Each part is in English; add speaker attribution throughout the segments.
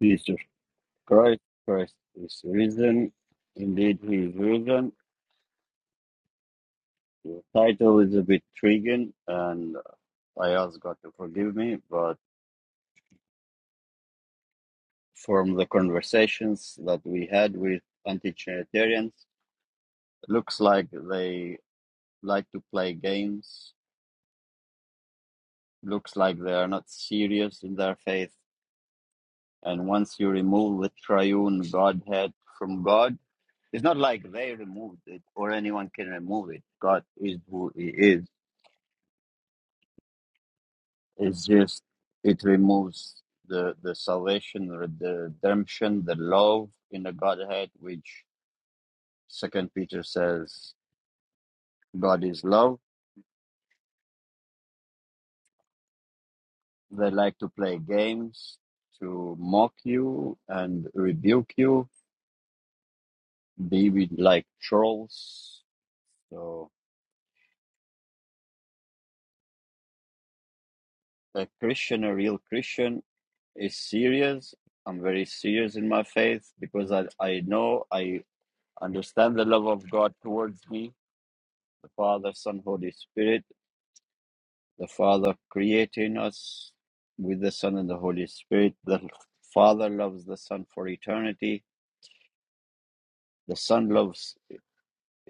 Speaker 1: Jesus Christ, Christ is risen. Indeed, he is risen. The title is a bit triggering, and I ask God to forgive me. But from the conversations that we had with anti Trinitarians, looks like they like to play games, looks like they are not serious in their faith. And once you remove the triune Godhead from God, it's not like they removed it or anyone can remove it. God is who He is It's just it removes the the salvation, the redemption, the love in the Godhead, which Second Peter says God is love. They like to play games to mock you and rebuke you. They would like trolls. So a Christian, a real Christian, is serious. I'm very serious in my faith because I, I know I understand the love of God towards me, the Father, Son, Holy Spirit The Father creating us with the Son and the Holy Spirit. The Father loves the Son for eternity. The Son loves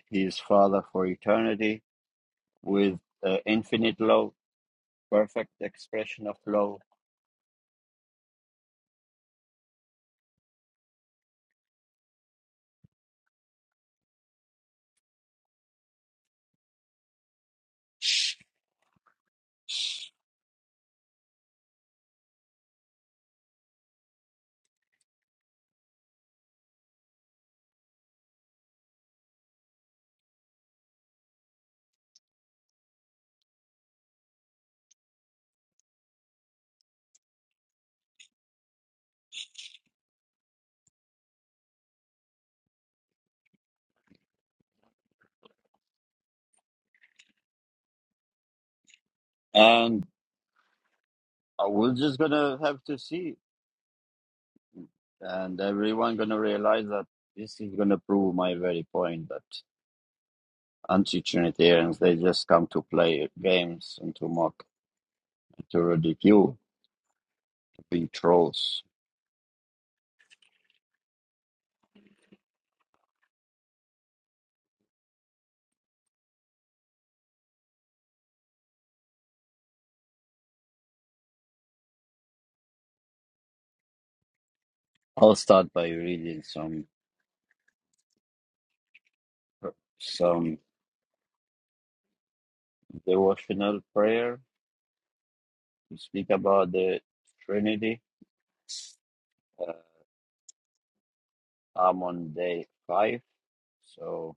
Speaker 1: his Father for eternity with uh, infinite love, perfect expression of love. And uh, we're just going to have to see, and everyone going to realize that this is going to prove my very point that anti-Trinitarians, they just come to play games and to mock, to ridicule, to be trolls. I'll start by reading some. some devotional prayer to speak about the Trinity. Uh, I'm on day five, so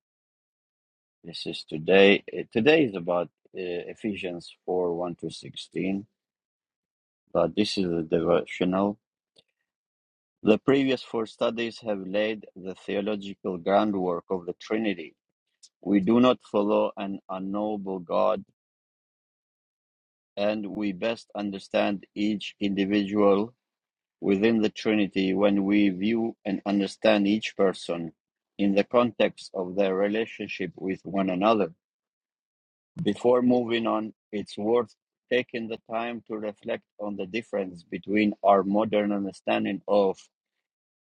Speaker 1: this is today. Uh, Today is about uh, Ephesians 4 1 to 16, but this is a devotional. The previous four studies have laid the theological groundwork of the Trinity. We do not follow an unknowable God, and we best understand each individual within the Trinity when we view and understand each person in the context of their relationship with one another. Before moving on, it's worth taking the time to reflect on the difference between our modern understanding of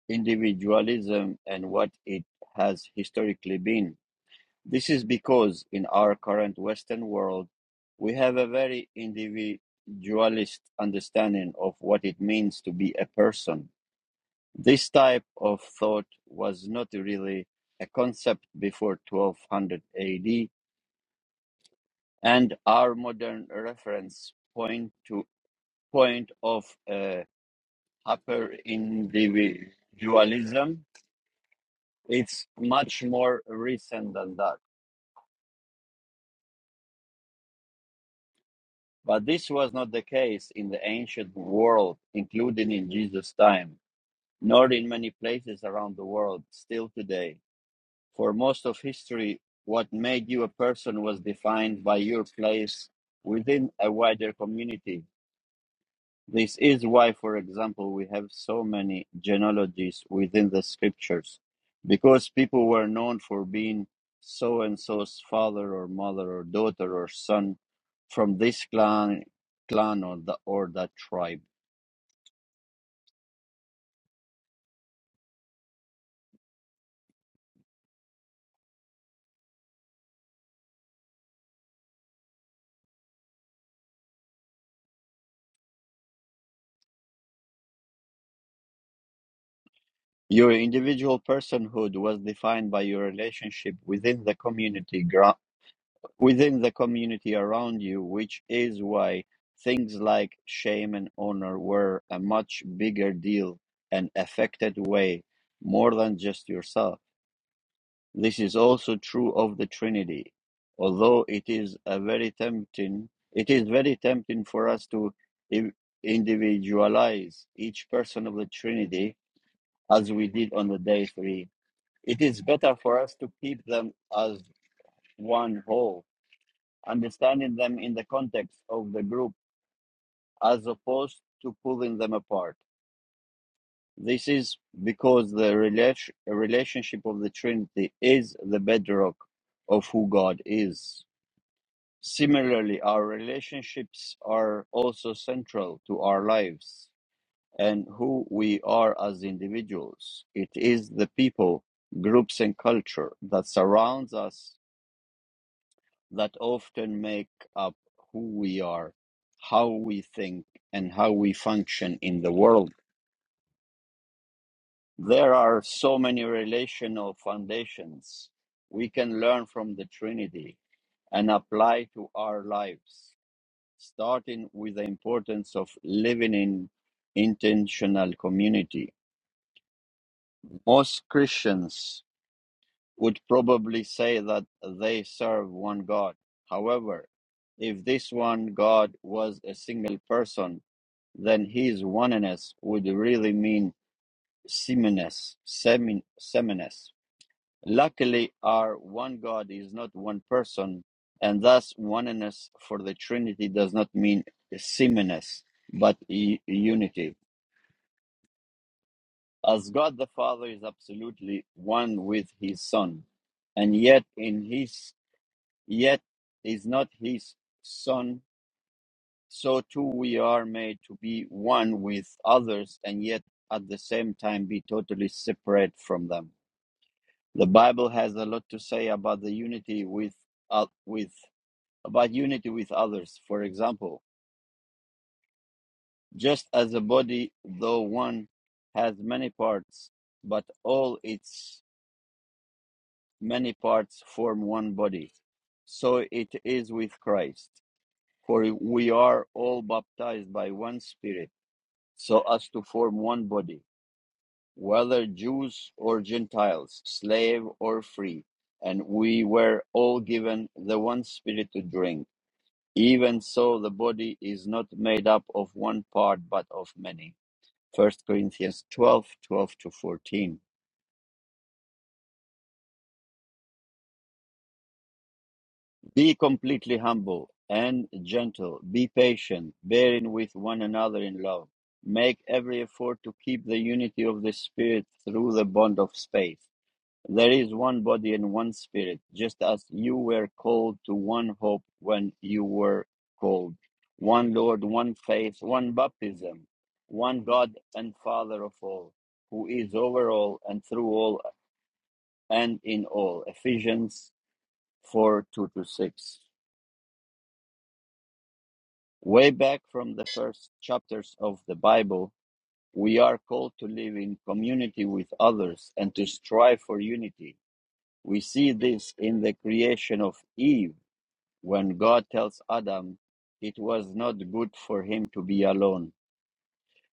Speaker 1: individualism and what it has historically been. This is because in our current Western world, we have a very individualist understanding of what it means to be a person this type of thought was not really a concept before 1200 AD, and our modern reference point to point of uh, hyperindividualism. It's much more recent than that. But this was not the case in the ancient world, including in Jesus' time, nor in many places around the world still today. For most of history, what made you a person was defined by your place within a wider community. This is why, for example, we have so many genealogies within the scriptures, because people were known for being so and so's father or mother or daughter or son from this clan, clan or, the, or that tribe. Your individual personhood was defined by your relationship within the community within the community around you, which is why things like shame and honor were a much bigger deal and affected way more than just yourself. This is also true of the Trinity. Although it is a very tempting, it is very tempting for us to i- individualize each person of the Trinity as we did on the day three. It is better for us to keep them as one whole understanding them in the context of the group as opposed to pulling them apart. This is because the relation, relationship of the Trinity is the bedrock of who God is. Similarly, our relationships are also central to our lives and who we are as individuals. It is the people, groups, and culture that surrounds us that often make up who we are, how we think, and how we function in the world. There are so many relational foundations we can learn from the Trinity and apply to our lives, starting with the importance of living in intentional community. Most Christians would probably say that they serve one God. However, if this one God was a single person, then his oneness would really mean seminess, semin, seminess. Luckily, our one God is not one person, and thus oneness for the Trinity does not mean seminess, but u- unity. As God the Father is absolutely one with his Son, and yet in his Yet is not his son, so too we are made to be one with others and yet at the same time be totally separate from them. The Bible has a lot to say about the unity with uh, with about unity with others. For example, just as a body though one has many parts, but all its many parts form one body. So it is with Christ. For we are all baptized by one Spirit, so as to form one body, whether Jews or Gentiles, slave or free, and we were all given the one Spirit to drink. Even so, the body is not made up of one part, but of many. First Corinthians 12:12 to 14. Be completely humble and gentle. Be patient, bearing with one another in love. Make every effort to keep the unity of the Spirit through the bond of faith. There is one body and one Spirit, just as you were called to one hope when you were called. One Lord, one faith, one baptism, one God and Father of all, who is over all and through all and in all. Ephesians 4 2 to 6. Way back from the first chapters of the Bible, we are called to live in community with others and to strive for unity. We see this in the creation of Eve when God tells Adam it was not good for him to be alone.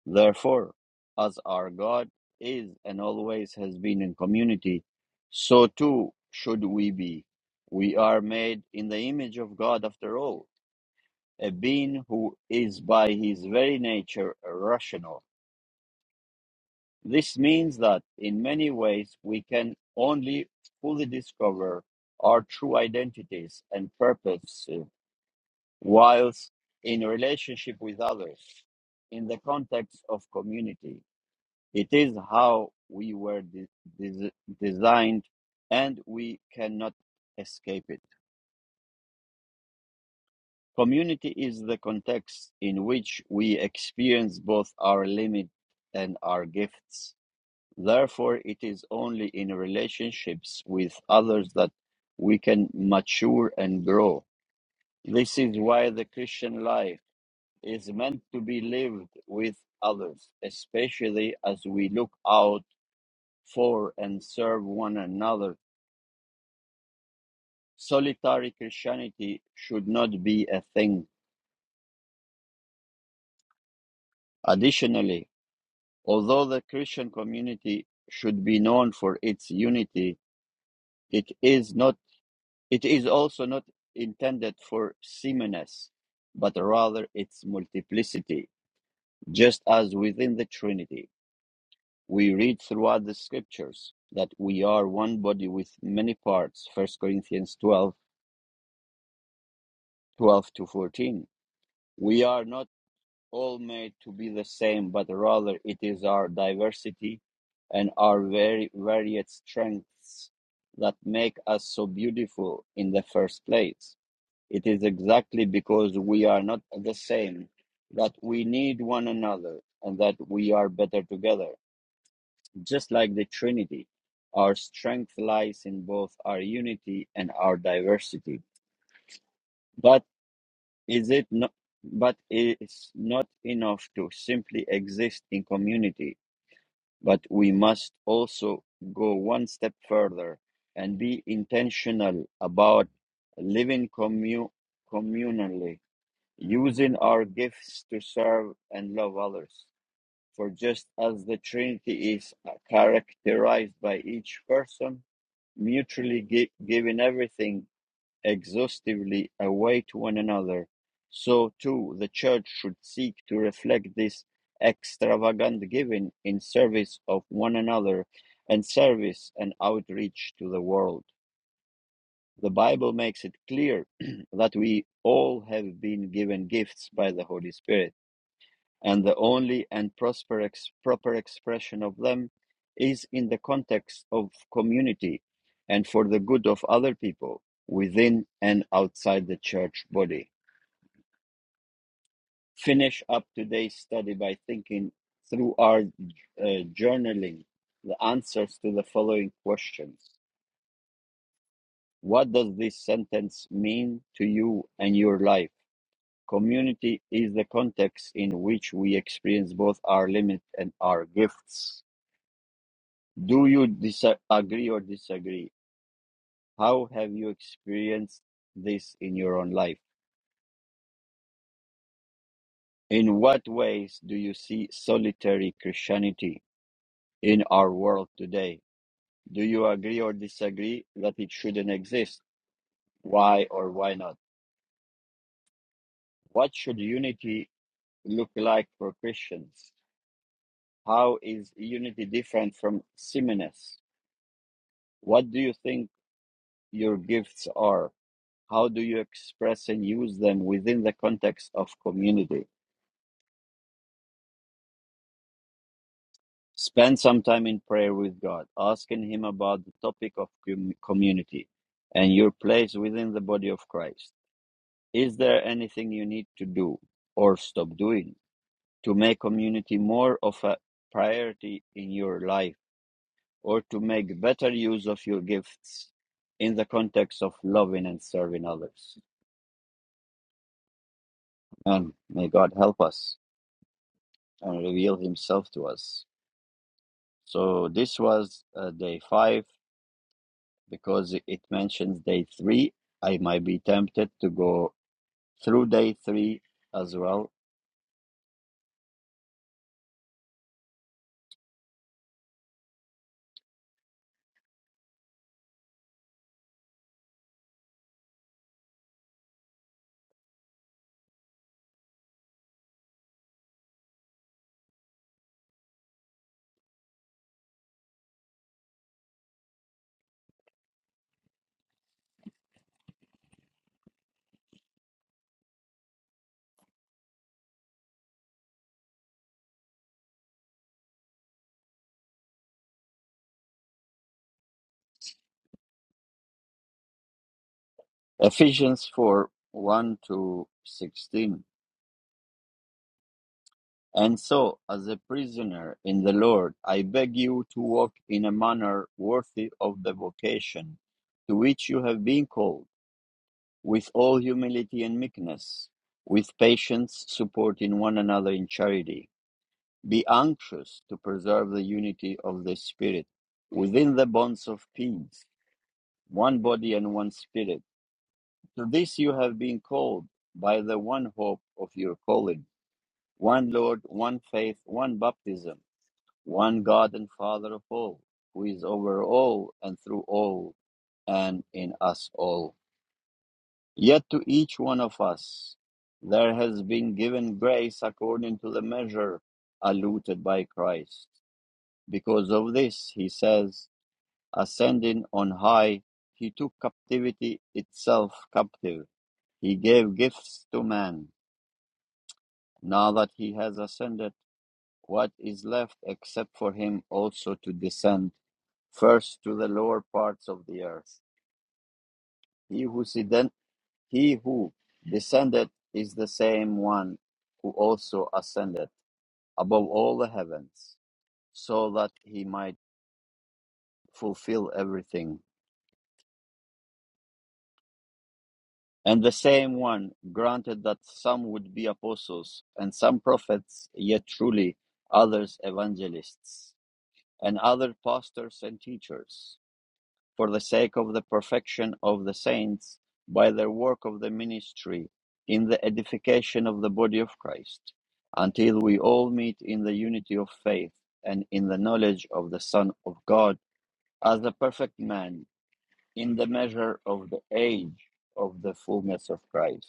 Speaker 1: Therefore, as our God is and always has been in community, so too should we be. We are made in the image of God after all a being who is by his very nature rational. This means that in many ways we can only fully discover our true identities and purpose whilst in relationship with others in the context of community. It is how we were de- des- designed and we cannot escape it. Community is the context in which we experience both our limits and our gifts. Therefore, it is only in relationships with others that we can mature and grow. This is why the Christian life is meant to be lived with others, especially as we look out for and serve one another. Solitary Christianity should not be a thing. Additionally, Although the Christian community should be known for its unity, it is not it is also not intended for sameness, but rather its multiplicity, just as within the Trinity. We read throughout the scriptures that we are one body with many parts, First Corinthians 12, 12 to 14. We are not all made to be the same, but rather it is our diversity and our very varied strengths that make us so beautiful in the first place. It is exactly because we are not the same that we need one another and that we are better together. Just like the Trinity, our strength lies in both our unity and our diversity. But is it not, but it's not enough to simply exist in community, but we must also go one step further and be intentional about living commu communally, using our gifts to serve and love others. For just as the Trinity is characterized by each person mutually gi- giving everything exhaustively away to one another, so too the Church should seek to reflect this extravagant giving in service of one another and service and outreach to the world. The Bible makes it clear that we all have been given gifts by the Holy Spirit and the only and prosper ex- proper expression of them is in the context of community and for the good of other people within and outside the church body. Finish up today's study by thinking through our uh, journaling the answers to the following questions. What does this sentence mean to you and your life? Community is the context in which we experience both our limit and our gifts Do you disagree or disagree? How have you experienced this in your own life? In what ways do you see solitary Christianity in our world today? Do you agree or disagree that it shouldn't exist? Why or why not? What should unity look like for Christians? How is unity different from sameness? What do you think your gifts are? How do you express and use them within the context of community? Spend some time in prayer with God, asking Him about the topic of com- community and your place within the body of Christ. Is there anything you need to do or stop doing to make community more of a priority in your life or to make better use of your gifts in the context of loving and serving others? And may God help us and reveal Himself to us. So, this was uh, day five because it mentions day three. I might be tempted to go through day three as well. Ephesians 4 1 to 16. And so, as a prisoner in the Lord, I beg you to walk in a manner worthy of the vocation to which you have been called, with all humility and meekness, with patience, supporting one another in charity Be anxious to preserve the unity of the Spirit within the bonds of peace, one body and one Spirit. To this you have been called by the one hope of your calling, one Lord, one faith, one baptism, one God and Father of all, who is over all and through all and in us all. Yet to each one of us there has been given grace according to the measure allotted by Christ. Because of this, he says, ascending on high, he took captivity itself captive. He gave gifts to man. Now that he has ascended, what is left except for him also to descend first to the lower parts of the earth? He who, he who descended is the same one who also ascended above all the heavens, so that he might fulfill everything. And the same one granted that some would be apostles, and some prophets, yet truly others evangelists, and other pastors and teachers, for the sake of the perfection of the saints, by their work of the ministry, in the edification of the body of Christ, until we all meet in the unity of faith and in the knowledge of the Son of God, as a perfect man, in the measure of the age of the fullness of Christ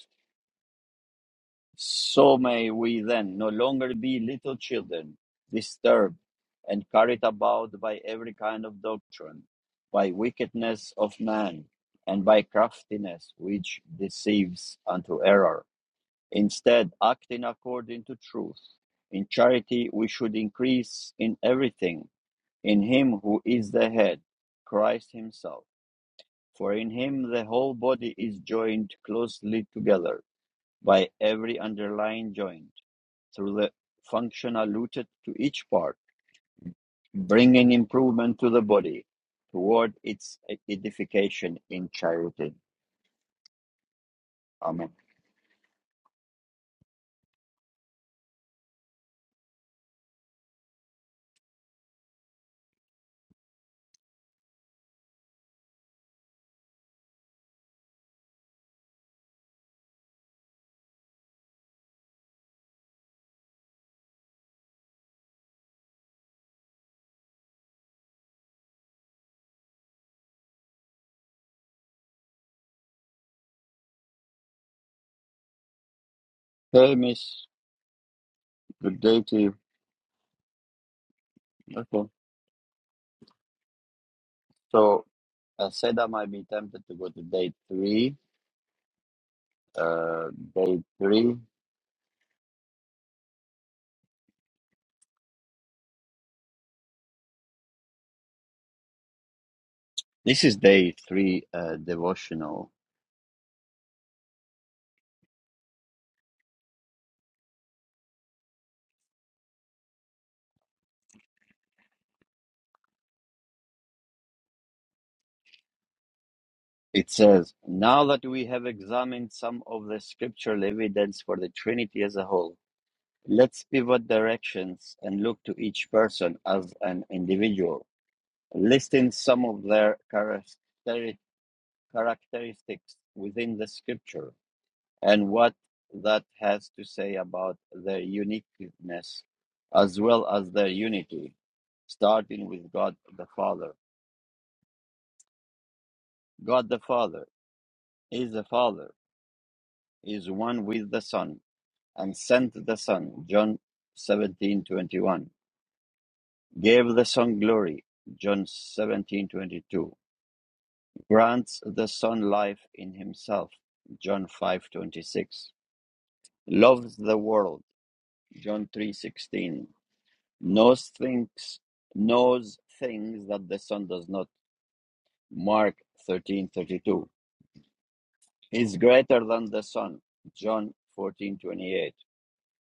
Speaker 1: So may we then no longer be little children, disturbed and carried about by every kind of doctrine, by wickedness of man, and by craftiness which deceives unto error. Instead, acting according to truth, in charity we should increase in everything, in him who is the head, Christ himself. For in him the whole body is joined closely together by every underlying joint through the function allotted to each part, bringing improvement to the body toward its edification in charity. Amen. Hey, miss. Good day to you. Okay. So I said I might be tempted to go to day three. Uh, day three. This is day three uh, devotional. It says, Now that we have examined some of the scriptural evidence for the Trinity as a whole, Let's pivot directions and look to each person as an individual, listing some of their characteri- characteristics within the scripture and what that has to say about their uniqueness as well as their unity, starting with God the Father. God the Father is the Father, is one with the Son, and sent the Son, John seventeen twenty one Gave the Son glory, John 17:22. Grants the Son life in himself, John 5:26. Loves the world, John 3:16. Knows things knows things that the Son does not, Mark 13:32. Is greater than the Son, John 14:28.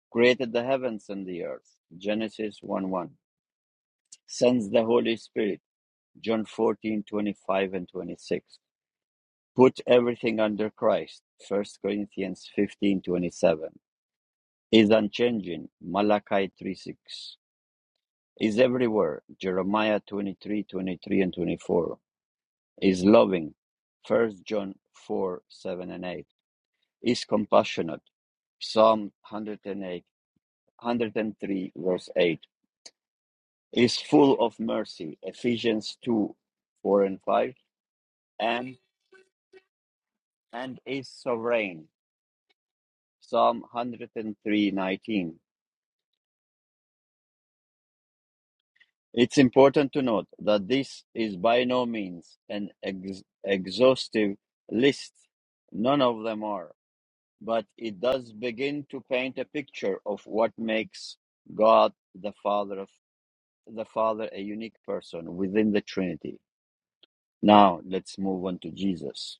Speaker 1: Created the heavens and the earth, Genesis one one. Sends the Holy Spirit, John 14:25 and 26 Put everything under Christ, First Corinthians fifteen twenty-seven, is unchanging, Malachi 3 6, is everywhere, Jeremiah twenty-three twenty-three and 24, is loving, First John 4 7 and 8, is compassionate, Psalm hundred and eight hundred and three verse 8, is full of mercy, Ephesians 2 4 and 5, and, and is sovereign, Psalm hundred and three nineteen. It's important to note that this is by no means an ex- exhaustive list, none of them are, but it does begin to paint a picture of what makes God the Father of the Father a unique person within the Trinity. Now let's move on to Jesus.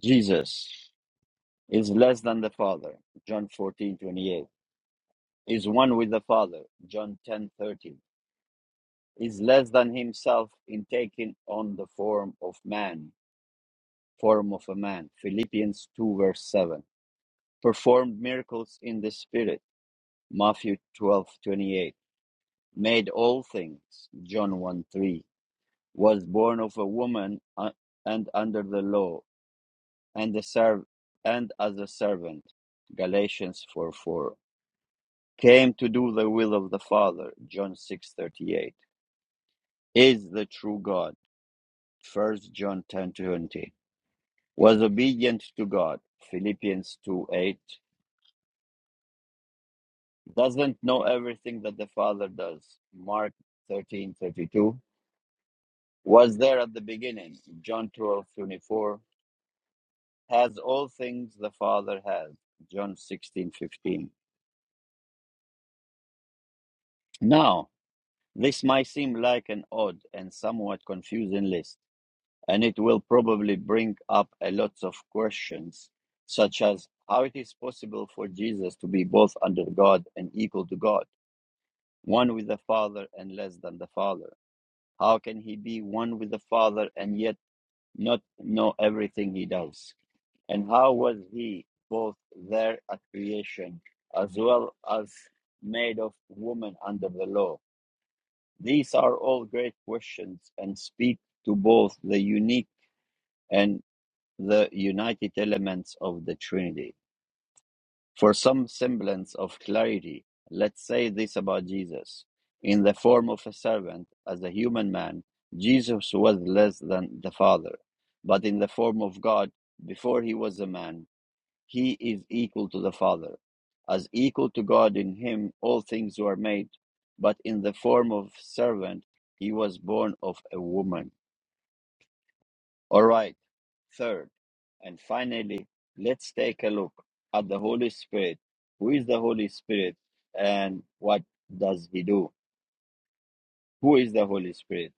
Speaker 1: Jesus is less than the Father, John 14 28 is one with the Father, John 10, thirty, is less than himself in taking on the form of man, form of a man. Philippians 2 verse 7. Performed miracles in the spirit. Matthew 12:28. Made all things. John 1 3. Was born of a woman uh, and under the law and a serv- and as a servant. Galatians 4 4. Came to do the will of the Father. John six thirty eight. Is the true God. First John ten twenty was obedient to God, Philippians 2 8, doesn't know everything that the Father does, Mark thirteen thirty two, was there at the beginning, John twelve twenty four, has all things the Father has, John sixteen fifteen. Now, this might seem like an odd and somewhat confusing list, and it will probably bring up a lot of questions, such as how it is possible for Jesus to be both under God and equal to God one with the Father and less than the Father? How can he be one with the Father and yet not know everything he does? And how was he both there at creation as well as made of woman under the law? These are all great questions and speak to both the unique and the united elements of the Trinity. For some semblance of clarity, let's say this about Jesus. In the form of a servant, as a human man, Jesus was less than the Father. But in the form of God, before he was a man, he is equal to the Father. As equal to God in him, all things were made. But in the form of servant, he was born of a woman. All right. Third, and finally, let's take a look at the Holy Spirit. Who is the Holy Spirit and what does he do? Who is the Holy Spirit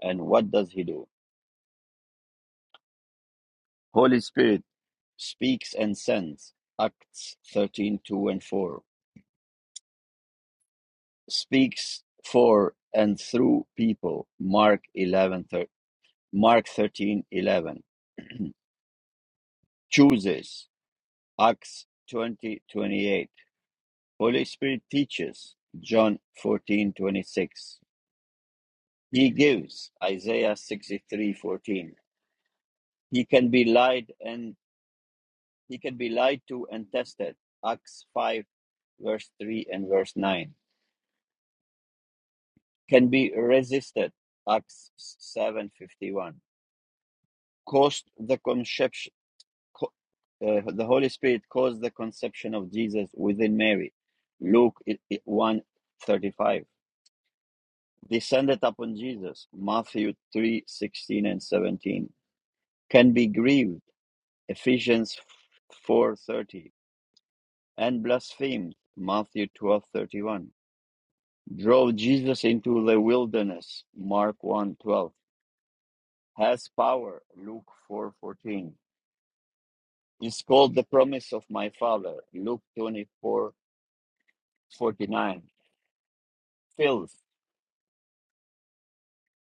Speaker 1: and what does he do? Holy Spirit speaks and sends. Acts thirteen two and 4. Speaks for and through people. Mark 11 thir- Mark 13 11. Chooses. Acts 20 28. Holy Spirit teaches. John 14 26. He gives Isaiah 63:14. He can be lied and he can be lied to and tested. Acts 5 verse 3 and verse 9. Can be resisted. Acts 7:51. Caused the conception co- uh, the Holy Spirit caused the conception of Jesus within Mary. Luke one thirty five. Descended upon Jesus. Matthew 3:16 and 17. Can be grieved. Ephesians 4:30, and blasphemed, Matthew 12:31. Drove Jesus into the wilderness, Mark one twelve Has power, Luke 4:14. Is called the promise of my Father, Luke 24:49. Fills,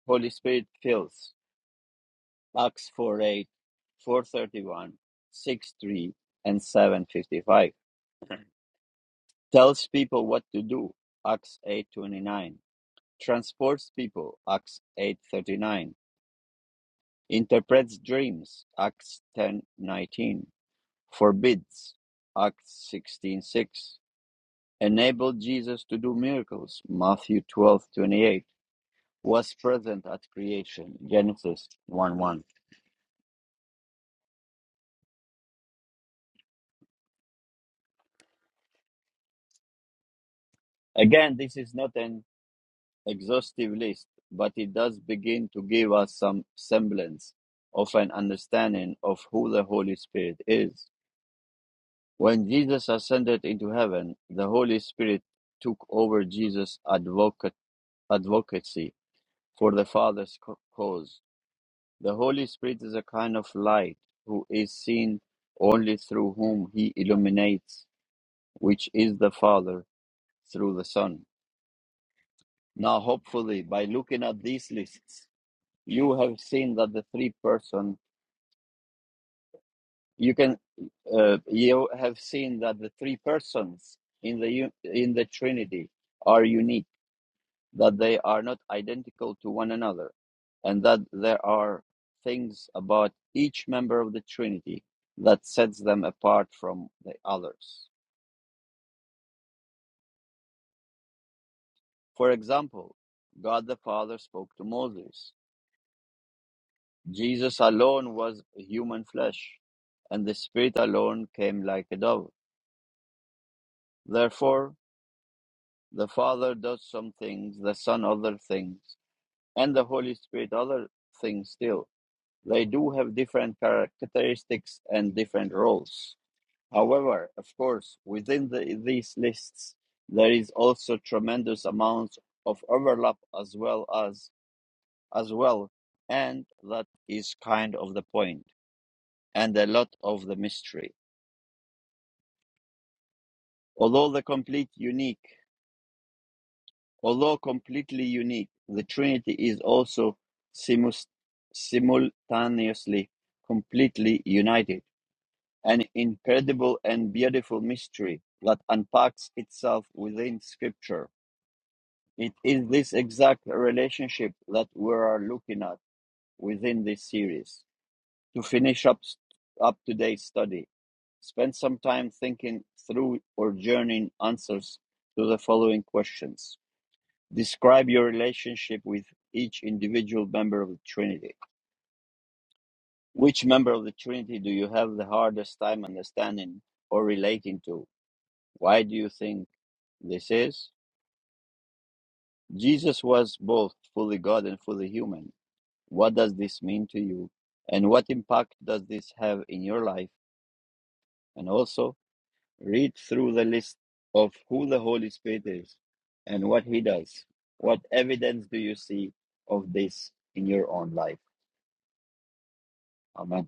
Speaker 1: Holy Spirit fills, Acts four eight four thirty one six three and 7:55. Tells people what to do, Acts 8:29 Transports people (Acts 8:39. interprets dreams (Acts 10:19. forbids (Acts 16:6. enabled Jesus to do miracles (Matthew 12:28. was present at creation (Genesis one one). Again, this is not an exhaustive list, but it does begin to give us some semblance of an understanding of who the Holy Spirit is. When Jesus ascended into heaven, the Holy Spirit took over Jesus' advocate, advocacy for the Father's cause. The Holy Spirit is a kind of light who is seen only through whom he illuminates, which is the Father through the Son. Now, hopefully, by looking at these lists, you have seen that the three person you can uh, you have seen that the three persons in the u- in the Trinity are unique that they are not identical to one another, and that there are things about each member of the Trinity that sets them apart from the others. For example, God the Father spoke to Moses. Jesus alone was human flesh, and the Spirit alone came like a dove. Therefore, the Father does some things, the Son other things, and the Holy Spirit other things still They do have different characteristics and different roles. However, of course, within the, these lists, there is also tremendous amounts of overlap as well as as well, and that is kind of the point and a lot of the mystery. Although the complete unique, although completely unique, the Trinity is also simus- simultaneously completely united an incredible and beautiful mystery that unpacks itself within Scripture. It is this exact relationship that we are looking at within this series. To finish up, up today's study, spend some time thinking through or journeying answers to the following questions. Describe your relationship with each individual member of the Trinity. Which member of the Trinity do you have the hardest time understanding or relating to? Why do you think? This is Jesus was both fully God and fully human. What does this mean to you? And what impact does this have in your life? And also, read through the list of who the Holy Spirit is and what he does. What evidence do you see of this in your own life? Amen.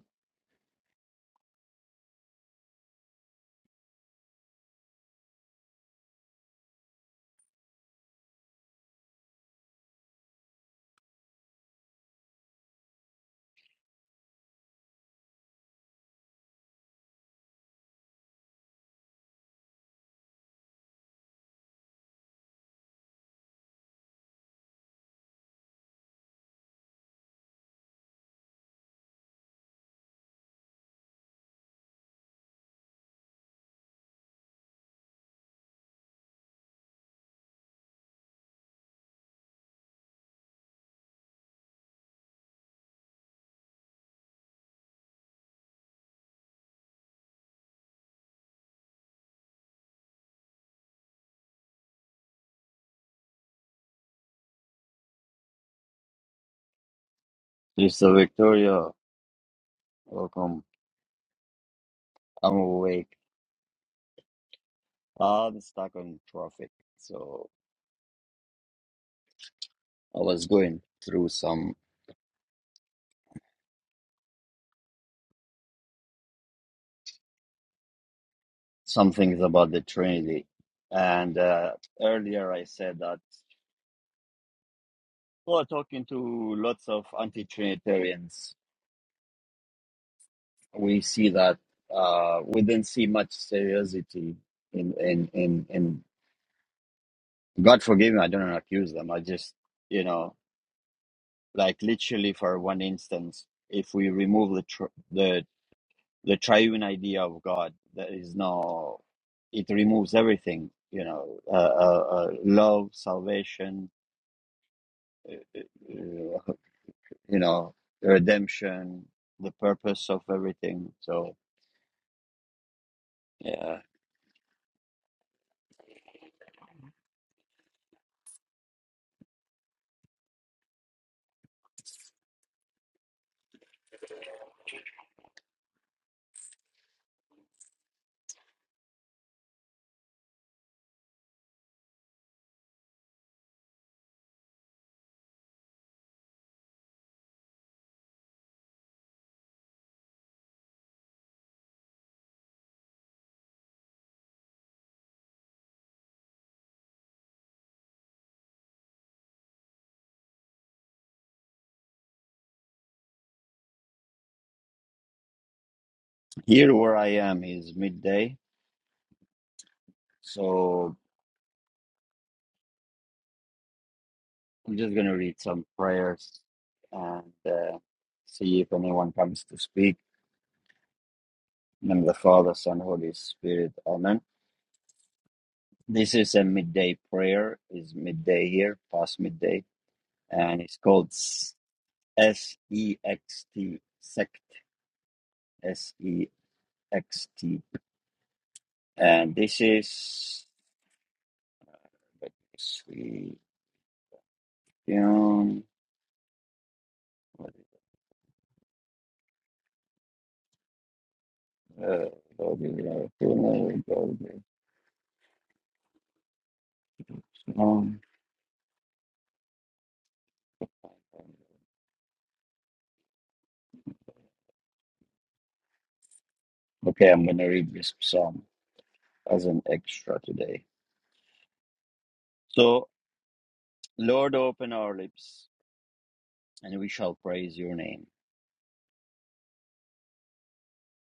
Speaker 1: Sister Victoria, welcome. I'm awake. I'm stuck on traffic. So I was going through some some things about the Trinity. And uh, earlier I said that, well, talking to lots of anti Trinitarians, we see that uh, we didn't see much seriousness in, in, in, in God forgive me, I don't accuse them. I just, you know, like literally for one instance, if we remove the tr- the the triune idea of God, there is no, it removes everything, you know, uh, uh, uh, love, salvation, uh, you know, the redemption, the purpose of everything. So, yeah, here where I am is midday. So, I'm just going to read some prayers and uh, see if anyone comes to speak. In the name of the Father, Son, Holy Spirit. Amen. This is a midday prayer, is midday here, past midday, and it's called S E X T, sect, S E X T. And this is, let me see. Yum. Uh, Lord, we love you, Lord, we love you. Um, Okay, I'm going to read this psalm as an extra today. So, Lord, open our lips, and we shall praise your name.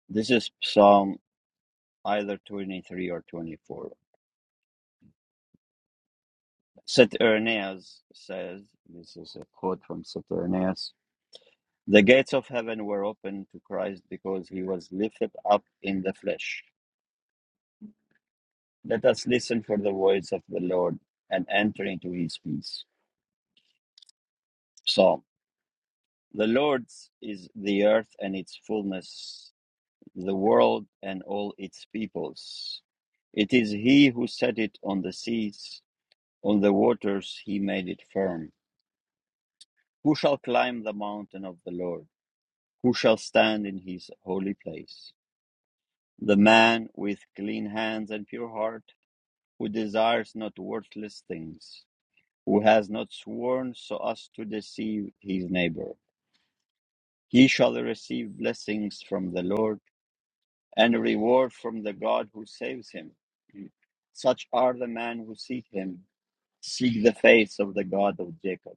Speaker 1: This is Psalm either 23 or 24. Saturnias says, this is a quote from Saturnias, the gates of heaven were opened to Christ because he was lifted up in the flesh. Let us listen for the voice of the Lord and enter into his peace. Psalm. The Lord's is the earth and its fullness, the world and all its peoples. It is he who set it on the seas, on the waters he made it firm. Who shall climb the mountain of the Lord? Who shall stand in his holy place? The man with clean hands and pure heart, who desires not worthless things who has not sworn so as to deceive his neighbor. He shall receive blessings from the Lord and reward from the God who saves him. Such are the men who seek him, seek the face of the God of Jacob.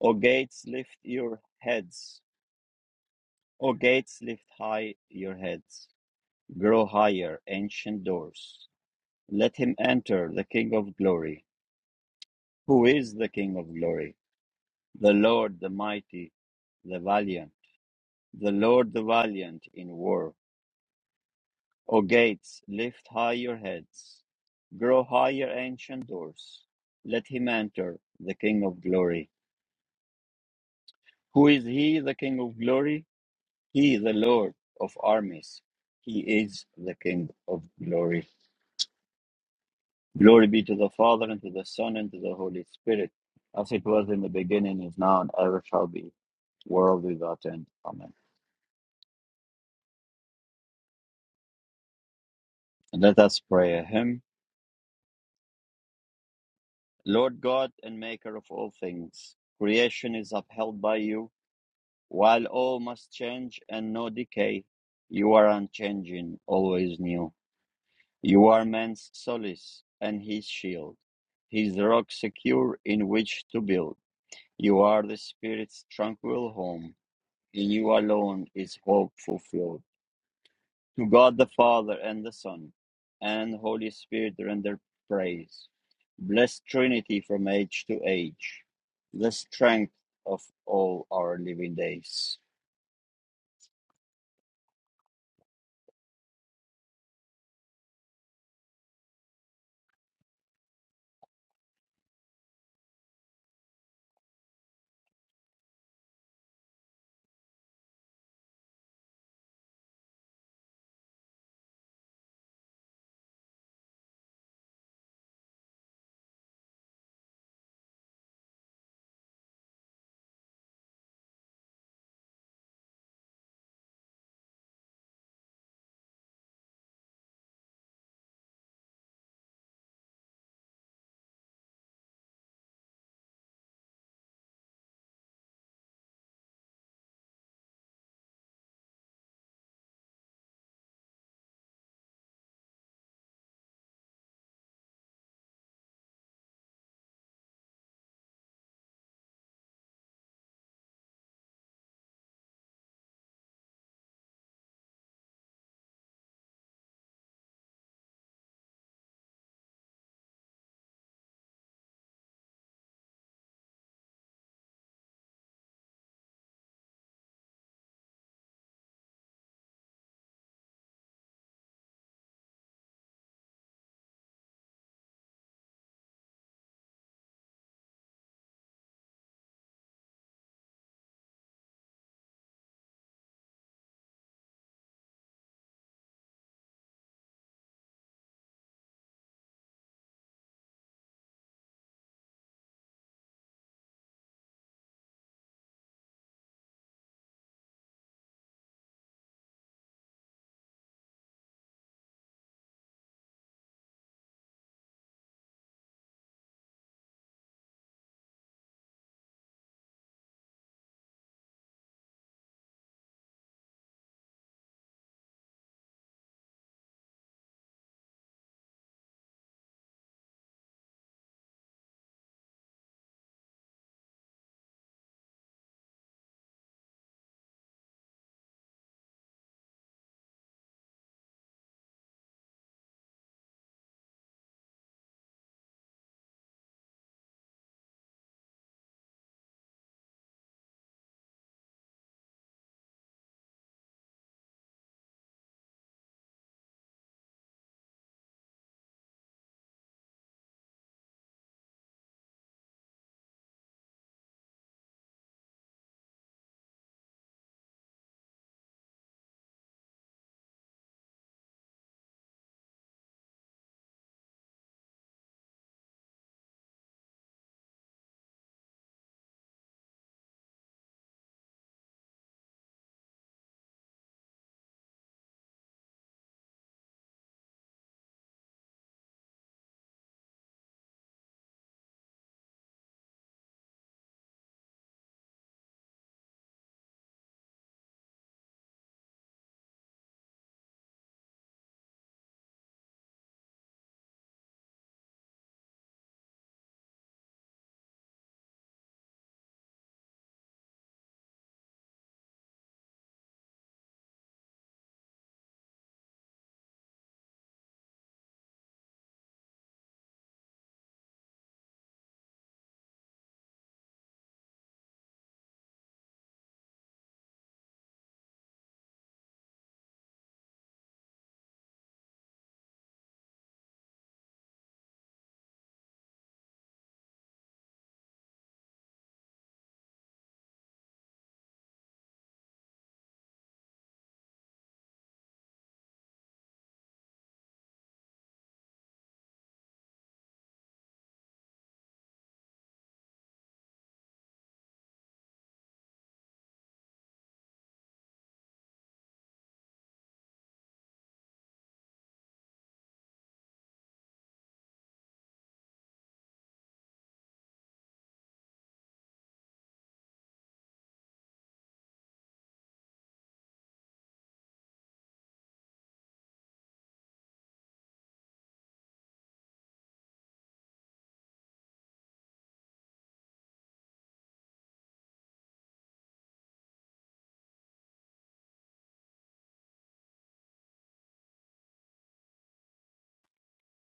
Speaker 1: O gates, lift your heads. O gates, lift high your heads. Grow higher, ancient doors. Let him enter, the King of glory. Who is the King of glory? The Lord, the mighty, the valiant. the Lord the valiant in war. O gates, lift high your heads. Grow higher, ancient doors. Let him enter, the King of glory. Who is he, the King of glory? He, the Lord of armies. He is the King of glory. Glory be to the Father, and to the Son, and to the Holy Spirit, as it was in the beginning, is now, and ever shall be, world without end. Amen. And let us pray a hymn. Lord God and maker of all things, creation is upheld by you, while all must change and no decay. You are unchanging, always new. You are man's solace and his shield, his rock secure in which to build. You are the spirit's tranquil home. In you alone is hope fulfilled. To God the Father and the Son and Holy Spirit render praise. Blessed Trinity from age to age, the strength of all our living days.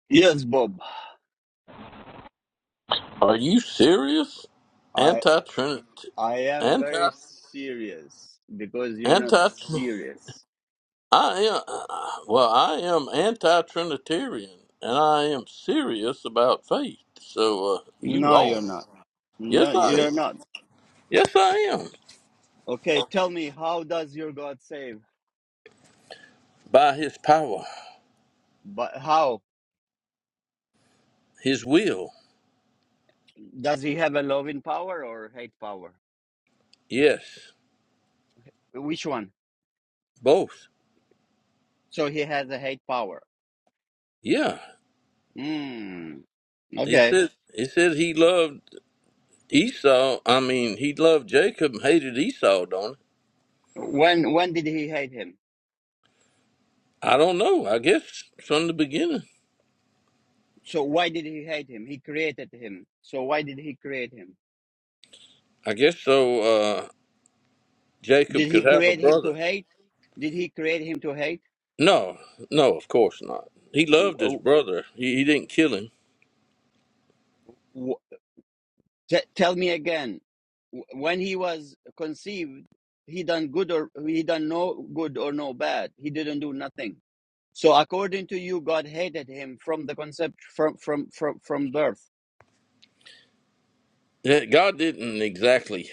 Speaker 1: Yes, Bob,
Speaker 2: Are you serious?
Speaker 1: I
Speaker 2: Anti Trinity.
Speaker 1: I am
Speaker 2: Anti.
Speaker 1: very serious because you're not
Speaker 2: Anti.
Speaker 1: serious.
Speaker 2: I am. uh, Well, I am anti Trinitarian, and I am serious about faith. So uh, you
Speaker 1: No,
Speaker 2: wrong.
Speaker 1: you're not.
Speaker 2: Yes,
Speaker 1: No,
Speaker 2: I.
Speaker 1: you're
Speaker 2: am.
Speaker 1: not.
Speaker 2: Yes, I am.
Speaker 1: Okay, tell me, how does your God save?
Speaker 2: By His power,
Speaker 1: But how
Speaker 2: His will.
Speaker 1: does he have a loving power or hate power?
Speaker 2: Yes,
Speaker 1: Which one?
Speaker 2: both.
Speaker 1: So he has a hate power.
Speaker 2: Yeah.
Speaker 1: Mm,
Speaker 2: He
Speaker 1: okay.
Speaker 2: said. He said he loved Esau. I mean, he loved Jacob and hated Esau. Don't.
Speaker 1: When when did he hate him?
Speaker 2: He? I don't know. I guess from the beginning.
Speaker 1: So why did he hate him? He created him. So why did he create him?
Speaker 2: I guess so. Uh, Jacob
Speaker 1: Did he
Speaker 2: could have a
Speaker 1: create him to
Speaker 2: brother.
Speaker 1: hate? Did he create him to hate?
Speaker 2: No, no, of course not. He loved his
Speaker 1: W-
Speaker 2: brother. He, he didn't kill him.
Speaker 1: w- t- tell me again. W- When he was conceived, he done good or he done no good or no bad. He didn't do nothing. So according to you, God hated him from the concept from from from from birth.
Speaker 2: Yeah, God didn't exactly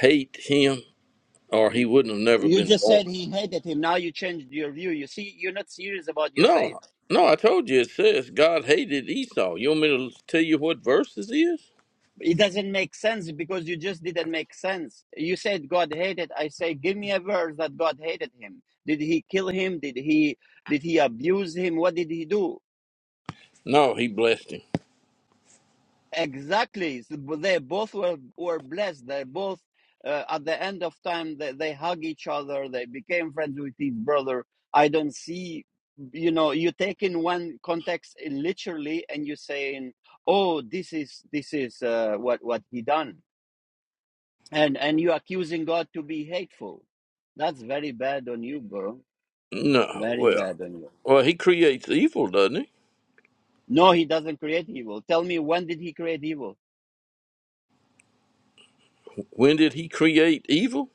Speaker 2: hate him, or he wouldn't have never
Speaker 1: You
Speaker 2: been
Speaker 1: just
Speaker 2: born.
Speaker 1: said he hated him. Now you changed your view. You see, you're not serious about your faith.
Speaker 2: No, no, I told you it says God hated Esau. You want me to tell you what verse this is?
Speaker 1: It doesn't make sense because you just didn't make sense. You said God hated. I say, give me a verse that God hated him. Did he kill him? Did he did he abuse him? What did he do?
Speaker 2: No, he blessed him.
Speaker 1: Exactly. So They both were, were blessed. They both, uh, at the end of time, they, they hug each other. They became friends with each brother. I don't see, you know, you take in one context uh, literally and you saying, oh, this is, this is, uh, what, what he done. And, and you accusing God to be hateful. That's very bad on you, bro.
Speaker 2: No,
Speaker 1: Very
Speaker 2: well,
Speaker 1: bad on you.
Speaker 2: well, he creates evil, doesn't he?
Speaker 1: No, he doesn't create evil. Tell me, when did he create evil?
Speaker 2: When did he create evil?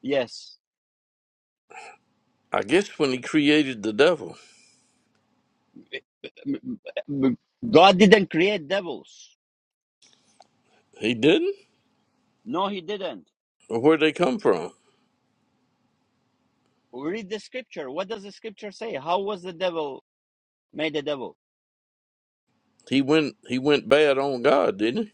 Speaker 1: Yes.
Speaker 2: I guess when he created the devil.
Speaker 1: God didn't create devils.
Speaker 2: He didn't.
Speaker 1: No, he didn't.
Speaker 2: Or where'd they come from?
Speaker 1: Read the scripture. What does the scripture say? How was the devil made a devil?
Speaker 2: He went he went bad on God, didn't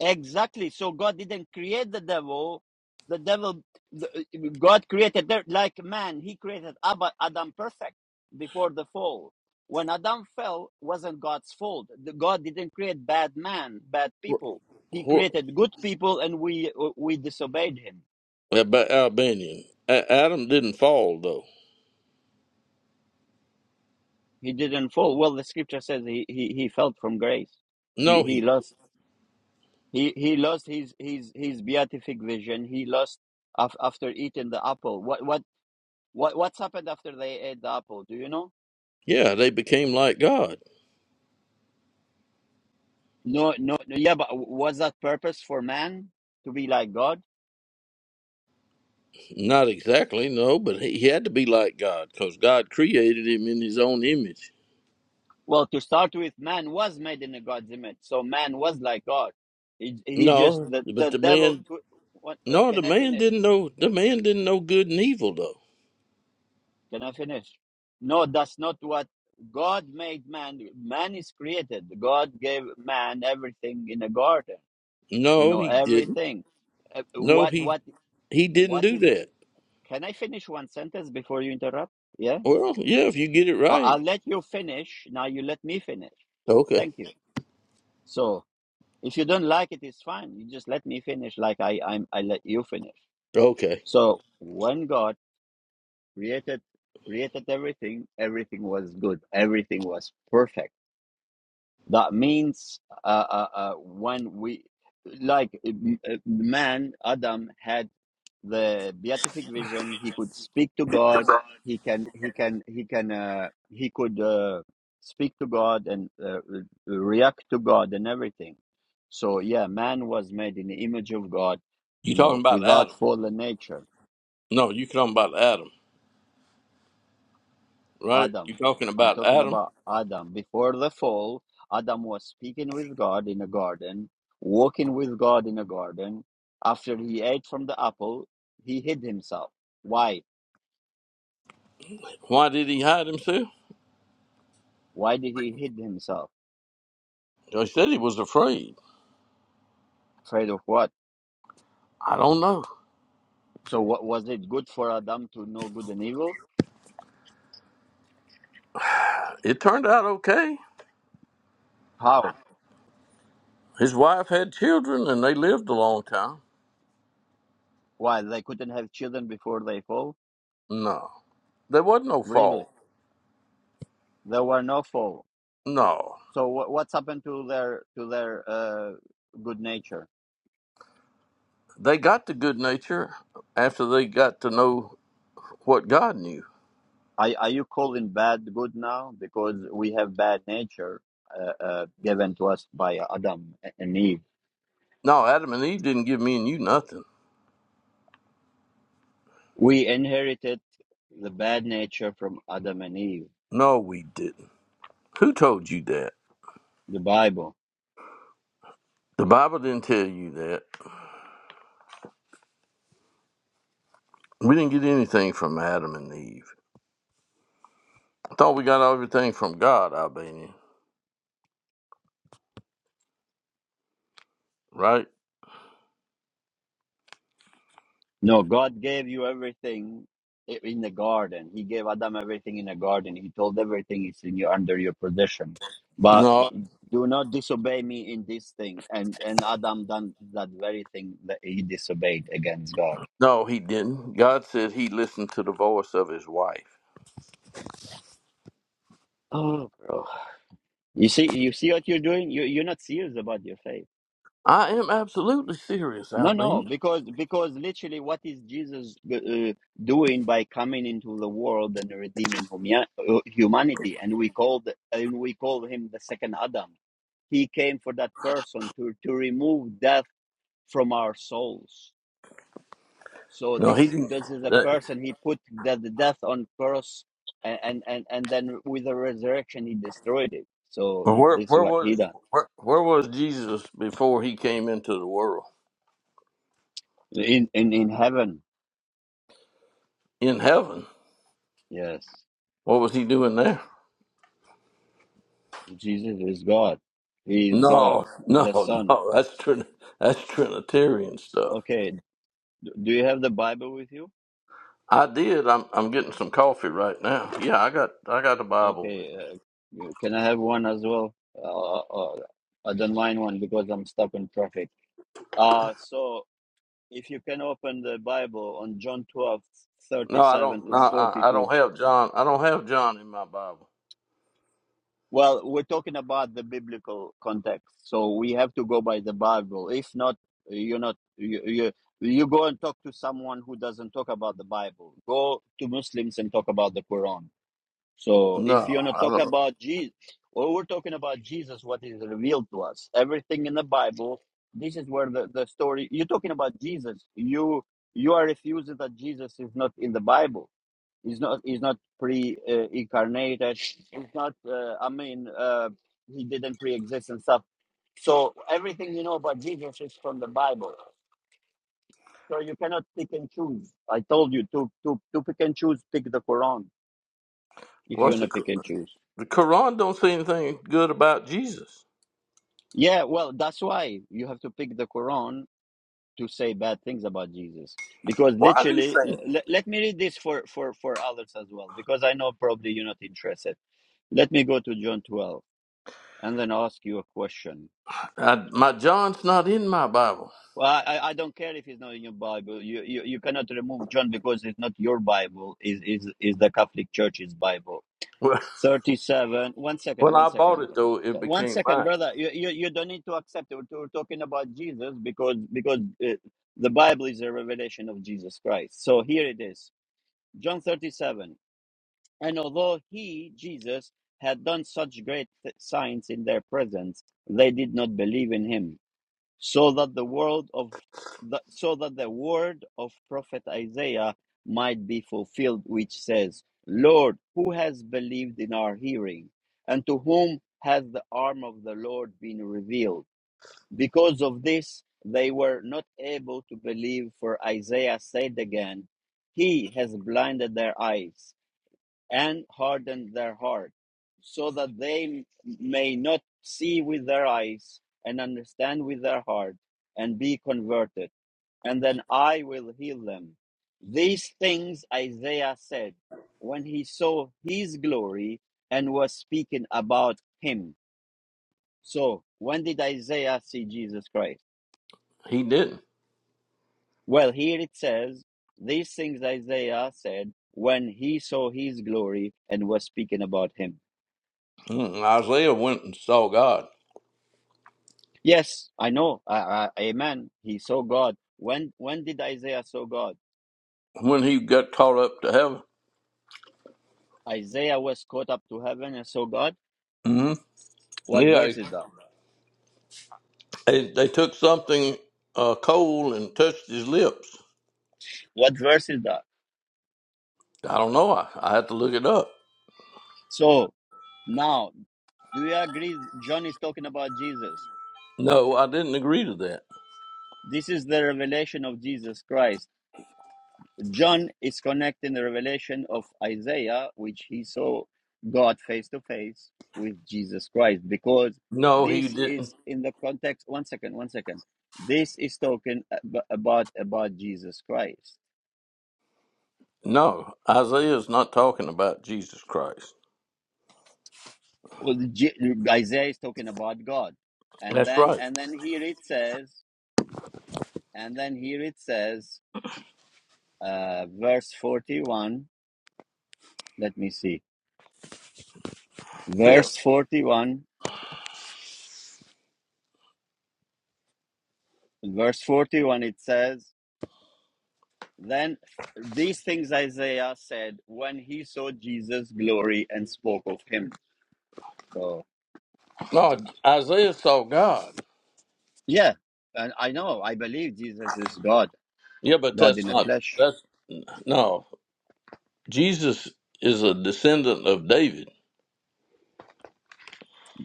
Speaker 1: Exactly. So God didn't create the devil. The devil, the- God created the- like man. He created Abba- Adam perfect before the fall. When Adam fell, wasn't God's fault. The- God didn't create bad man, bad
Speaker 2: he?
Speaker 1: people. He
Speaker 2: Wh-
Speaker 1: created good people, and we we disobeyed him.
Speaker 2: wh- About Albanian. A- Adam didn't fall though.
Speaker 1: He didn't fall. Well, the scripture says he, he, he fell from grace. He
Speaker 2: No,
Speaker 1: he
Speaker 2: he
Speaker 1: lost he, he lost his, his his beatific vision. He lost af- after eating the apple. What what what what's happened after they ate the apple? Do you know?
Speaker 2: yeah they became like God.
Speaker 1: No no, no yeah, but was that purpose for man to be like God?
Speaker 2: Not exactly no, but he, he had to be like God because God created him in His own image.
Speaker 1: Well, to start with, man was made in a God's image, so man was like God. He, he just
Speaker 2: No,
Speaker 1: the
Speaker 2: but
Speaker 1: the
Speaker 2: the
Speaker 1: devil.
Speaker 2: man
Speaker 1: what, uh,
Speaker 2: no the
Speaker 1: can I
Speaker 2: man
Speaker 1: finish?
Speaker 2: didn't know the man didn't know good and evil though.
Speaker 1: Can I finish? No, that's not what God made man. Man is created. God gave man everything in a garden. You
Speaker 2: No,
Speaker 1: know
Speaker 2: he didn't.
Speaker 1: everything. Uh,
Speaker 2: No,
Speaker 1: What
Speaker 2: he
Speaker 1: what
Speaker 2: he didn't
Speaker 1: what
Speaker 2: do
Speaker 1: it,
Speaker 2: that.
Speaker 1: can I finish one sentence before you interrupt? Yeah,
Speaker 2: Well, yeah, if you get it
Speaker 1: I-
Speaker 2: right.
Speaker 1: I'll let you finish. Now you let me finish.
Speaker 2: Okay,
Speaker 1: Thank you. So if you don't like it, it's fine. You just let me finish, like I I'm, I let you finish.
Speaker 2: okay.
Speaker 1: So when God created created everything, everything was good. Everything was perfect That means uh, uh, uh, when we, like uh, man, Adam had the beatific vision. He could speak to God. He can, he can, he can, uh, he could uh, speak to God and uh, re- react to God and everything. So yeah, man was made in the image of God,
Speaker 2: You
Speaker 1: you
Speaker 2: talking
Speaker 1: know,
Speaker 2: about
Speaker 1: without
Speaker 2: Adam?
Speaker 1: fallen nature.
Speaker 2: No, you talking about Adam. right?
Speaker 1: Adam.
Speaker 2: You're talking
Speaker 1: I'm
Speaker 2: about
Speaker 1: talking
Speaker 2: Adam.
Speaker 1: about Adam. Before the fall, Adam was speaking with God in a garden, walking with God in a garden. After he ate from the apple, he hid himself. Why?
Speaker 2: Why did he hide himself?
Speaker 1: Why did he hid himself?
Speaker 2: They said he was afraid.
Speaker 1: Afraid of what?
Speaker 2: I don't know.
Speaker 1: So what was it good for Adam to know good and evil?
Speaker 2: It turned out okay.
Speaker 1: How?
Speaker 2: His wife had children and they lived a long time.
Speaker 1: Why they couldn't have children before they fall?
Speaker 2: No, there wasn't no
Speaker 1: Really?
Speaker 2: fall.
Speaker 1: There were no fall.
Speaker 2: No,
Speaker 1: So what, what's happened to their to their uh, good nature?
Speaker 2: they got the good nature after they got to know what God knew.
Speaker 1: Are, are you calling bad good now? Because we have bad nature uh, uh, given to us by Adam and Eve.
Speaker 2: No, Adam and Eve didn't give me and you nothing.
Speaker 1: We inherited the bad nature from Adam and Eve,
Speaker 2: No, we didn't. Who told you that?
Speaker 1: the Bible.
Speaker 2: The Bible didn't tell you that. We didn't get anything from Adam and Eve. I thought we got everything from God, Albanian, right?
Speaker 1: No, God gave you everything i- in the garden. He gave Adam everything in the garden. He told everything is in your under your possession. But
Speaker 2: No,
Speaker 1: do not disobey me in this thing. And and Adam done that very thing that he disobeyed against God.
Speaker 2: no, he didn't. God said he listened to the voice of his wife.
Speaker 1: Oh, bro. You see, you see what you're doing. You you're not serious about your faith.
Speaker 2: I am absolutely serious,
Speaker 1: No, no,
Speaker 2: Albania.
Speaker 1: because because literally, what is Jesus uh, doing by coming into the world and redeeming hum- uh, humanity? And we called and we call him the second Adam. He came for that person to to remove death from our souls. So
Speaker 2: No, he
Speaker 1: this
Speaker 2: didn't.
Speaker 1: this is a
Speaker 2: That,
Speaker 1: person he put the, the death on cross, and, and and and then with the resurrection he destroyed it. So
Speaker 2: well, where
Speaker 1: this is
Speaker 2: where
Speaker 1: what he
Speaker 2: was
Speaker 1: done
Speaker 2: where, where was Jesus before he came into the world?
Speaker 1: in in in heaven
Speaker 2: In heaven.
Speaker 1: Yes,
Speaker 2: What was he doing there?
Speaker 1: Jesus is God. He is God,
Speaker 2: No,
Speaker 1: the
Speaker 2: no,
Speaker 1: Son.
Speaker 2: no. That's Trin- that's Trinitarian stuff.
Speaker 1: Okay, d- do you have the Bible with you?
Speaker 2: I did. I'm I'm getting some coffee right now. Yeah, I got I got the Bible with
Speaker 1: Okay,
Speaker 2: me.
Speaker 1: uh, uh, can I have one as well? Uh, uh, I don't mind one because I'm stuck in traffic. Uh, so if you can open the Bible on John 12 thirty
Speaker 2: No, I
Speaker 1: seven
Speaker 2: don't. No,
Speaker 1: to
Speaker 2: I, I
Speaker 1: 42.
Speaker 2: don't have John. I don't have John in my Bible.
Speaker 1: Well, we're talking about the biblical context, so we have to go by the Bible. If not, you're not you you, you go and talk to someone who doesn't talk about the Bible. Go to Muslims and talk about the Quran. So if you
Speaker 2: No,
Speaker 1: want to
Speaker 2: I
Speaker 1: talk
Speaker 2: don't.
Speaker 1: about Jesus, well, we're talking about Jesus, what is revealed to us, everything in the Bible. This is where the, the story. You're talking about Jesus. You you are refusing that Jesus is not in the Bible. He's not. He's not pre-incarnated. He's not. Uh, I mean, uh, he didn't pre-exist and stuff. So everything you know about Jesus is from the Bible. So you cannot pick and choose. I told you to to to pick and choose. Pick the Quran if you
Speaker 2: What's
Speaker 1: wanna
Speaker 2: the
Speaker 1: pick and choose.
Speaker 2: the Quran don't say anything good about Jesus?
Speaker 1: Yeah, well, that's why you have to pick the Quran to say bad things about Jesus because
Speaker 2: Well, I didn't
Speaker 1: literally.
Speaker 2: say. it.
Speaker 1: L- let me read this for for for others as well because I know probably you're not interested. Let me go to John 12 and then ask you a question.
Speaker 2: I, my John's not in my Bible.
Speaker 1: Well, I, I don't care if it's not in your Bible. You, you you cannot remove John because it's not your Bible. Is is is the Catholic Church's Bible?
Speaker 2: Well,
Speaker 1: Thirty-seven. One second.
Speaker 2: When
Speaker 1: One
Speaker 2: I bought
Speaker 1: second.
Speaker 2: it though, it
Speaker 1: One
Speaker 2: became
Speaker 1: second,
Speaker 2: mine.
Speaker 1: brother. You you, you don't need to accept it. We're talking about Jesus because because uh, the Bible is a revelation of Jesus Christ. So here it is, John thirty-seven. And although he Jesus had done such great th- signs in their presence, they did not believe in him so that the word of the, so that the word of prophet Isaiah might be fulfilled which says lord who has believed in our hearing and to whom has the arm of the lord been revealed because of this they were not able to believe for Isaiah said again he has blinded their eyes and hardened their heart, so that they may not see with their eyes and understand with their heart and be converted, and then I will heal them. These things Isaiah said when he saw his glory and was speaking about him. So, when did Isaiah see Jesus Christ?
Speaker 2: He didn't.
Speaker 1: Well, here it says, These things Isaiah said when he saw his glory and was speaking about him.
Speaker 2: Mm, Isaiah went and saw God
Speaker 1: Yes, I know. Uh, uh, amen. He saw God. When when did Isaiah saw God?
Speaker 2: when he got caught up to heaven.
Speaker 1: Isaiah was caught up to heaven and saw God.
Speaker 2: hmm
Speaker 1: What
Speaker 2: Yeah,
Speaker 1: verse is that?
Speaker 2: they, they took something uh, cold and touched his lips.
Speaker 1: What verse is that?
Speaker 2: I don't know. I, I had to look it up.
Speaker 1: So now, do you agree? John is talking about Jesus.
Speaker 2: No, I didn't agree to that.
Speaker 1: This is the revelation of Jesus Christ. John is connecting the revelation of Isaiah, which he saw God face to face with Jesus Christ, because
Speaker 2: No, he
Speaker 1: this
Speaker 2: didn't.
Speaker 1: is in the context. One second, one second. This is talking ab- about about Jesus Christ.
Speaker 2: No, Isaiah's not talking about Jesus Christ.
Speaker 1: Well, the Isaiah is talking about God, and
Speaker 2: That's
Speaker 1: then
Speaker 2: right.
Speaker 1: and then here it says, and then here it says, uh, verse forty-one. Let me see,
Speaker 2: Yeah.
Speaker 1: verse forty-one. Verse forty-one. It says. Then these things Isaiah said when he saw Jesus' glory and spoke of him. So,
Speaker 2: No, Isaiah saw God.
Speaker 1: yeah, and I know, I believe Jesus is God,
Speaker 2: Yeah, but
Speaker 1: God
Speaker 2: that's
Speaker 1: in the
Speaker 2: not
Speaker 1: flesh.
Speaker 2: that's no. Jesus is a descendant of David.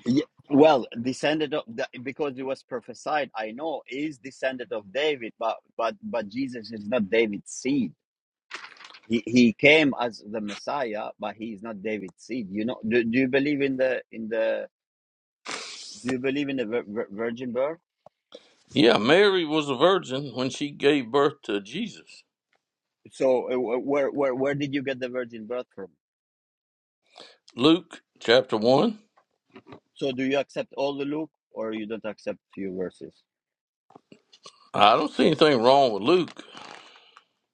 Speaker 1: Ye- Well, descended of the, because it was prophesied. I know he is descended of David, but but but Jesus is not David's seed. He he came as the Messiah, but he is not David's seed. You know? Do, do you believe in the in the Do you believe in the vir- vir- virgin birth?
Speaker 2: Yeah, Mary was a virgin when she gave birth to Jesus.
Speaker 1: So uh, where where where did you get the virgin birth from?
Speaker 2: Luke chapter one.
Speaker 1: So do you accept all the Luke or you don't accept few verses?
Speaker 2: I don't see anything wrong with Luke.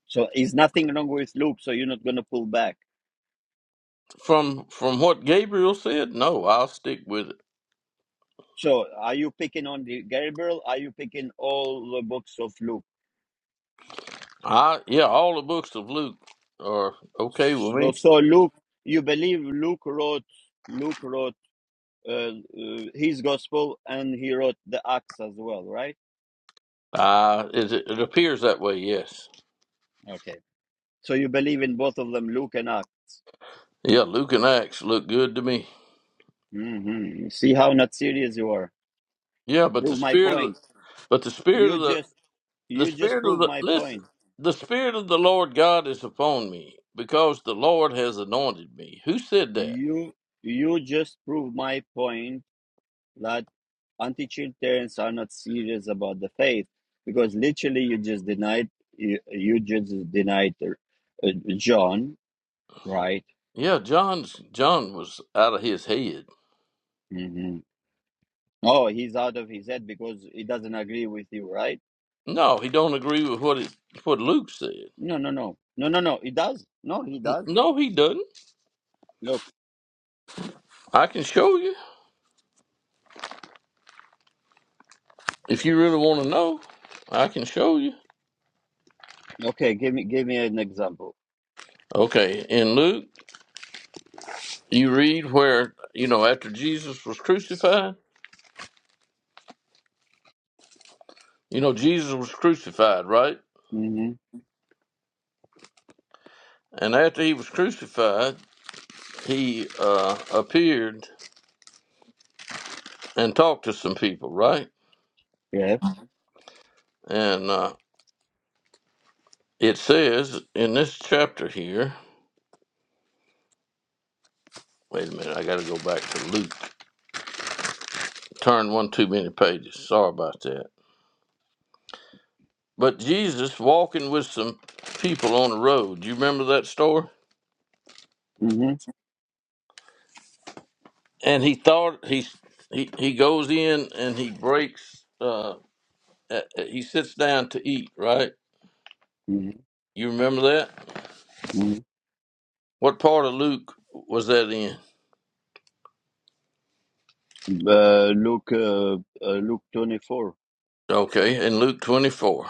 Speaker 1: So is nothing wrong with Luke, so you're not going to pull back.
Speaker 2: From from what Gabriel said, no, I'll stick with it.
Speaker 1: So are you picking on the Gabriel? Are you picking all the books of Luke?
Speaker 2: I yeah, all the books of Luke are okay with
Speaker 1: So
Speaker 2: me.
Speaker 1: so Luke, you believe Luke wrote Luke wrote uh, uh, his gospel and he wrote the Acts as well, right?
Speaker 2: Uh, it, it appears that way, yes.
Speaker 1: Okay. So you believe in both of them, Luke and Acts.
Speaker 2: Yeah, Luke and Acts look good to me.
Speaker 1: hmm See how not serious you are.
Speaker 2: Yeah, but the
Speaker 1: Prove my
Speaker 2: spirit, of-
Speaker 1: point.
Speaker 2: but the spirit of
Speaker 1: You
Speaker 2: the
Speaker 1: just
Speaker 2: the
Speaker 1: You just
Speaker 2: spirit of
Speaker 1: proved
Speaker 2: the
Speaker 1: my
Speaker 2: listen,
Speaker 1: point.
Speaker 2: the spirit of the Lord God is upon me because the Lord has anointed me. Who said that?
Speaker 1: You you just proved my point that anti-Trinitarians are not serious about the faith because literally you just denied you, you just denied uh, John, right?
Speaker 2: Yeah, John's John was out of his head.
Speaker 1: hmm Oh, he's out of his head because he doesn't agree with you, right?
Speaker 2: No, he don't agree with what it, what Luke said.
Speaker 1: No, no, no, no, no, no. He does. No, he
Speaker 2: N-
Speaker 1: does.
Speaker 2: No, he doesn't.
Speaker 1: Look,
Speaker 2: I can show you if you really want to know. I can show you.
Speaker 1: okay. Give me give me an example.
Speaker 2: Okay, in Luke, you read where you know after Jesus was crucified. You know Jesus was crucified, right?
Speaker 1: hmm
Speaker 2: And after he was crucified, he uh, appeared and talked to some people, right?
Speaker 1: Yes.
Speaker 2: And uh, it says in this chapter here, wait a minute, I got to go back to Luke. Turn one too many pages. Sorry about that. But Jesus walking with some people on the road. Do you remember that story?
Speaker 1: hmm
Speaker 2: And he thought he he he goes in and he breaks. Uh, uh, he sits down to eat. Right? You remember that?
Speaker 1: hmm
Speaker 2: What part of Luke was that in?
Speaker 1: Uh, Luke, uh, uh, Luke 24.
Speaker 2: Okay, in Luke 24,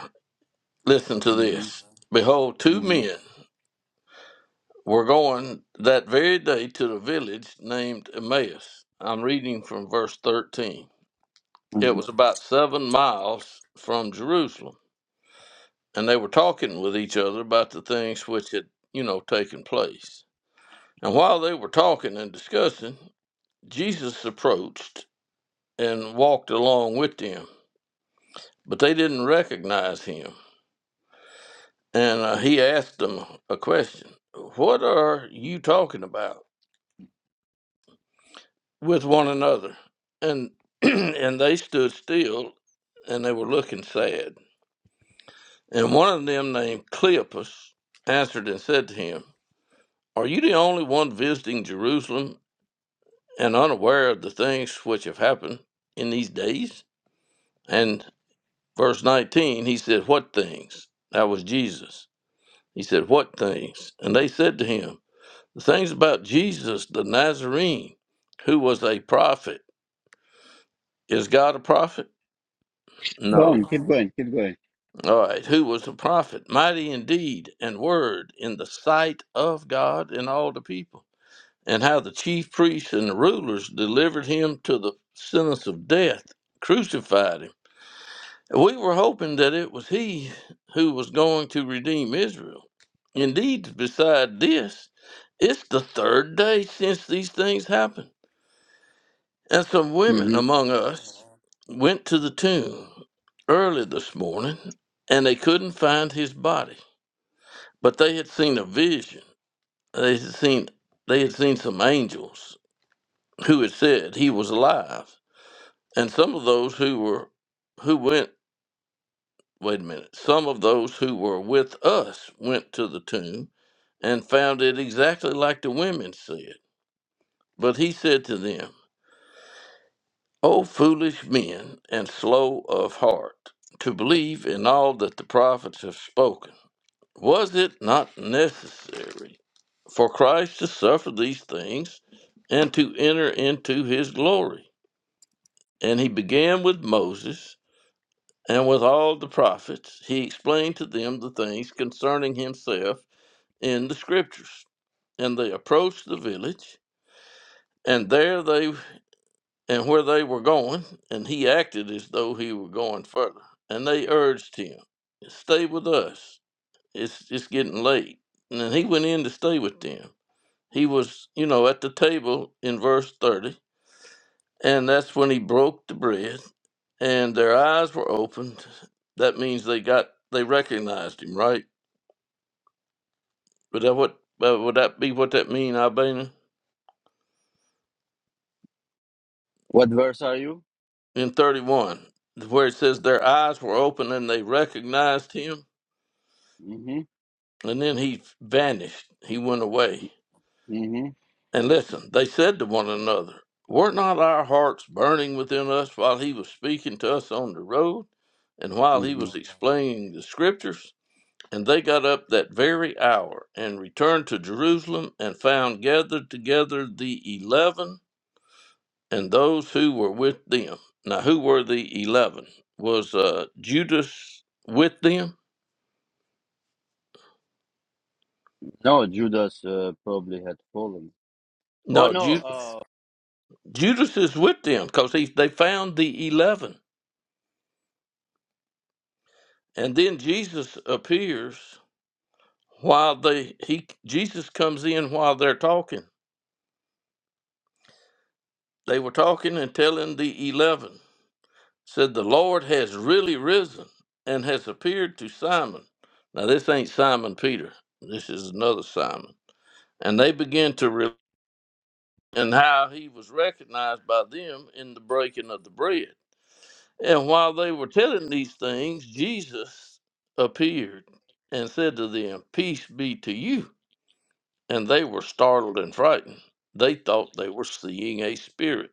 Speaker 2: listen to
Speaker 1: hmm
Speaker 2: this. Behold, two
Speaker 1: hmm
Speaker 2: men were going that very day to the village named Emmaus. I'm reading from verse 13. It
Speaker 1: hmm
Speaker 2: was about seven miles from Jerusalem, and they were talking with each other about the things which had, you know, taken place. And while they were talking and discussing, Jesus approached and walked along with them, but they didn't recognize him. and uh, he asked them a question what are you talking about with one another and and they stood still and they were looking sad and one of them named cleopas answered and said to him are you the only one visiting jerusalem and unaware of the things which have happened in these days and verse 19 he said what things that was jesus he said what things and they said to him The things about Jesus the Nazarene, who was a prophet. Is God a prophet?
Speaker 1: Go on,
Speaker 2: No.
Speaker 1: keep going, keep going.
Speaker 2: All right. Who was a prophet? Mighty indeed and word in the sight of God and all the people. And how the chief priests and the rulers delivered him to the sentence of death, crucified him. We were hoping that it was he who was going to redeem Israel. Indeed, beside this, it's the third day since these things happened And some women
Speaker 1: hmm
Speaker 2: among us went to the tomb early this morning and they couldn't find his body. But they had seen a vision. They had seen they had seen some angels who had said he was alive. And some of those who were who went wait a minute, some of those who were with us went to the tomb and found it exactly like the women said. But he said to them, O foolish men and slow of heart, to believe in all that the prophets have spoken, was it not necessary for Christ to suffer these things and to enter into his glory? And he began with Moses and with all the prophets. He explained to them the things concerning himself in the scriptures. And they approached the village, and there they and where they were going, and he acted as though he were going further. And they urged him, Stay with us. It's it's getting late. And then he went in to stay with them. He was, you know, at the table in verse 30, and that's when he broke the bread, and their eyes were opened. That means they got they recognized him, right? Would that what uh, would that be what that mean, Albanian?
Speaker 1: What verse are you?
Speaker 2: In 31, where it says their eyes were open and they recognized him
Speaker 1: hmm
Speaker 2: and then he vanished. He went away.
Speaker 1: hmm
Speaker 2: And listen, they said to one another, Were not our hearts burning within us while he was speaking to us on the road, and while he
Speaker 1: hmm
Speaker 2: was explaining the scriptures? And they got up that very hour and returned to Jerusalem and found gathered together the eleven and those who were with them. Now, who were the eleven? Was uh, Judas with them?
Speaker 1: No, Judas uh, probably had fallen. Oh,
Speaker 2: No,
Speaker 1: no.
Speaker 2: Judas,
Speaker 1: Uh,
Speaker 2: Judas is with them because they found the eleven And then Jesus appears while they he Jesus comes in while they're talking. They were talking and telling the eleven. Said the Lord has really risen and has appeared to Simon. Now this ain't Simon Peter. This is another Simon. And they begin to re- and how he was recognized by them in the breaking of the bread. And while they were telling these things, Jesus appeared and said to them, Peace be to you. and they were startled and frightened. They thought they were seeing a spirit.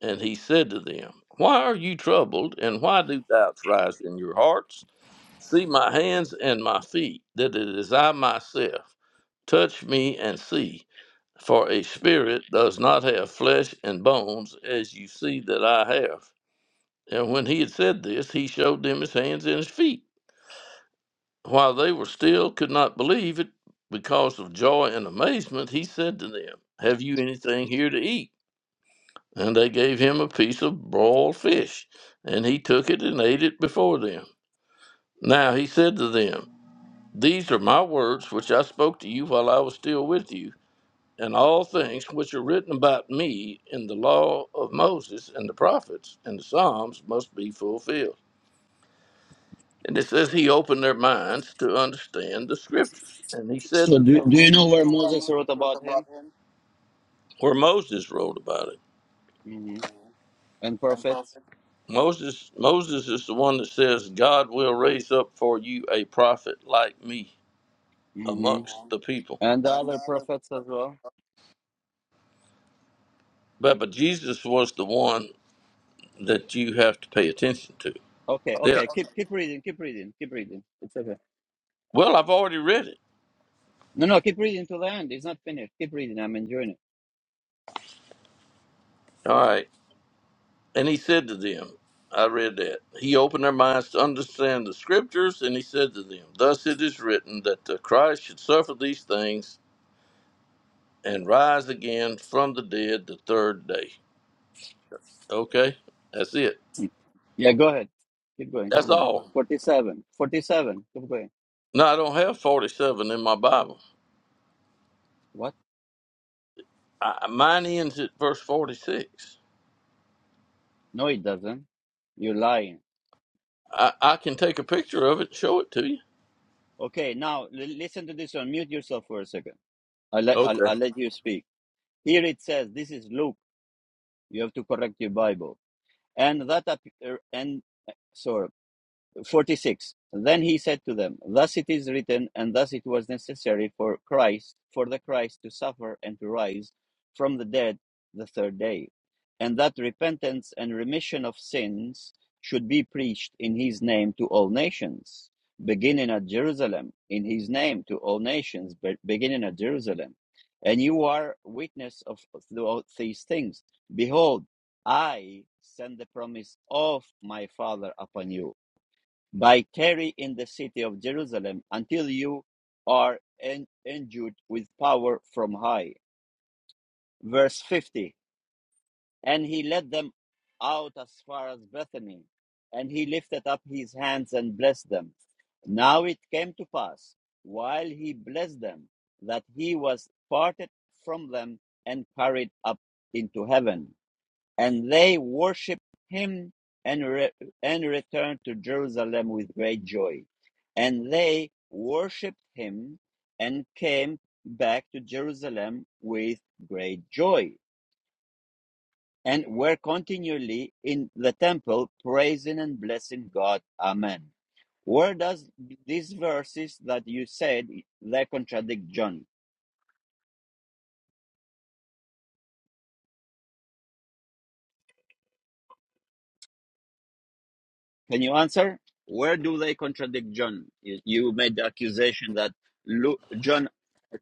Speaker 2: And he said to them, Why are you troubled, and why do doubts rise in your hearts? See my hands and my feet, that it is I myself. Touch me and see. For a spirit does not have flesh and bones, as you see that I have. And when he had said this, he showed them his hands and his feet. While they were still could not believe it because of joy and amazement, he said to them, Have you anything here to eat? And they gave him a piece of broiled fish, and he took it and ate it before them. Now he said to them, These are my words which I spoke to you while I was still with you, and all things which are written about me in the law of Moses and the prophets and the Psalms must be fulfilled. And it says he opened their minds to understand the scriptures. And he said
Speaker 1: so,
Speaker 2: to
Speaker 1: do,
Speaker 2: them,
Speaker 1: do
Speaker 2: do
Speaker 1: you
Speaker 2: do
Speaker 1: know
Speaker 2: you
Speaker 1: where
Speaker 2: know where
Speaker 1: Moses wrote
Speaker 2: Moses wrote
Speaker 1: about
Speaker 2: about
Speaker 1: him?
Speaker 2: him? Where Moses wrote about it.
Speaker 1: hmm And prophets?
Speaker 2: Moses Moses is the one that says God will raise up for you a prophet like me
Speaker 1: hmm
Speaker 2: amongst the people.
Speaker 1: And the other prophets as well?
Speaker 2: But but Jesus was the one that you have to pay attention to.
Speaker 1: Okay,
Speaker 2: Yeah.
Speaker 1: okay, keep keep reading, keep reading, keep reading. It's okay.
Speaker 2: Well, I've already read it.
Speaker 1: No, no, keep reading to the end. It's not finished. Keep reading. I'm enjoying it.
Speaker 2: All right. And he said to them, I read that. He opened their minds to understand the scriptures, and he said to them, Thus it is written that the Christ should suffer these things and rise again from the dead the third day. Okay, that's it.
Speaker 1: Yeah, go ahead. Keep going, keep
Speaker 2: That's
Speaker 1: going.
Speaker 2: all.
Speaker 1: 47. 47. Keep going.
Speaker 2: No, I don't have 47 in my Bible.
Speaker 1: What?
Speaker 2: I, mine ends at verse 46.
Speaker 1: No, it doesn't. You're lying.
Speaker 2: I, I can take a picture of it and show it to you.
Speaker 1: Okay, now l- listen to this one. Mute yourself for a second. I'll let, I'll,
Speaker 2: Okay.
Speaker 1: I'll let you speak. Here it says, this is Luke. You have to correct your Bible. And that, ap- er, and, sorry. 46 Then he said to them, Thus it is written, and thus it was necessary for Christ, for the Christ to suffer and to rise from the dead the third day, and that repentance and remission of sins should be preached in his name to all nations, beginning at Jerusalem, in his name to all nations, beginning at Jerusalem. And you are witness of these things. Behold, I send the promise of my Father upon you by tarry in the city of Jerusalem until you are en- endued with power from high. Verse 50 And he led them out as far as Bethany, and he lifted up his hands and blessed them. Now it came to pass, while he blessed them, that he was parted from them and carried up into heaven. And they worshipped him and, re- and returned to Jerusalem with great joy. And they worshipped him and came back to Jerusalem with great joy and were continually in the temple praising and blessing God. Amen. Where does these verses that you said they contradict John? Can you answer? Where do they contradict John? You you made the accusation that Lu John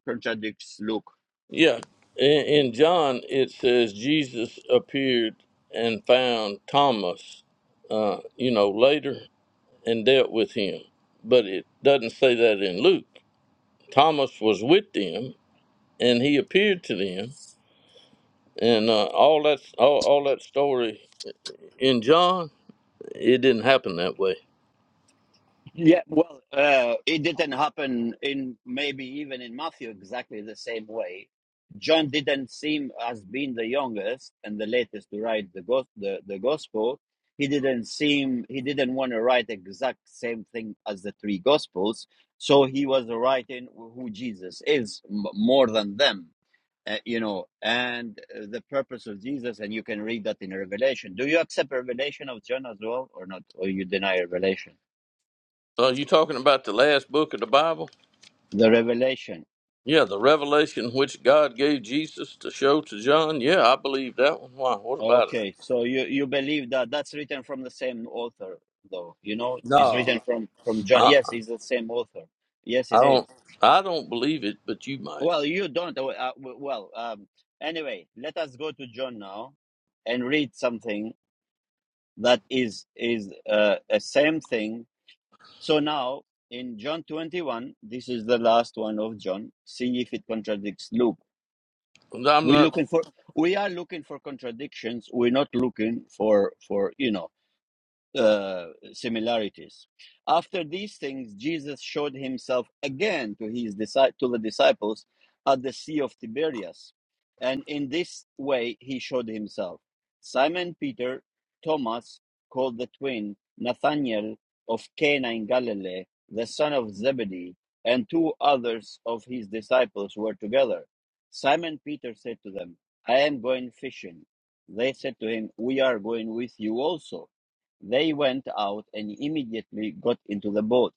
Speaker 1: contradicts Luke.
Speaker 2: Yeah. In, in John, it says Jesus appeared and found Thomas, uh, you know, later and dealt with him. But it doesn't say that in Luke. Thomas was with them and he appeared to them. And uh, all that all, all that story in John, it didn't happen that way.
Speaker 1: Yeah, well, uh, it didn't happen in maybe even in Matthew exactly the same way. John didn't seem as being the youngest and the latest to write the gos- the, the gospel. He didn't seem he didn't want to write exact same thing as the three gospels, so he was writing who Jesus is m- more than them. Uh, you know, and uh, the purpose of Jesus, and you can read that in Revelation. Do you accept Revelation of John as well, or not? Or you deny Revelation?
Speaker 2: Are you talking about the last book of the Bible?
Speaker 1: The Revelation.
Speaker 2: Yeah, the revelation which God gave Jesus to show to John. Yeah, I believe that one. Why? What about it?
Speaker 1: Okay, so you you believe that that's written from the same author, though. You know, it's written
Speaker 2: No.
Speaker 1: from from John. Yes, it's the same author. Yes,
Speaker 2: I
Speaker 1: it is.
Speaker 2: don't. I don't believe it, but you might.
Speaker 1: Well, you don't. Uh, uh, w- well, um, anyway, let us go to John now and read something that is is uh, a same thing. So now in John twenty one, this is the last one of John. See if it contradicts Luke.
Speaker 2: I'm
Speaker 1: We're
Speaker 2: not.
Speaker 1: looking for we are looking for contradictions. We're not looking for for you know uh, similarities. After these things, Jesus showed himself again to his disci- to the disciples at the Sea of Tiberias, and in this way he showed himself. Simon Peter, Thomas, called the twin, Nathanael of Cana in Galilee, the son of Zebedee, and two others of his disciples were together. Simon Peter said to them, I am going fishing. They said to him, We are going with you also. They went out and immediately got into the boat,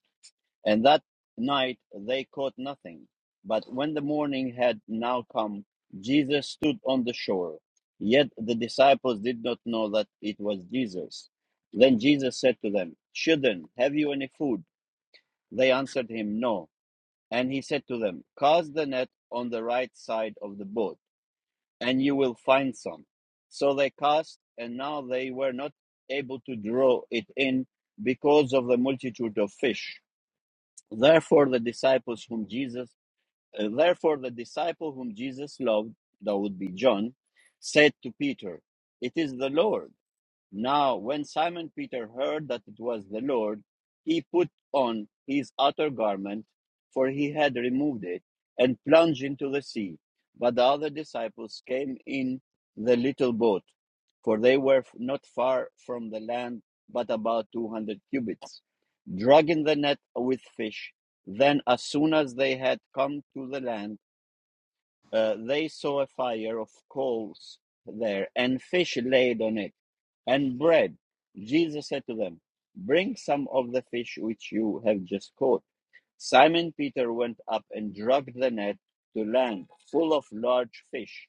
Speaker 1: and that night they caught nothing. But when the morning had now come, Jesus stood on the shore. Yet the disciples did not know that it was Jesus. Then Jesus said to them, Children, have you any food? They answered him, No. And he said to them, Cast the net on the right side of the boat and you will find some. So they cast, and now they were not able to draw it in because of the multitude of fish. Therefore, the disciples whom Jesus, uh, therefore the disciple whom Jesus loved, that would be John, said to Peter, "It is the Lord." Now, when Simon Peter heard that it was the Lord, he put on his outer garment, for he had removed it, and plunged into the sea. But the other disciples came in the little boat, for they were not far from the land, but about two hundred cubits, dragging the net with fish. Then, as soon as they had come to the land, uh, they saw a fire of coals there, and fish laid on it, and bread. Jesus said to them, Bring some of the fish which you have just caught. Simon Peter went up and dragged the net to land, full of large fish.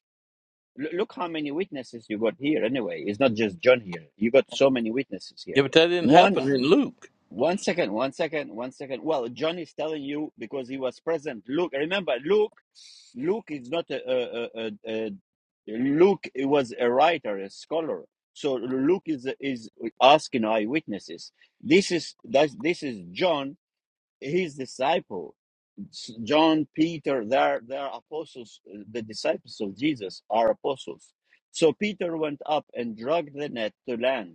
Speaker 1: L- look how many witnesses you got here, anyway. It's not just John here. You got so many witnesses
Speaker 2: Yeah,
Speaker 1: here.
Speaker 2: but that didn't
Speaker 1: One.
Speaker 2: happen in Luke.
Speaker 1: One second, one second, one second. Well, John is telling you because he was present. Luke, remember, Luke, Luke is not a, a, a, a, a Luke was a writer, a scholar. So Luke is is asking eyewitnesses. This is that's, this is John, his disciple. S- John, Peter, they're they're apostles. The disciples of Jesus are apostles. So Peter went up and dragged the net to land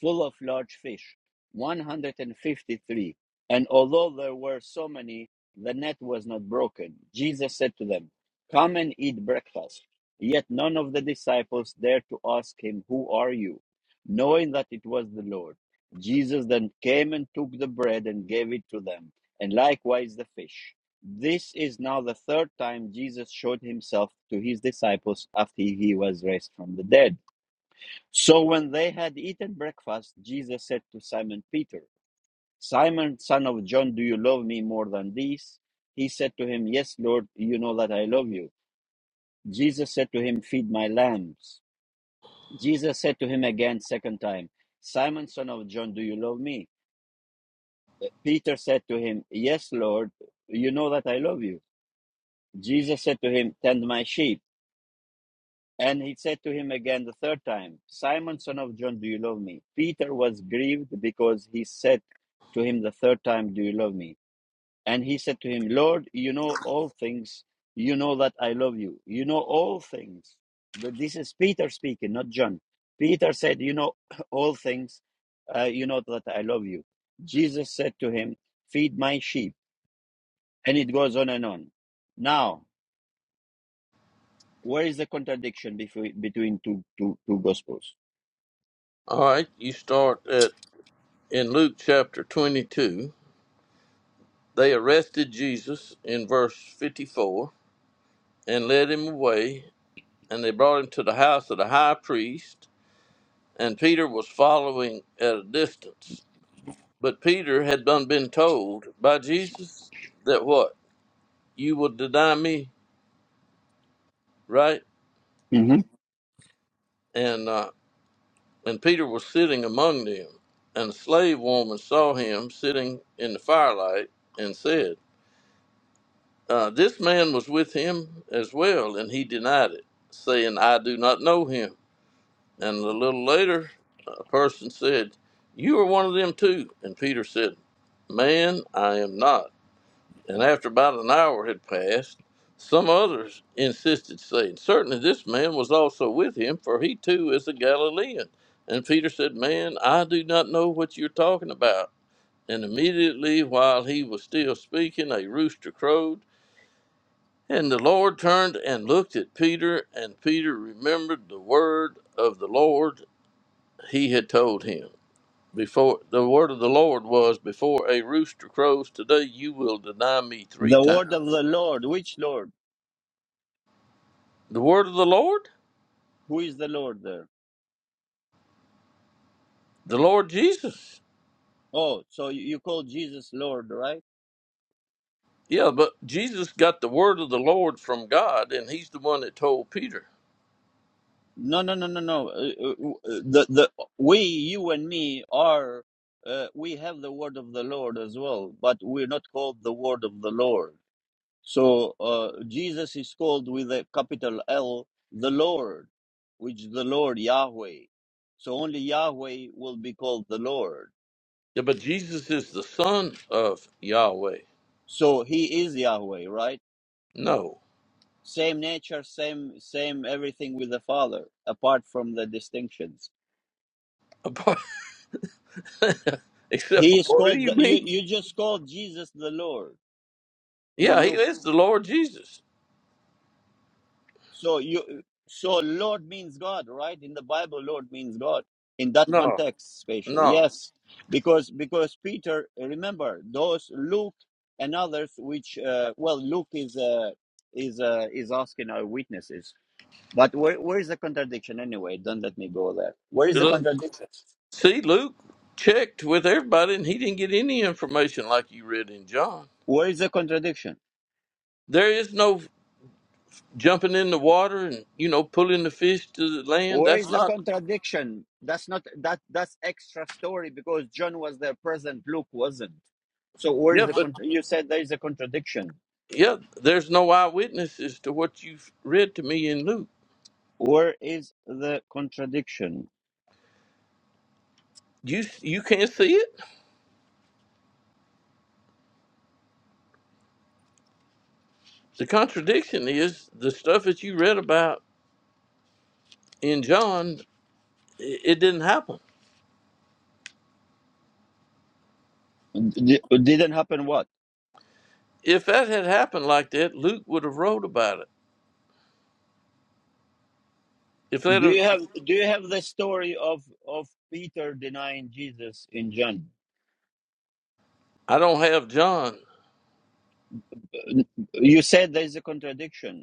Speaker 1: full of large fish, 153. And although there were so many, the net was not broken. Jesus said to them, Come and eat breakfast. Yet none of the disciples dared to ask him, Who are you? Knowing that it was the Lord. Jesus then came and took the bread and gave it to them, and likewise the fish. This is now the third time Jesus showed himself to his disciples after he was raised from the dead. So when they had eaten breakfast, Jesus said to Simon Peter, Simon, son of John, do you love me more than these? He said to him, Yes, Lord, you know that I love you. Jesus said to him, Feed my lambs. Jesus said to him again, second time, Simon, son of John, do you love me? Peter said to him, Yes, Lord, you know that I love you. Jesus said to him, Tend my sheep. And he said to him again the third time, Simon, son of John, do you love me? Peter was grieved because he said to him the third time, Do you love me? And he said to him, Lord, you know all things. You know that I love you. You know all things. Th- This is Peter speaking, not John. Peter said, You know all things. Uh, you know that I love you. Jesus said to him, Feed my sheep. And it goes on and on. Now, where is the contradiction between between two, two, two gospels?
Speaker 2: All right, you start at in Luke chapter 22. They arrested Jesus in verse 54 and led him away, and they brought him to the house of the high priest, and Peter was following at a distance. But Peter had done been told by Jesus that what you will deny me, right?
Speaker 1: Mm-hmm.
Speaker 2: And uh, And Peter was sitting among them. And a slave woman saw him sitting in the firelight and said, uh, This man was with him as well. And he denied it, saying, I do not know him. And a little later, a person said, You are one of them too. And Peter said, Man, I am not and after about an hour had passed, some others insisted, saying, Certainly this man was also with him, for he too is a Galilean. And Peter said, Man, I do not know what you're talking about. And immediately while he was still speaking, a rooster crowed. And the Lord turned and looked at Peter, and Peter remembered the word of the Lord he had told him. Before the word of the Lord was, Before a rooster crows today, you will deny me three
Speaker 1: The
Speaker 2: times.
Speaker 1: word of the Lord. Which Lord?
Speaker 2: The word of the Lord?
Speaker 1: Who is the Lord there?
Speaker 2: The Lord Jesus.
Speaker 1: Oh, so you you call Jesus Lord, right?
Speaker 2: Yeah, but Jesus got the word of the Lord from God, and he's the one that told Peter.
Speaker 1: No, no, no, no, no. Uh, uh, uh, The the we, you and me are. Uh, we have the word of the Lord as well, but we're not called the word of the Lord. So uh, Jesus is called with a capital L, the Lord, which the Lord Yahweh. So only Yahweh will be called the Lord.
Speaker 2: Yeah, but Jesus is the son of Yahweh.
Speaker 1: So He is Yahweh, right?
Speaker 2: No.
Speaker 1: same nature, same same everything with the Father, apart from the distinctions.
Speaker 2: Apart, except
Speaker 1: He
Speaker 2: for
Speaker 1: is
Speaker 2: what do
Speaker 1: called
Speaker 2: you
Speaker 1: the, you.
Speaker 2: mean?
Speaker 1: You just called Jesus the Lord in
Speaker 2: Yeah, he
Speaker 1: Luke.
Speaker 2: is the Lord Jesus.
Speaker 1: So you so Lord means God, right? In the Bible, Lord means God in that
Speaker 2: No,
Speaker 1: context spatially.
Speaker 2: no.
Speaker 1: Yes, because because Peter, remember those Luke and others, which uh, well Luke is uh, is uh, is asking our witnesses. But where, where is the contradiction anyway? Don't let me go there. Where is the
Speaker 2: Look,
Speaker 1: contradiction?
Speaker 2: See, Luke checked with everybody, and he didn't get any information like you read in John.
Speaker 1: Where is the contradiction?
Speaker 2: There is no jumping in the water and you know pulling the fish to the land.
Speaker 1: Where
Speaker 2: That's
Speaker 1: is the
Speaker 2: not.
Speaker 1: contradiction? That's not that that's extra story because John was there present, Luke wasn't. So where
Speaker 2: Yeah,
Speaker 1: is the
Speaker 2: but
Speaker 1: con- you said there is a contradiction?
Speaker 2: Yeah, there's no eyewitnesses to what you've read to me in Luke.
Speaker 1: Where is the contradiction?
Speaker 2: You you can't see it. The contradiction is the stuff that you read about in John. It, it didn't happen.
Speaker 1: D- didn't happen what?
Speaker 2: If that had happened like that, Luke would have wrote about it. If that,
Speaker 1: Do you
Speaker 2: had-
Speaker 1: have do you have the story of of Peter denying Jesus in John?
Speaker 2: I don't have John.
Speaker 1: You said there is a contradiction.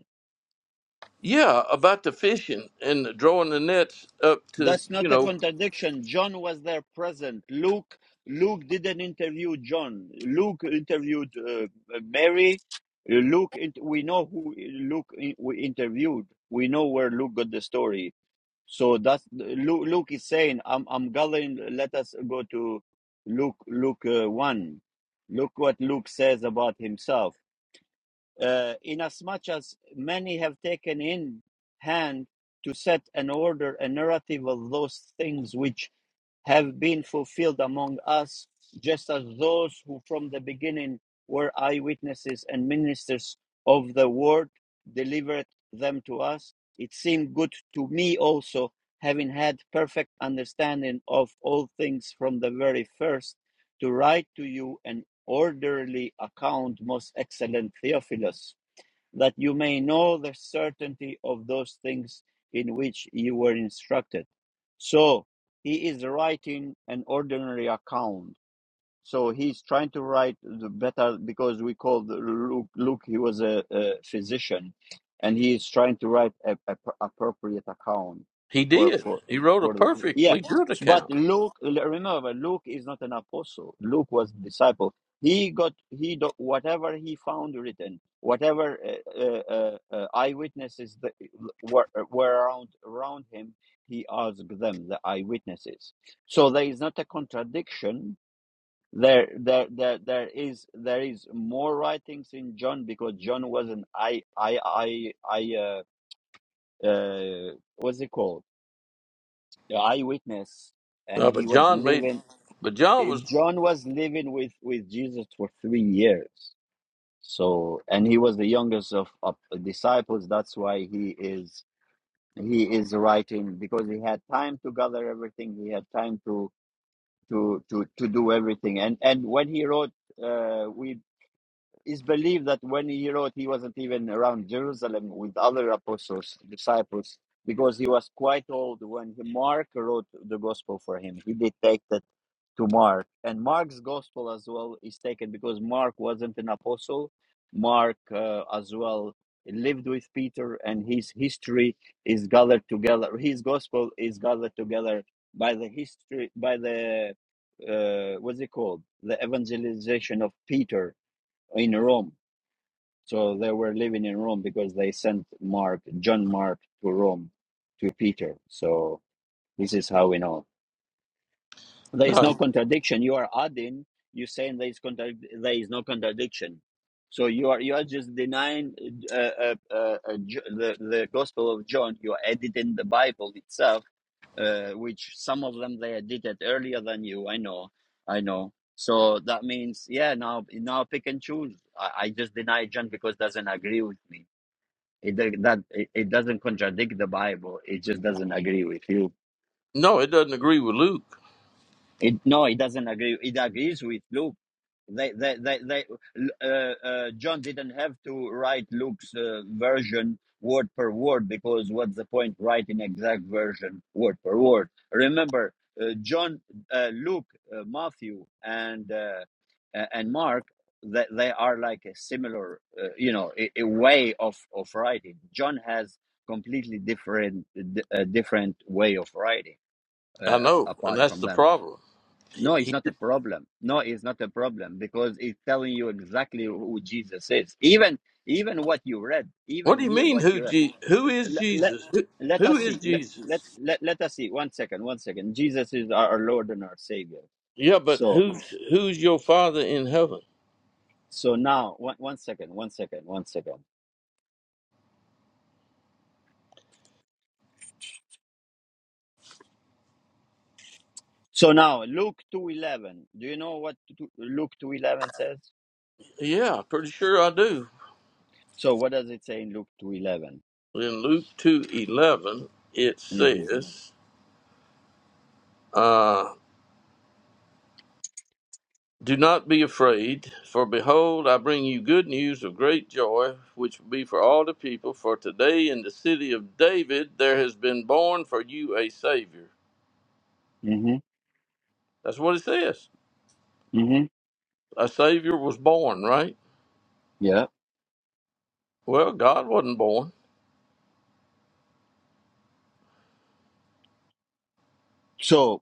Speaker 2: Yeah, about the fishing and the drawing the nets up to
Speaker 1: That's not
Speaker 2: you
Speaker 1: a
Speaker 2: know
Speaker 1: contradiction. John was there present. Luke Luke didn't interview John. Luke interviewed uh, Mary. Luke we know who Luke we interviewed. We know where Luke got the story. So that's Luke, Luke is saying I'm I'm gathering let us go to Luke Luke uh, 1. Look what Luke says about himself uh, inasmuch as many have taken in hand to set an order a narrative of those things which have been fulfilled among us, just as those who from the beginning were eyewitnesses and ministers of the word delivered them to us. It seemed good to me also, having had perfect understanding of all things from the very first, to write to you an orderly account, most excellent Theophilus, that you may know the certainty of those things in which you were instructed. So he is writing an ordinary account so he's trying to write the better because we called Luke. Luke he was a, a physician, and he is trying to write a, a appropriate account
Speaker 2: he
Speaker 1: for
Speaker 2: did.
Speaker 1: for
Speaker 2: He wrote a
Speaker 1: for the, yeah.
Speaker 2: perfectly good
Speaker 1: But
Speaker 2: account.
Speaker 1: Luke, remember, Luke is not an apostle. Luke was a disciple. He got he whatever he found written, whatever uh, uh, uh, uh, eyewitnesses that were were around around him. He asked them the eyewitnesses. So there is not a contradiction there, there, there, there is there is more writings in John because John was an I, I, I, I, uh, uh, what's it called? A Eyewitness,
Speaker 2: Uh,
Speaker 1: and
Speaker 2: but
Speaker 1: he was
Speaker 2: John made,
Speaker 1: living.
Speaker 2: but John
Speaker 1: eh,
Speaker 2: was
Speaker 1: John was living with with Jesus for three years. So, and he was the youngest of, of the disciples. That's why he is he is writing because he had time to gather everything. He had time to to to to do everything. And and when he wrote, uh, we it's believed that when he wrote, he wasn't even around Jerusalem with other apostles, disciples, because he was quite old when he, Mark wrote the gospel for him. He dictated to Mark. And Mark's gospel as well is taken because Mark wasn't an apostle. Mark uh, as well lived with Peter, and his history is gathered together. His gospel is gathered together by the history, by the uh, what's it called? The evangelization of Peter in Rome. So they were living in Rome because they sent Mark, John Mark, to Rome to Peter. So this is how we know there is no
Speaker 2: no,
Speaker 1: contradiction you are adding you're saying there is contra- there is no contradiction so you are you are just denying uh, uh, uh, uh, the the gospel of john you are editing the bible itself uh, which some of them they edited earlier than you i know i know so that means yeah now now pick and choose i, I just deny john because it doesn't agree with me it do- that it, it doesn't contradict the bible it just doesn't agree with you
Speaker 2: no, it doesn't agree with Luke.
Speaker 1: It no, it doesn't agree. It agrees with Luke. They, they, they, they uh, uh, John didn't have to write Luke's uh, version word per word because what's the point writing exact version word per word? Remember, uh, John, uh, Luke, uh, Matthew, and uh, a- and Mark, they, they are like a similar, uh, you know, a, a way of of writing. John has completely different, d- uh, different way of writing
Speaker 2: I
Speaker 1: uh, ap-
Speaker 2: know, and
Speaker 1: apart
Speaker 2: that's
Speaker 1: from
Speaker 2: the
Speaker 1: them.
Speaker 2: problem.
Speaker 1: No, it's
Speaker 2: He,
Speaker 1: not a problem. No, it's not a problem because it's telling you exactly who Jesus is. Even even what you read,
Speaker 2: what
Speaker 1: even
Speaker 2: do you
Speaker 1: here
Speaker 2: mean?
Speaker 1: what
Speaker 2: Who
Speaker 1: you read.
Speaker 2: Je- Who is
Speaker 1: Let, let,
Speaker 2: Jesus? Who,
Speaker 1: let
Speaker 2: who
Speaker 1: us
Speaker 2: is
Speaker 1: see. Let, let,
Speaker 2: Jesus?
Speaker 1: let, let us see. One second, one second. Jesus is our, Lord and our Savior.
Speaker 2: Yeah, but
Speaker 1: So
Speaker 2: who's who's your Father in heaven?
Speaker 1: so now one, one second, one second, one second. So now Luke two eleven. Do you know what to, Luke two eleven says?
Speaker 2: Yeah, pretty sure I do.
Speaker 1: So what does it say in Luke two eleven?
Speaker 2: In Luke two eleven, it
Speaker 1: Mm-hmm.
Speaker 2: says, uh, "Do not be afraid, for behold, I bring you good news of great joy, which will be for all the people. For today in the city of David there has been born for you a Savior."
Speaker 1: Mm-hmm.
Speaker 2: That's what it says.
Speaker 1: Mm-hmm.
Speaker 2: A Savior was born, right?
Speaker 1: Yeah.
Speaker 2: Well, God wasn't born.
Speaker 1: So.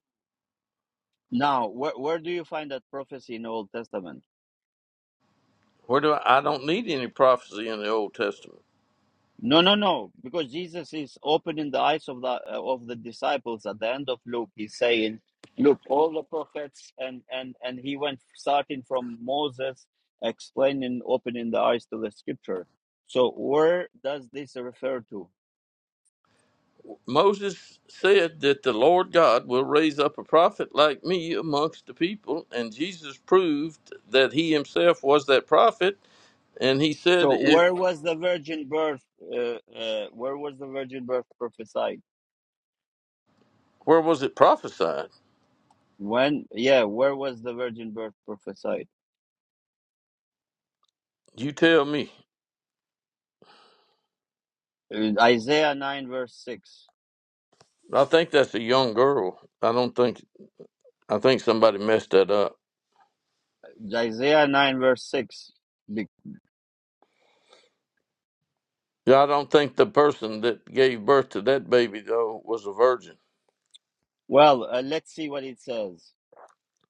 Speaker 1: Now, where, where do you find that prophecy in Old Testament?
Speaker 2: Where do I, I don't need any prophecy in the Old Testament.
Speaker 1: No, no, no, because Jesus is opening the eyes of the uh, of the disciples at the end of Luke. He's saying, "Look, all the prophets," and and and he went starting from Moses, explaining, opening the eyes to the Scripture. So, where does this refer to?
Speaker 2: Moses said that the Lord God will raise up a prophet like me amongst the people, and Jesus proved that he himself was that prophet. And he said,
Speaker 1: So,
Speaker 2: it,
Speaker 1: where was the virgin birth? Uh, uh, where was the virgin birth prophesied?
Speaker 2: "Where was it prophesied?
Speaker 1: When? Yeah, where was the virgin birth prophesied?
Speaker 2: You tell me."
Speaker 1: In Isaiah nine verse six.
Speaker 2: I think that's a young girl. I don't think I think somebody messed that up.
Speaker 1: Isaiah 9, verse 6. Be-
Speaker 2: Yeah, I don't think the person that gave birth to that baby though was a virgin.
Speaker 1: Well, uh, let's see what it says.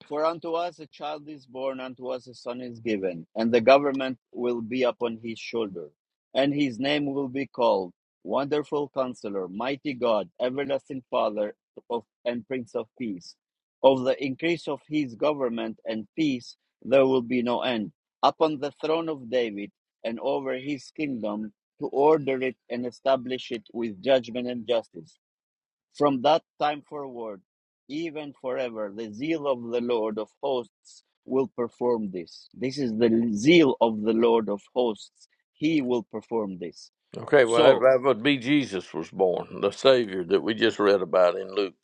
Speaker 1: For unto us a child is born, unto us a son is given, and the government will be upon his shoulder. And his name will be called Wonderful Counselor, Mighty God, Everlasting Father, of, and Prince of Peace. Of the increase of his government and peace there will be no end, upon the throne of David and over his kingdom, to order it and establish it with judgment and justice From that time forward, even forever, the zeal of the Lord of hosts will perform this. This is the zeal of the Lord of hosts. He will perform this.
Speaker 2: Okay, well, that,
Speaker 1: So,
Speaker 2: that would be Jesus was born, the Savior that we just read about in Luke.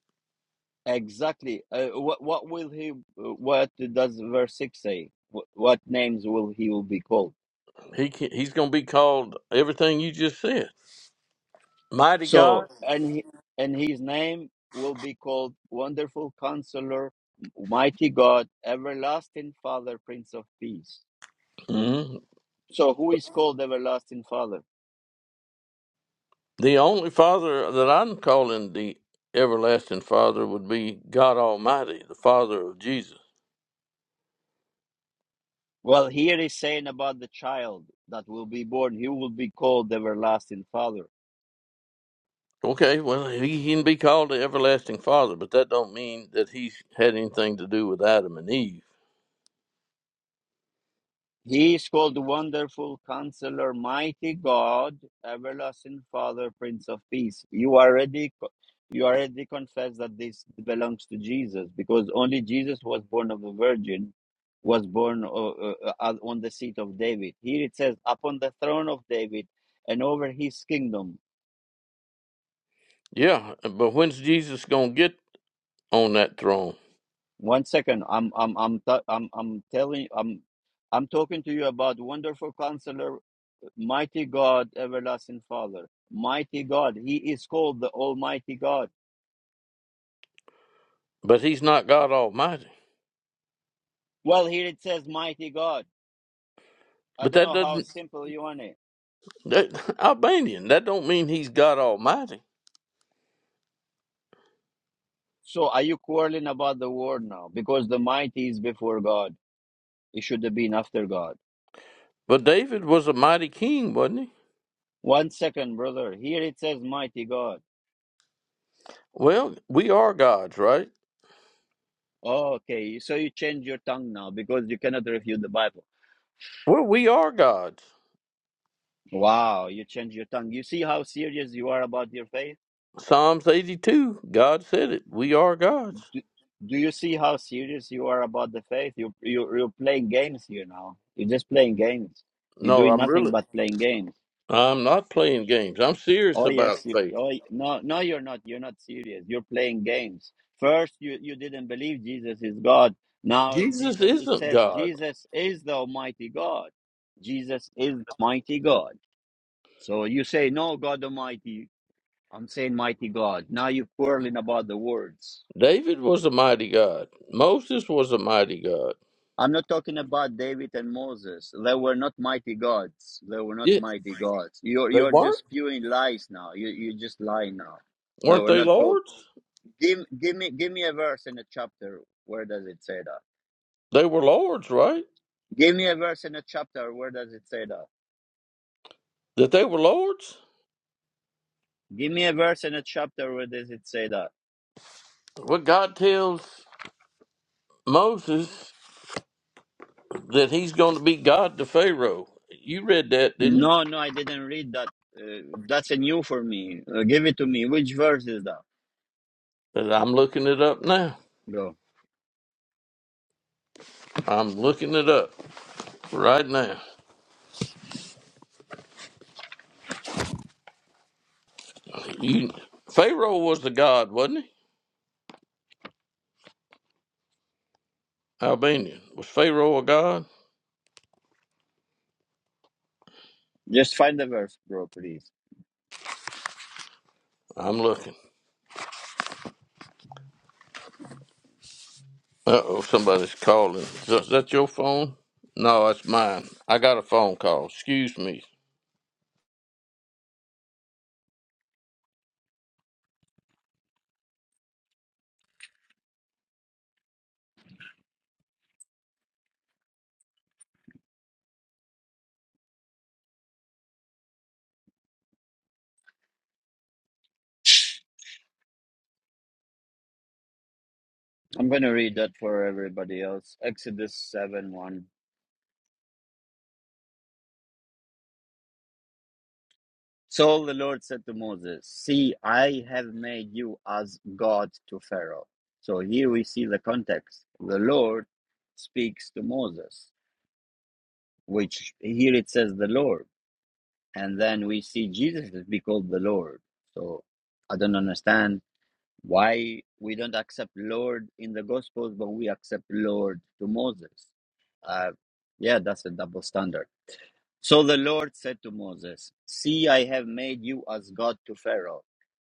Speaker 1: exactly, uh, what, what will he, what does verse 6 say? What, what names will he will be called?
Speaker 2: He can, he's going to be called everything you just said, Mighty
Speaker 1: So,
Speaker 2: God.
Speaker 1: and, he, and his name will be called Wonderful Counselor, Mighty God, Everlasting Father, Prince of Peace.
Speaker 2: hmm
Speaker 1: So who is called everlasting father?
Speaker 2: The only Father that I'm calling the everlasting Father would be God Almighty, the Father of Jesus.
Speaker 1: Well, here he's saying about the child that will be born. He will be called everlasting father.
Speaker 2: Okay, well, he can be called the everlasting Father, but that don't mean that he's had anything to do with Adam and Eve.
Speaker 1: He is called wonderful counselor, mighty God, everlasting father, prince of peace. You already you already confess that this belongs to Jesus because only Jesus was born of a virgin, was born uh, uh, uh, on the seat of David. Here it says upon the throne of David and over his kingdom
Speaker 2: Yeah, but when's Jesus going to get on that throne?
Speaker 1: One second. I'm I'm I'm t- I'm I'm telling I'm I'm talking to you about wonderful counselor, mighty God, everlasting Father. Mighty God. He is called the Almighty God.
Speaker 2: But he's not God Almighty.
Speaker 1: Well, here it says mighty God. I
Speaker 2: But
Speaker 1: don't
Speaker 2: that
Speaker 1: know how
Speaker 2: doesn't
Speaker 1: simple you want it.
Speaker 2: That, Albanian. That don't mean he's God Almighty.
Speaker 1: So are you quarreling about the word now? Because the mighty is before God. It should have been after God.
Speaker 2: But David was a mighty king, wasn't he?
Speaker 1: One second, brother. Here it says mighty God.
Speaker 2: Well, we are gods, right?
Speaker 1: Oh, okay. So you change your tongue now because you cannot refute the Bible.
Speaker 2: Well, we are gods.
Speaker 1: Wow, you change your tongue. You see how serious you are about your faith?
Speaker 2: Psalms 82, God said it. We are gods.
Speaker 1: Do, do you see how serious you are about the faith? You, you, you're playing games here now. You're just playing games. You're
Speaker 2: No,
Speaker 1: doing
Speaker 2: I'm
Speaker 1: nothing
Speaker 2: really,
Speaker 1: but playing games.
Speaker 2: I'm not playing games. I'm serious
Speaker 1: Oh,
Speaker 2: about
Speaker 1: yes. You,
Speaker 2: faith.
Speaker 1: oh, y- no, no, you're not. You're not serious. You're playing games. First, you, you didn't believe Jesus is God. Now,
Speaker 2: Jesus
Speaker 1: Jesus, it
Speaker 2: isn't
Speaker 1: says
Speaker 2: God.
Speaker 1: Jesus is the Almighty God. Jesus is the mighty God. So you say, no, God Almighty. I'm saying mighty God. Now you're quarreling about the words.
Speaker 2: David was a mighty God. Moses was a mighty God.
Speaker 1: I'm not talking about David and Moses. They were not mighty gods. They were not
Speaker 2: Yeah.
Speaker 1: mighty gods. You're you're just spewing lies now. You you just lying now. They
Speaker 2: Weren't
Speaker 1: were
Speaker 2: they
Speaker 1: not called.
Speaker 2: lords?
Speaker 1: Give give me give me a verse in a chapter. Where does it say that?
Speaker 2: They were lords, right?
Speaker 1: Give me a verse in a chapter. Where does it say that?
Speaker 2: That they were lords?
Speaker 1: Give me a verse in a chapter. Where does it say that?
Speaker 2: Well, God tells Moses that he's going to be God to Pharaoh. You read that, didn't you?
Speaker 1: No, no, I didn't read that. Uh, that's a new for me. Uh, give it to me. Which verse is that?
Speaker 2: But I'm looking it up now.
Speaker 1: Go.
Speaker 2: I'm looking it up right now. You, Pharaoh was the God, wasn't he? Albanian. Was Pharaoh a God?
Speaker 1: Just find the verse, bro, please.
Speaker 2: I'm looking. Uh oh, somebody's calling. Is that is that your phone? No, that's mine. I got a phone call. Excuse me.
Speaker 1: I'm going to read that for everybody else. Exodus 7 1. So the Lord said to Moses, See, I have made you as God to Pharaoh. So here we see the context. The Lord speaks to Moses, which here it says the Lord. And then we see Jesus is be called the Lord. So I don't understand Why we don't accept Lord in the Gospels, but we accept Lord to Moses? Uh, yeah, that's a double standard. So the Lord said to Moses, See, I have made you as God to Pharaoh,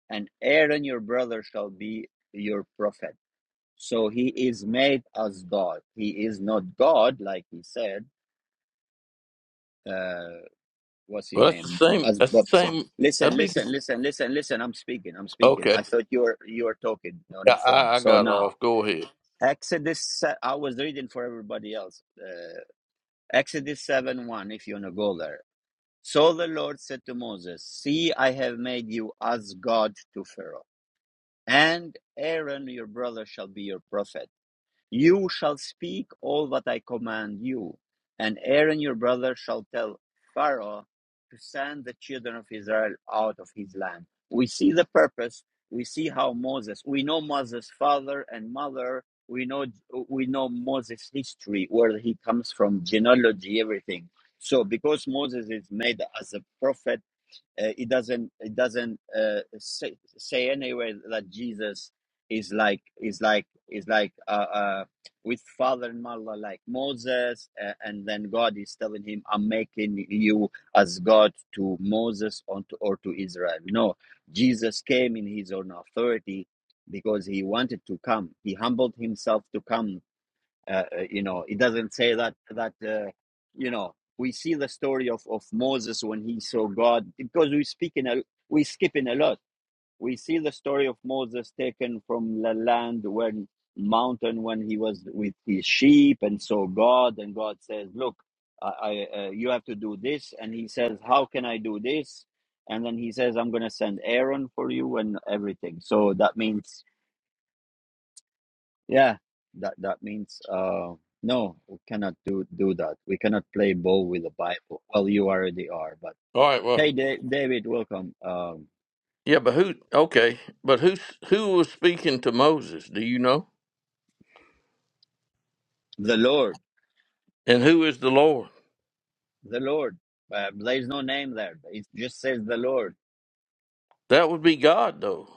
Speaker 1: and Aaron your brother shall be your prophet. So he is made as God. He is not God, like he said. Uh, what's
Speaker 2: Well,
Speaker 1: his
Speaker 2: that's the
Speaker 1: name?
Speaker 2: same.
Speaker 1: As
Speaker 2: That's the
Speaker 1: Bob said.
Speaker 2: same.
Speaker 1: Listen,
Speaker 2: That'd be
Speaker 1: listen,
Speaker 2: the,
Speaker 1: listen, listen, listen. I'm speaking. I'm speaking.
Speaker 2: okay.
Speaker 1: I thought you were you were talking on
Speaker 2: I,
Speaker 1: the phone.
Speaker 2: I I
Speaker 1: So
Speaker 2: got
Speaker 1: now
Speaker 2: off. Go ahead.
Speaker 1: Exodus, se- I was reading for everybody else. Uh, Exodus 7 1, if you want to go there. So the Lord said to Moses, See, I have made you as God to Pharaoh, and Aaron your brother shall be your prophet. You shall speak all that I command you, and Aaron your brother shall tell Pharaoh to send the children of Israel out of his land. We see the purpose. We see how Moses. We know Moses' father and mother. We know we know Moses' history, where he comes from, genealogy, everything. So, because Moses is made as a prophet uh, it doesn't it doesn't uh, say, say anywhere that Jesus is like is like is like uh, uh, with father and mother like Moses, uh, and then God is telling him, "I'm making you as God to Moses or to, or to Israel." No, Jesus came in His own authority because He wanted to come. He humbled Himself to come uh, uh, you know it doesn't say that that uh, you know we see the story of, of moses when he saw god because we speak in a we skip in a lot we see the story of moses taken from the land when mountain when he was with his sheep and saw god and god says look i, I uh, you have to do this and he says how can i do this and then he says i'm going to send aaron for you and everything so that means yeah, that that means uh, no, we cannot do do that. We cannot play ball with the Bible. Well, you already are, but
Speaker 2: All right. Well,
Speaker 1: hey, da- David, welcome. Um,
Speaker 2: Yeah, but who? Okay, but who's who was speaking to Moses? Do you know?
Speaker 1: the Lord,
Speaker 2: And who is the Lord?
Speaker 1: the Lord. Uh, there is no name there. It just says the Lord.
Speaker 2: That would be God, though.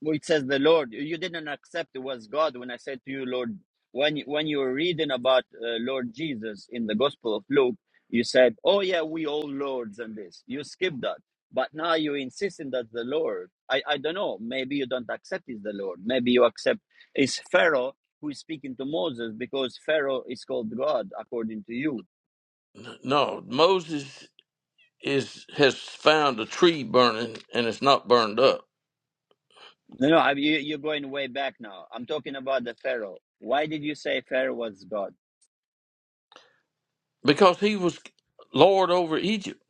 Speaker 1: Well, it says the Lord. You didn't accept it was God when I said to you, Lord. When when you were reading about uh, Lord Jesus in the Gospel of Luke, you said, "Oh yeah, we all lords and this." You skipped that, but now you insisting that the Lord. I I don't know. Maybe you don't accept is the Lord. Maybe you accept is Pharaoh who is speaking to Moses because Pharaoh is called God according to you.
Speaker 2: N- No, Moses is has found a tree burning, and it's not burned up
Speaker 1: No, no, I, you, you're going way back now. I'm talking about the Pharaoh. Why did you say Pharaoh was God?
Speaker 2: because he was Lord over Egypt.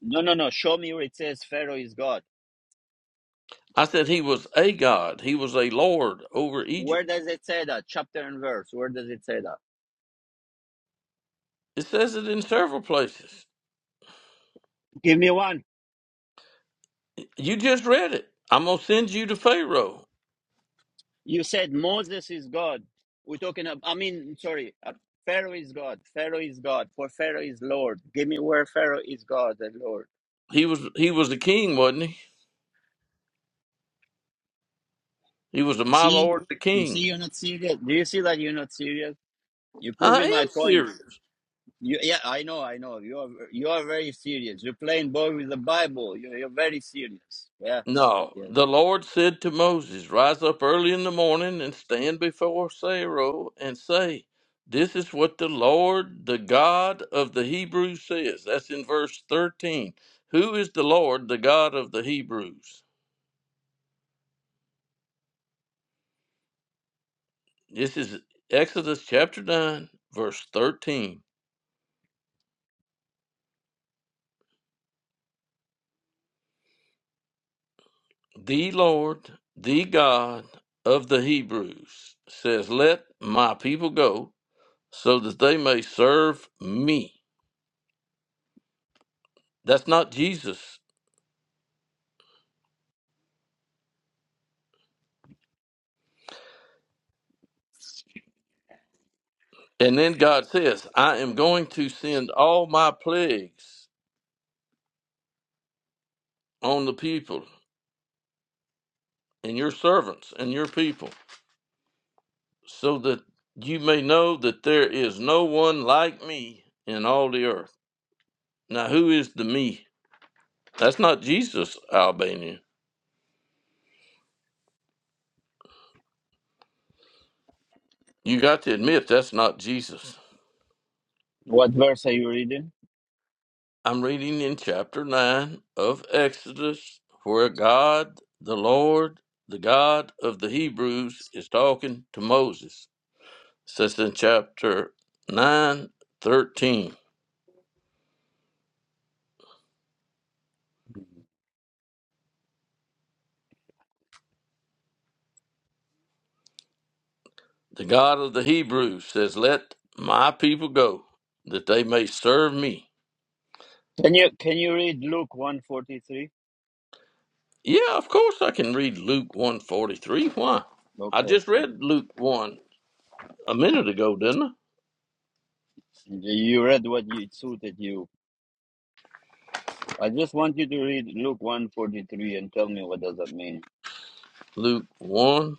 Speaker 1: No, no, no. Show me where it says Pharaoh is God.
Speaker 2: I said he was a God. He was a Lord over
Speaker 1: Where
Speaker 2: Egypt.
Speaker 1: does it say that? Chapter and verse. Where does it say that?
Speaker 2: It says it in several places.
Speaker 1: Give me one.
Speaker 2: You just read it. I'm gonna send you to Pharaoh.
Speaker 1: You said Moses is God. We're talking about, I mean, sorry. uh, Pharaoh is God. Pharaoh is God. For Pharaoh is Lord. Give me where Pharaoh is God and Lord.
Speaker 2: He was he was the king, wasn't he? He was the my
Speaker 1: see?
Speaker 2: Lord the
Speaker 1: You see,
Speaker 2: King.
Speaker 1: you're not serious. Do you see that you're not serious? You're
Speaker 2: I
Speaker 1: proving my
Speaker 2: am
Speaker 1: point.
Speaker 2: serious.
Speaker 1: You, yeah, I know, I know. You are, you are very serious. You're playing ball with the Bible. You're, you're very serious. Yeah.
Speaker 2: No,
Speaker 1: Yes,
Speaker 2: the
Speaker 1: yes.
Speaker 2: Lord said to Moses, Rise up early in the morning and stand before Pharaoh and say, This is what the Lord, the God of the Hebrews, says. That's in verse 13. Who is the Lord, the God of the Hebrews? This is Exodus chapter 9, verse 13. The Lord, the God of the Hebrews, says, Let my people go so that they may serve me. That's not Jesus. And then God says, I am going to send all my plagues on the people and your servants and your people, so that you may know that there is no one like me in all the earth. Now, who is the me? That's not Jesus, Albania. You got to admit that's not Jesus.
Speaker 1: What verse are you reading?
Speaker 2: I'm reading in chapter 9 of Exodus, where God, the Lord, the God of the Hebrews, is talking to Moses. says in chapter 9, 13, the god of the hebrews says let my people go that they may serve me
Speaker 1: Can you can you read Luke one forty three?
Speaker 2: yeah of course i can read luke 143 why i
Speaker 1: Okay,
Speaker 2: just read luke 1 a minute ago didn't i
Speaker 1: you read what you, it suited you. I just want you to read Luke one forty three and tell me what does that mean.
Speaker 2: luke 1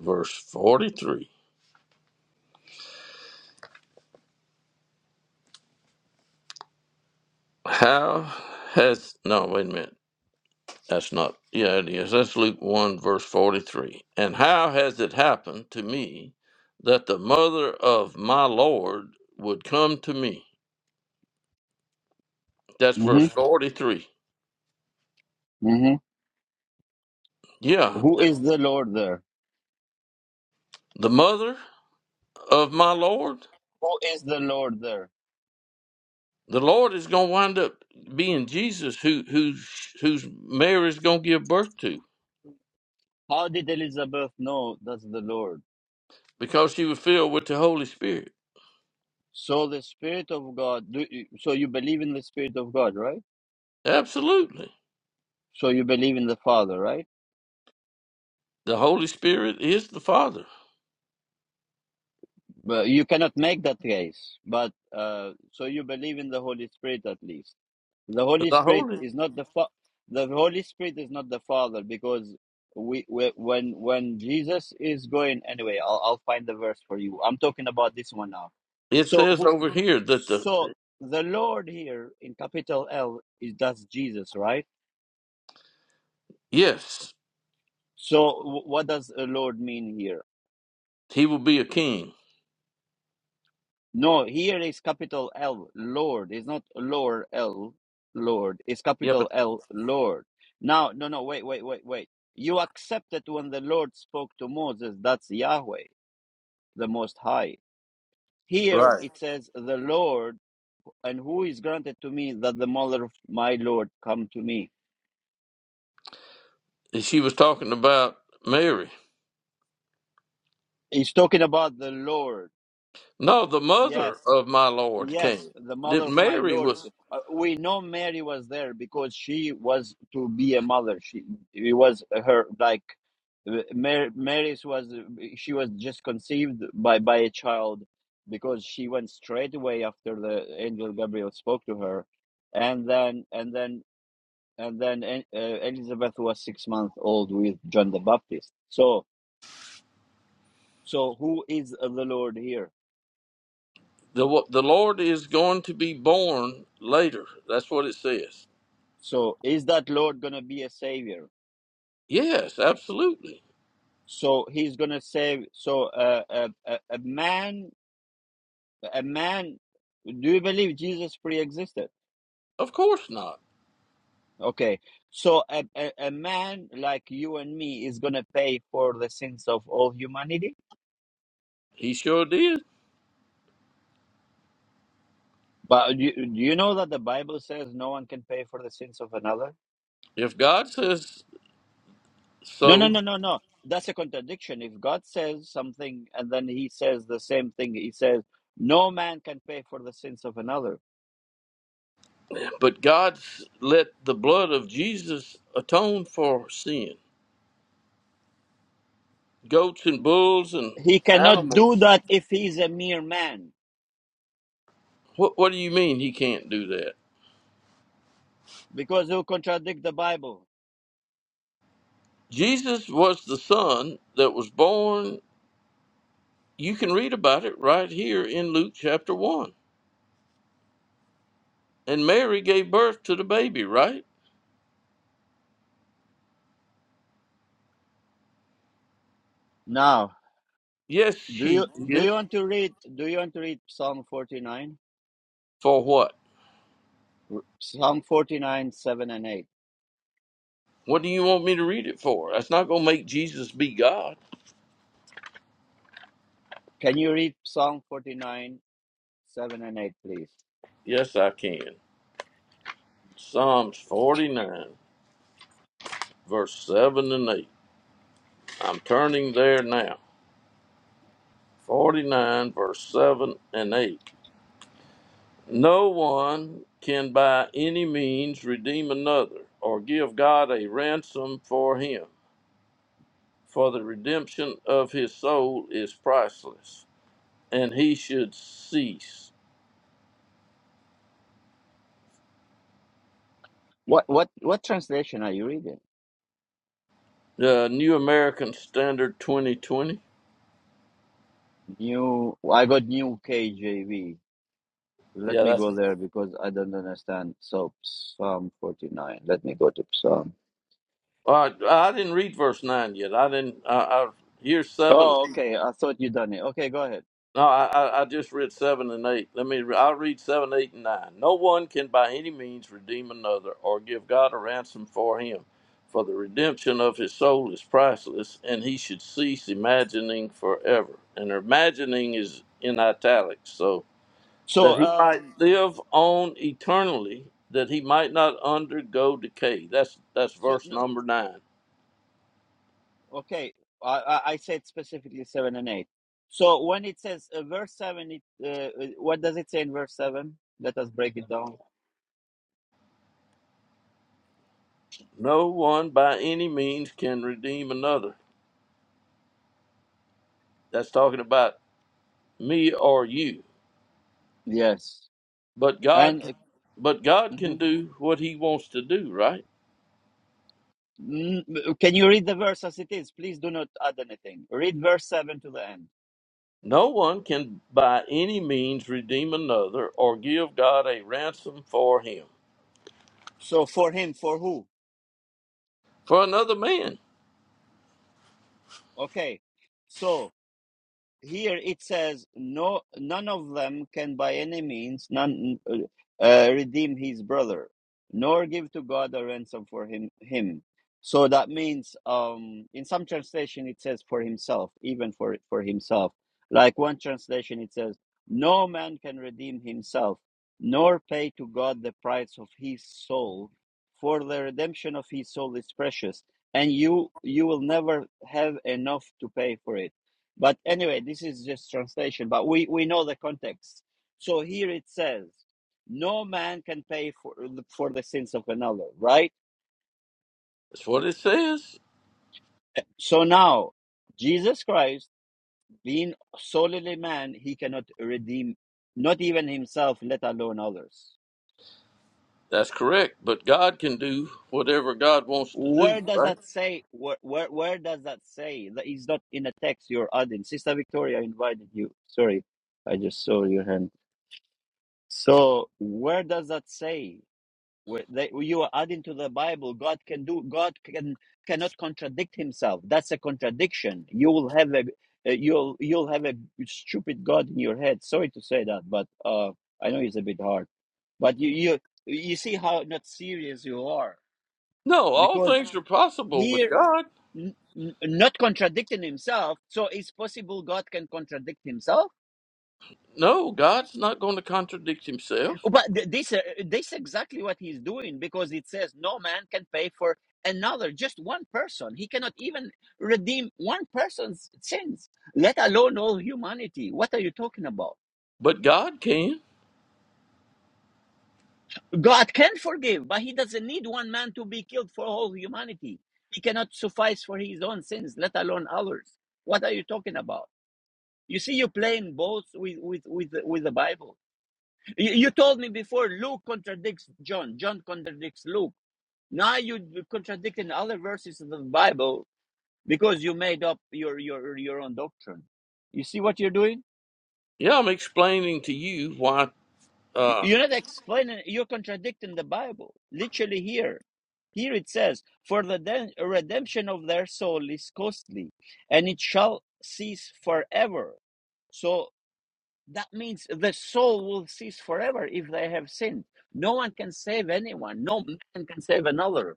Speaker 2: verse 43 how has no wait a minute That's not, yeah, it is. That's Luke 1, verse 43. And how has it happened to me that the mother of my Lord would come to me? That's verse
Speaker 1: Mm-hmm.
Speaker 2: 43.
Speaker 1: Mm-hmm.
Speaker 2: Yeah,
Speaker 1: Who
Speaker 2: eh,
Speaker 1: is the Lord there?
Speaker 2: the mother of my Lord,
Speaker 1: Who is the Lord there?
Speaker 2: the Lord is going to wind up being Jesus, who, who, who's Mary's going to give birth to
Speaker 1: How did Elizabeth know that's the Lord?
Speaker 2: because she was filled with the Holy Spirit.
Speaker 1: So the Spirit of God. Do you, so you believe in the Spirit of God, right?
Speaker 2: Absolutely.
Speaker 1: So you believe in the Father, right?
Speaker 2: The Holy Spirit is the Father.
Speaker 1: But you cannot make that case. But uh, so you believe in the Holy Spirit at least. The Holy
Speaker 2: The
Speaker 1: Spirit
Speaker 2: Holy,
Speaker 1: is not the fa- the Holy Spirit is not the Father because we, we when when Jesus is going anyway. I'll I'll find the verse for you. I'm talking about this one now.
Speaker 2: it
Speaker 1: So
Speaker 2: says
Speaker 1: who?
Speaker 2: over here that the,
Speaker 1: So the Lord here in capital L is that's Jesus, right?
Speaker 2: yes,
Speaker 1: So w- what does a Lord mean here?
Speaker 2: He will be a king.
Speaker 1: No, here is capital L, Lord. It's not lower L, Lord. It's
Speaker 2: Yeah, but
Speaker 1: capital L, Lord. Now, no, no, wait, wait, wait, wait. You accepted when the Lord spoke to Moses, that's Yahweh, the Most High. Here it says, the Lord, and who is granted to me that the mother of my Lord come to me?
Speaker 2: she was talking about Mary.
Speaker 1: He's talking about the Lord.
Speaker 2: No, the mother
Speaker 1: Yes,
Speaker 2: of my Lord
Speaker 1: Yes,
Speaker 2: came.
Speaker 1: the mother
Speaker 2: That
Speaker 1: of my
Speaker 2: Mary
Speaker 1: lords.
Speaker 2: was
Speaker 1: Uh, we know Mary was there because she was to be a mother. She it was her like Mary, Mary's was she was just conceived by by a child because she went straight away after the angel Gabriel spoke to her, and then and then and then uh, Elizabeth was six months old with John the Baptist. So so who is the Lord here?
Speaker 2: the wa- the Lord is going to be born later. That's what it says.
Speaker 1: So is that Lord gonna be a savior?
Speaker 2: Yes, absolutely.
Speaker 1: So he's going to say, so uh, a, a, a man, a man, do you believe Jesus pre-existed?
Speaker 2: Of course not.
Speaker 1: Okay. So a, a, a man like you and me is going to pay for the sins of all humanity.
Speaker 2: He sure did.
Speaker 1: But you, do you know that the Bible says no one can pay for the sins of another?
Speaker 2: If God says
Speaker 1: No, no,
Speaker 2: so,
Speaker 1: no, no, no. That's a contradiction. If God says something and then he says the same thing, he says, no man can pay for the sins of another.
Speaker 2: but God's let the blood of Jesus atone for sin. Goats and bulls and
Speaker 1: He cannot do
Speaker 2: animals.
Speaker 1: that if he's a mere man
Speaker 2: What what do you mean he can't do that?
Speaker 1: because you contradict the Bible.
Speaker 2: Jesus was the son that was born. You can read about it right here in Luke chapter 1. And Mary gave birth to the baby, right?
Speaker 1: Now,
Speaker 2: Yes,
Speaker 1: do you
Speaker 2: she
Speaker 1: do
Speaker 2: did.
Speaker 1: you want to read do you want to read Psalm 49?
Speaker 2: For what?
Speaker 1: Psalm 49 7 and 8.
Speaker 2: What do you want me to read it for? That's not going to make Jesus be God.
Speaker 1: Can you read Psalm 49 7 and 8 please?
Speaker 2: Yes, I can. Psalms 49, verse 7 and 8. I'm turning there now. 49, verse 7 and 8. No one can by any means redeem another, or give God a ransom for him, for the redemption of his soul is priceless, and he should cease.
Speaker 1: What what what translation are you reading?
Speaker 2: The New American Standard 2020.
Speaker 1: New I got new KJV. Let
Speaker 2: Yeah,
Speaker 1: me
Speaker 2: that's.
Speaker 1: go there because I don't understand. So Psalm 49. Let me go to Psalm.
Speaker 2: All right, I didn't read verse nine yet. I didn't. I, I here's seven
Speaker 1: Oh, okay. I thought you done it. Okay, go ahead.
Speaker 2: No, I, I, I just read seven and eight. Let me. re- I'll read seven, eight, and nine. No one can by any means redeem another, or give God a ransom for him, for the redemption of his soul is priceless, and he should cease imagining forever. And imagining is in italics, so
Speaker 1: So
Speaker 2: that he might
Speaker 1: um
Speaker 2: live on eternally, that he might not undergo decay. That's that's
Speaker 1: so
Speaker 2: verse
Speaker 1: no,
Speaker 2: number nine.
Speaker 1: Okay, I, I I said specifically seven and eight. So when it says uh, verse seven, it uh, uh, what does it say in verse seven? Let us break it down.
Speaker 2: No one by any means can redeem another. That's talking about me or you
Speaker 1: Yes,
Speaker 2: But
Speaker 1: and
Speaker 2: God but
Speaker 1: uh,
Speaker 2: God can
Speaker 1: mhm.
Speaker 2: do what he wants to do, right?
Speaker 1: Mm, uh, can you read the verse as it is? Please do not add anything. Read verse seven to the end.
Speaker 2: No one can by any means redeem another or give God a ransom for him.
Speaker 1: So for him, for who?
Speaker 2: For another man.
Speaker 1: Okay, so here it says no none of them can by any means none uh, uh, redeem his brother nor give to god a ransom for him him so that means um in some translation it says for himself even for for himself like one translation it says no man can redeem himself nor pay to god the price of his soul for the redemption of his soul is precious and you you will never have enough to pay for it but anyway, this is just translation, but we, we know the context. So here it says, no man can pay for the, for the sins of another, right?
Speaker 2: That's what it says.
Speaker 1: So now, Jesus Christ, being solely man, he cannot redeem not even himself, let alone others.
Speaker 2: That's correct. But God can do whatever God wants to do,
Speaker 1: Where does
Speaker 2: right?
Speaker 1: that say? Where where, where does that say? That is not in a text you're adding. Sister Victoria invited you. Sorry, I just saw your hand. So where does that say? Where they, you are adding to the Bible, God can do. God can cannot contradict Himself. That's a contradiction. You will have a uh, you'll you'll have a stupid God in your head. Sorry to say that, but uh, I know it's a bit hard. But you you you see how not serious you are
Speaker 2: No, all
Speaker 1: because
Speaker 2: things are possible with
Speaker 1: here
Speaker 2: God.
Speaker 1: n- n- not contradicting Himself. So it's possible God can contradict Himself
Speaker 2: No, God's not going to contradict himself,
Speaker 1: But th- this uh, this exactly what he's doing because it says no man can pay for another, just one person. He cannot even redeem one person's sins, let alone all humanity. What are you talking about?
Speaker 2: but God can.
Speaker 1: God can forgive, but he doesn't need one man to be killed for all humanity. He cannot suffice for his own sins, let alone others. What are you talking about? You see, you're playing both with with with the, with the Bible. You, you told me before Luke contradicts John. John contradicts Luke Now you contradicting other verses of the Bible because you made up your your your own doctrine. You see what you're doing?
Speaker 2: Yeah, I'm explaining to you why. Uh,
Speaker 1: You- are not explaining. You're contradicting the Bible. Literally here, here it says, "For the redemption of their soul is costly, and it shall cease forever." So that means the soul will cease forever if they have sinned. No one can save anyone. No man can save another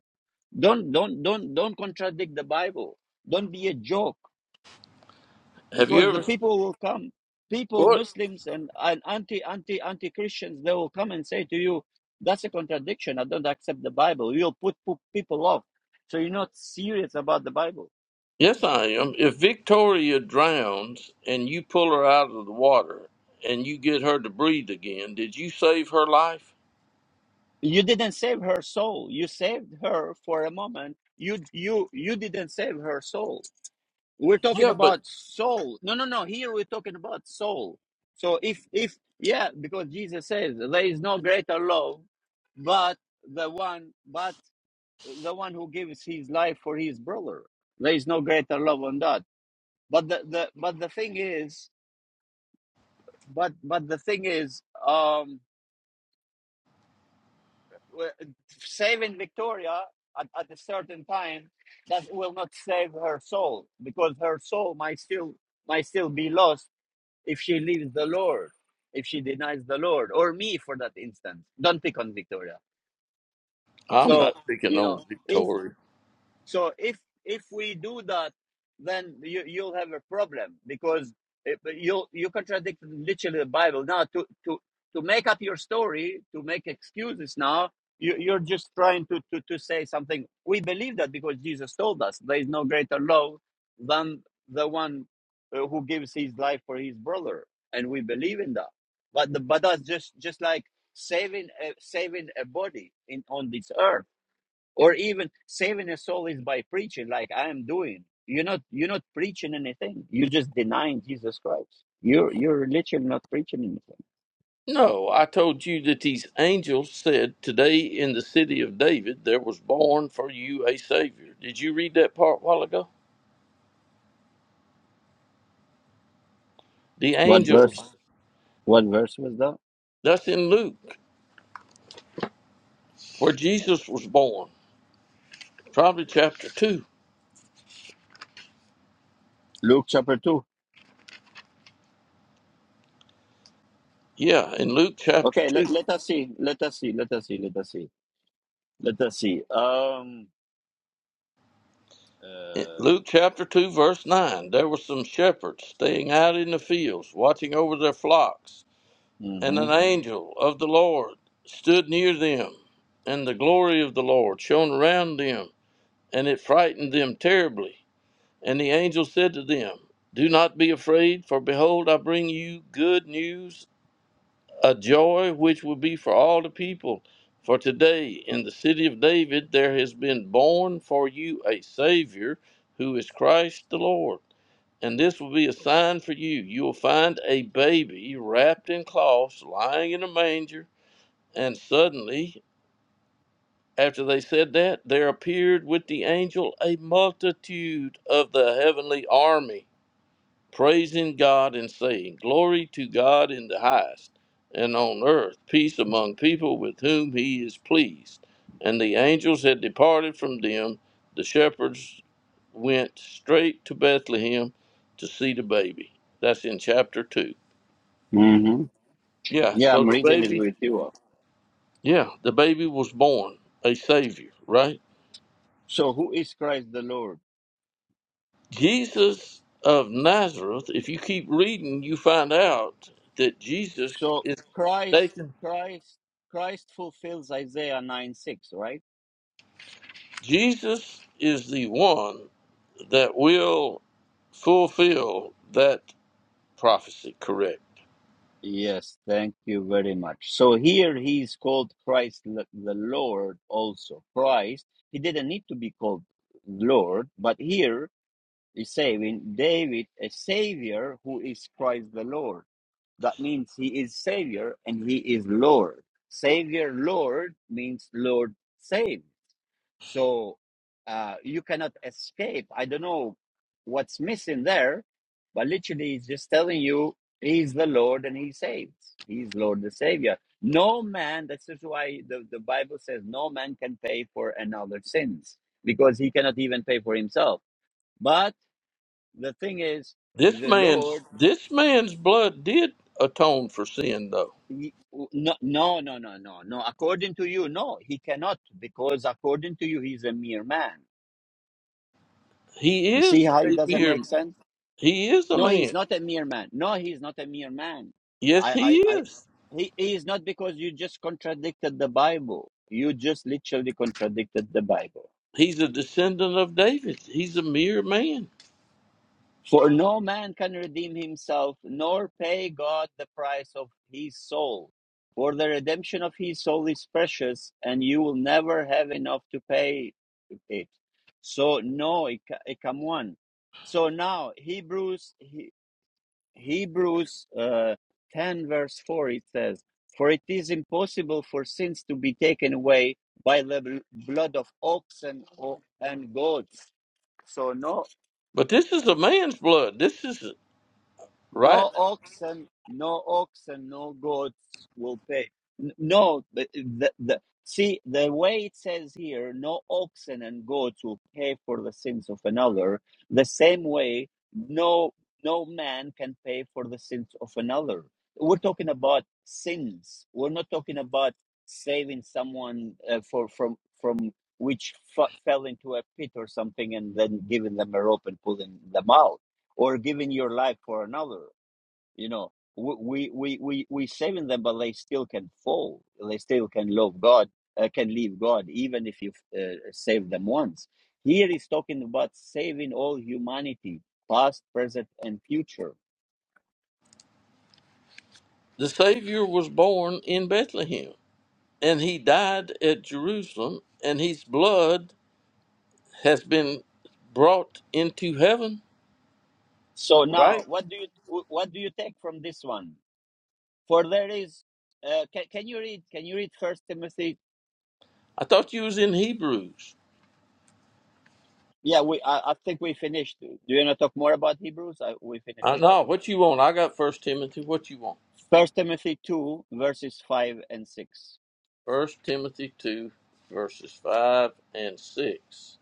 Speaker 1: Don't don't don't don't contradict the Bible. Don't be a joke
Speaker 2: have you
Speaker 1: because the
Speaker 2: ever?
Speaker 1: people will come. People,
Speaker 2: What?
Speaker 1: Muslims and, and anti anti anti Christians, they will come and say to you, "That's a contradiction. I don't accept the Bible." You'll put, put people off. So you're not serious about the Bible.
Speaker 2: Yes, I am. If Victoria drowns and you pull her out of the water and you get her to breathe again, did you save her life?
Speaker 1: You didn't save her soul. You saved her for a moment. You you you didn't save her soul We're talking
Speaker 2: Yeah, but
Speaker 1: about soul. No, no, no. Here we're talking about soul. So if if yeah, because Jesus says there is no greater love, but the one but the one who gives his life for his brother. There is no greater love on that. But the, the but the thing is, but but the thing is, um, w- saving Victoria at, at a certain time that will not save her soul because her soul might still might still be lost if she leaves the Lord, if she denies the Lord, or me for that instance. Don't pick on Victoria.
Speaker 2: I'm not
Speaker 1: So,
Speaker 2: picking
Speaker 1: you know,
Speaker 2: on
Speaker 1: if.
Speaker 2: Victoria.
Speaker 1: So if if we do that, then you you'll have a problem because it, you you contradict literally the Bible. Now to to to make up your story, to make excuses now, you, you're just trying to, to to say something. We believe that because Jesus told us there is no greater love than the one uh, who gives his life for his brother, and we believe in that. But the, but that's just just like saving a, saving a body in on this earth or even saving a soul is by preaching like i am doing you're not you're not preaching anything you're just denying jesus christ you're you're literally not preaching anything
Speaker 2: No, I told you that these angels said, Today in the city of David there was born for you a Savior. Did you read that part a while ago? The
Speaker 1: what verse
Speaker 2: angels.
Speaker 1: what verse was that
Speaker 2: That's in Luke, where Jesus was born. Probably chapter 2.
Speaker 1: luke chapter 2
Speaker 2: Yeah, in Luke chapter
Speaker 1: okay
Speaker 2: 2.
Speaker 1: let, let us see let us see let us see let us see let us see um
Speaker 2: In
Speaker 1: uh
Speaker 2: Luke chapter 2, verse 9 there were some shepherds staying out in the fields, watching over their flocks, and
Speaker 1: hmm
Speaker 2: an angel of the Lord stood near them, and the glory of the Lord shone around them, and it frightened them terribly. And the angel said to them, Do not be afraid, for behold, I bring you good news a joy which will be for all the people. For today in the city of David there has been born for you a Savior who is Christ the Lord. And this will be a sign for you. You will find a baby wrapped in cloths, lying in a manger. And suddenly, after they said that, there appeared with the angel a multitude of the heavenly army praising God and saying, Glory to God in the highest, and on earth peace among people with whom he is pleased. And the angels had departed from them. The shepherds went straight to Bethlehem to see the baby. That's in chapter 2.
Speaker 1: hmm
Speaker 2: Yeah,
Speaker 1: yeah
Speaker 2: so
Speaker 1: i'm
Speaker 2: the
Speaker 1: reading it
Speaker 2: baby,
Speaker 1: with you
Speaker 2: yeah, the baby was born, a savior, right?
Speaker 1: so who is christ the lord
Speaker 2: Jesus of Nazareth, if you keep reading, you find out that Jesus
Speaker 1: so
Speaker 2: is
Speaker 1: christ
Speaker 2: taken
Speaker 1: christ christ fulfills isaiah 9 6 right
Speaker 2: Jesus is the one that will fulfill that prophecy, correct?
Speaker 1: Yes, thank you very much. So here he is called Christ l- the Lord also. Christ, he didn't need to be called Lord, but here he's saving David a savior who is Christ the Lord. That means he is savior and he is Lord. Savior Lord means Lord save. So uh, you cannot escape. I don't know what's missing there, but literally, he's just telling you he's the Lord and he saves. He's Lord the Savior. No man, that's just why the, the Bible says no man can pay for another's sins because he cannot even pay for himself. But the thing is,
Speaker 2: This
Speaker 1: the
Speaker 2: man's
Speaker 1: Lord,
Speaker 2: this man's blood did atone for sin though.
Speaker 1: he, no, no, no, no, no, no. According to you, no, he cannot because according to you, he's a mere man.
Speaker 2: He
Speaker 1: You see
Speaker 2: is
Speaker 1: how it
Speaker 2: a
Speaker 1: doesn't
Speaker 2: mere
Speaker 1: make sense?
Speaker 2: he is a
Speaker 1: No, he
Speaker 2: man.
Speaker 1: is not a mere man. No, he is not a mere man.
Speaker 2: Yes,
Speaker 1: I,
Speaker 2: he
Speaker 1: I, I
Speaker 2: is.
Speaker 1: he, he is not because you just contradicted the Bible. You just literally contradicted the Bible.
Speaker 2: He's a descendant of David. He's a mere man.
Speaker 1: For no man can redeem himself, nor pay God the price of his soul. For the redemption of his soul is precious, and you will never have enough to pay it. So, no, it, it come one. So now, Hebrews, he. Hebrews uh, 10, verse 4, it says, For it is impossible for sins to be taken away by the blood of oxen or, and goats. So, no,
Speaker 2: But this is a man's blood. This is right.
Speaker 1: no oxen, no oxen, no goats will pay. N- No, but the, the see the way it says here, no oxen and goats will pay for the sins of another. The same way, no no man can pay for the sins of another. We're talking about sins. We're not talking about saving someone uh, for from from which f- fell into a pit or something and then giving them a rope and pulling them out or giving your life for another. You know, we we we we saving them, but they still can fall. They still can love God, uh, can leave God, even if you uh, save them once. Here he's talking about saving all humanity, past, present, and future.
Speaker 2: The Savior was born in Bethlehem and he died at Jerusalem and his blood has been brought into heaven.
Speaker 1: So now,
Speaker 2: Right?
Speaker 1: what do you what do you take from this one? For there is, uh, can can you read? Can you read First Timothy?
Speaker 2: I thought you was in Hebrews.
Speaker 1: Yeah, we I, I think we finished. Do you want to talk more about Hebrews? I, we finished
Speaker 2: Uh,
Speaker 1: about
Speaker 2: no, what
Speaker 1: Hebrews.
Speaker 2: you want? I got First Timothy. What you want?
Speaker 1: First Timothy two verses five and 6
Speaker 2: First Timothy two, verses five and six.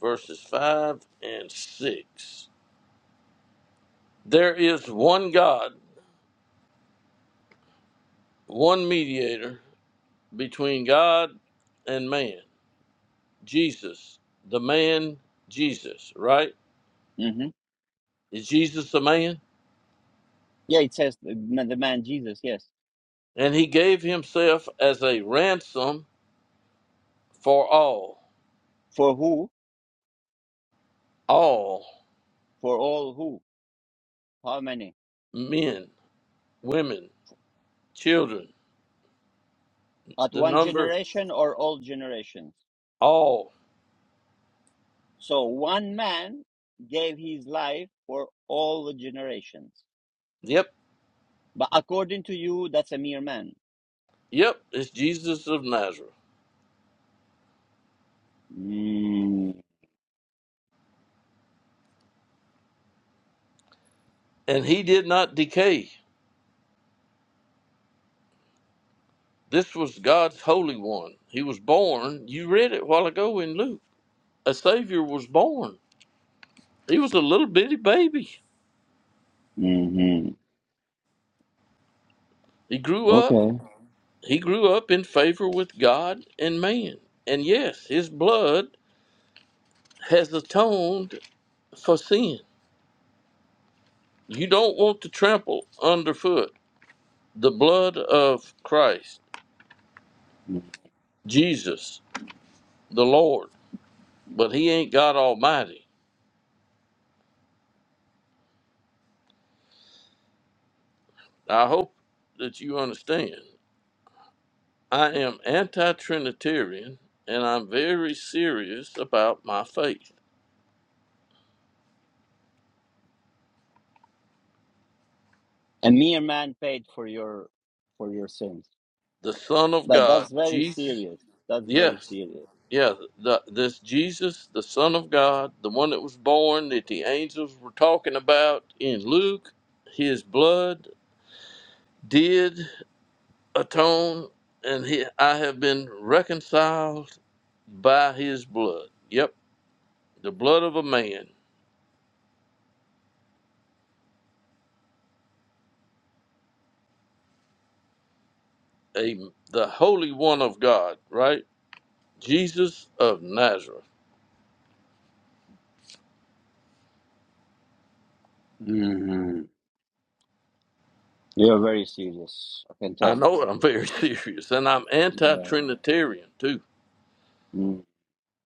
Speaker 2: Verses five and six. There is one God, one mediator between God and man, Jesus, the man Jesus. Right?
Speaker 1: Mhm.
Speaker 2: Is Jesus the man?
Speaker 1: Yeah, it says the man the man Jesus, yes.
Speaker 2: And he gave himself as a ransom for all.
Speaker 1: For who?
Speaker 2: all
Speaker 1: For all who? How many?
Speaker 2: men, women, children,
Speaker 1: At
Speaker 2: the
Speaker 1: one
Speaker 2: number
Speaker 1: generation or all generations?
Speaker 2: all.
Speaker 1: So one man gave his life for all the generations.
Speaker 2: Yep,
Speaker 1: But according to you, that's a mere man.
Speaker 2: yep, it's Jesus of Nazareth.
Speaker 1: Mm-hmm.
Speaker 2: And he did not decay. This was God's holy one. He was born. You read it a while ago in Luke. A Savior was born. He was a little bitty baby. He grew up.
Speaker 1: Okay.
Speaker 2: He grew up in favor with God and man. And yes, his blood has atoned for sin. You don't want to trample underfoot the blood of Christ,
Speaker 1: Mm.
Speaker 2: Jesus, the Lord, but he ain't God Almighty. I hope that you understand. I am anti Trinitarian and I'm very serious about my faith.
Speaker 1: A mere man paid for your for your sins.
Speaker 2: The Son of
Speaker 1: But
Speaker 2: God,
Speaker 1: that's very
Speaker 2: Jesus,
Speaker 1: serious. That's very
Speaker 2: yes,
Speaker 1: serious.
Speaker 2: yeah, the, this Jesus, the Son of God, the one that was born that the angels were talking about in Luke, his blood did atoned and he, I have been reconciled by his blood. Yep, the blood of a man, a the holy one of God, right? Jesus of Nazareth.
Speaker 1: mm hmm You're very serious. I can
Speaker 2: I
Speaker 1: tell.
Speaker 2: know it, I'm very serious and I'm
Speaker 1: Yeah.
Speaker 2: anti-trinitarian too.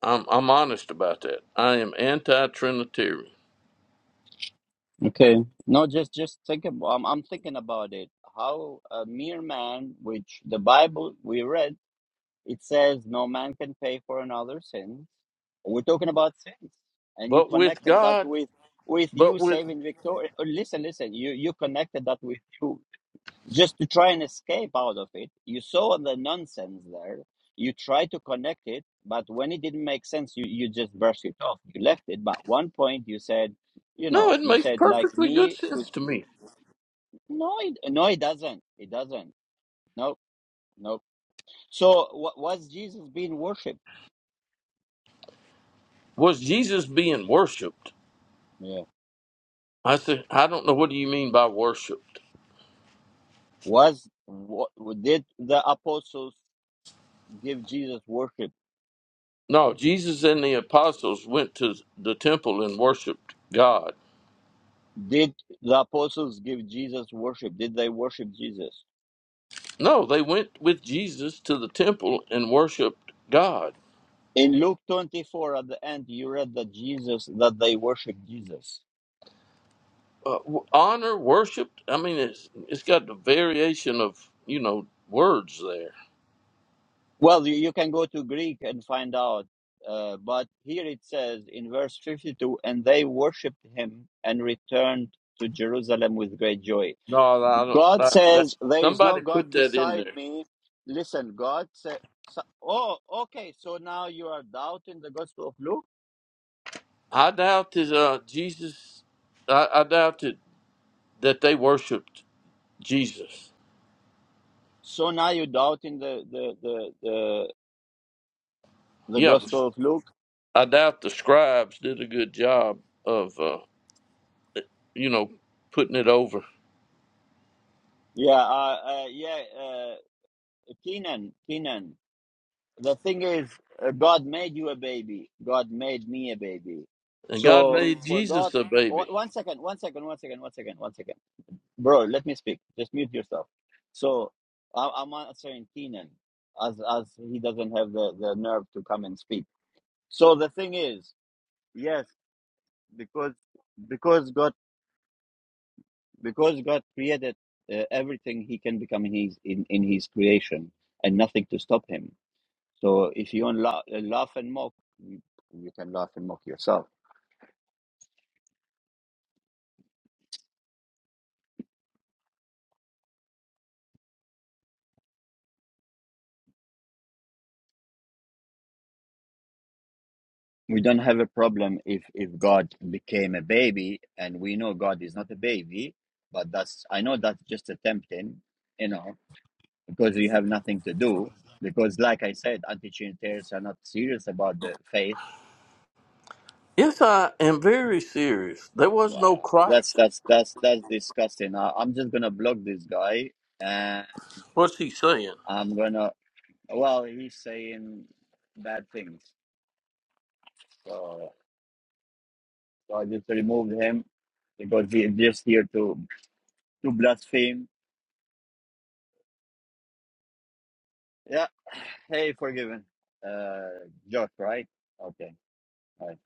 Speaker 2: I'm I'm honest about that. I am anti-trinitarian.
Speaker 1: Okay. No, just just think about. I'm, I'm thinking about it. How a mere man, which the Bible we read, it says no man can pay for another sin. We're talking about sins, and you
Speaker 2: But with
Speaker 1: connected that
Speaker 2: God,
Speaker 1: with with
Speaker 2: but
Speaker 1: you
Speaker 2: with
Speaker 1: saving Victoria. uh, Listen, listen. You you connected that with you just to try and escape out of it. You saw the nonsense there. You tried to connect it, but when it didn't make sense, you, you just brushed it off. You left it. But one point you said, you
Speaker 2: No,
Speaker 1: know,
Speaker 2: it
Speaker 1: you
Speaker 2: makes
Speaker 1: said like
Speaker 2: perfectly good
Speaker 1: me to
Speaker 2: sense to me.
Speaker 1: no, it, no, it doesn't. It doesn't. No, no. So wa- was Jesus being worshipped?
Speaker 2: Was Jesus being worshiped?
Speaker 1: Yeah.
Speaker 2: I said, I don't know what do you mean by worshipped?
Speaker 1: Was what did the apostles give Jesus worship?
Speaker 2: No, Jesus and the apostles went to the temple and worshiped God.
Speaker 1: Did the apostles give Jesus worship? Did they worship Jesus?
Speaker 2: No, they went with Jesus to the temple and worshiped God.
Speaker 1: In Luke 24, at the end, you read that Jesus, that they worship Jesus.
Speaker 2: Uh, w- honor, worshiped. I mean, it's it's got the variation of you know words there.
Speaker 1: Well, you, you can go to Greek and find out. Uh, but here it says in verse 52, and they worshiped him and returned to Jerusalem with great joy.
Speaker 2: No, I don't.
Speaker 1: God
Speaker 2: That, that
Speaker 1: says, There is no
Speaker 2: somebody put
Speaker 1: God
Speaker 2: that in
Speaker 1: beside
Speaker 2: there.
Speaker 1: me. Listen, God said, Oh, okay. So now you are doubting the Gospel of Luke.
Speaker 2: I doubt that uh, Jesus. I, I doubt that, that they worshipped Jesus.
Speaker 1: So now you're doubting the, the, the, the, the
Speaker 2: Yeah,
Speaker 1: Gospel of Luke.
Speaker 2: I doubt the scribes did a good job of uh, you know putting it over.
Speaker 1: Yeah, uh, uh, yeah. uh, Kenan, Kenan, the thing is, uh, God made you a baby. God made me a baby.
Speaker 2: And God
Speaker 1: So
Speaker 2: made
Speaker 1: for God,
Speaker 2: Jesus a
Speaker 1: o-
Speaker 2: baby.
Speaker 1: one second, one second, one second, one second, one second. Bro, let me speak. Just mute yourself. So I, I'm answering Kenan as, as he doesn't have the, the nerve to come and speak. So the thing is, yes, because, because God, because God created uh, everything he can become in his, in, in his creation and nothing to stop him So if you want laugh, laugh and mock, you you can laugh and mock yourself. We don't have a problem if if God became a baby, and we know God is not a baby, but that's I know that's just a tempting, you know, because you have nothing to do. Because, like I said, anti-Trinitarians are not serious about the faith.
Speaker 2: Yes, I am very serious. There was no
Speaker 1: Wow, that's
Speaker 2: Christ.
Speaker 1: that's that's that's disgusting. I, I'm just gonna block this guy, and
Speaker 2: What's he saying?
Speaker 1: I'm gonna. Well, he's saying bad things. So So I just removed him because he is just here to to blaspheme. Yeah. Hey, forgiven. Uh, Josh, right? Okay. All right.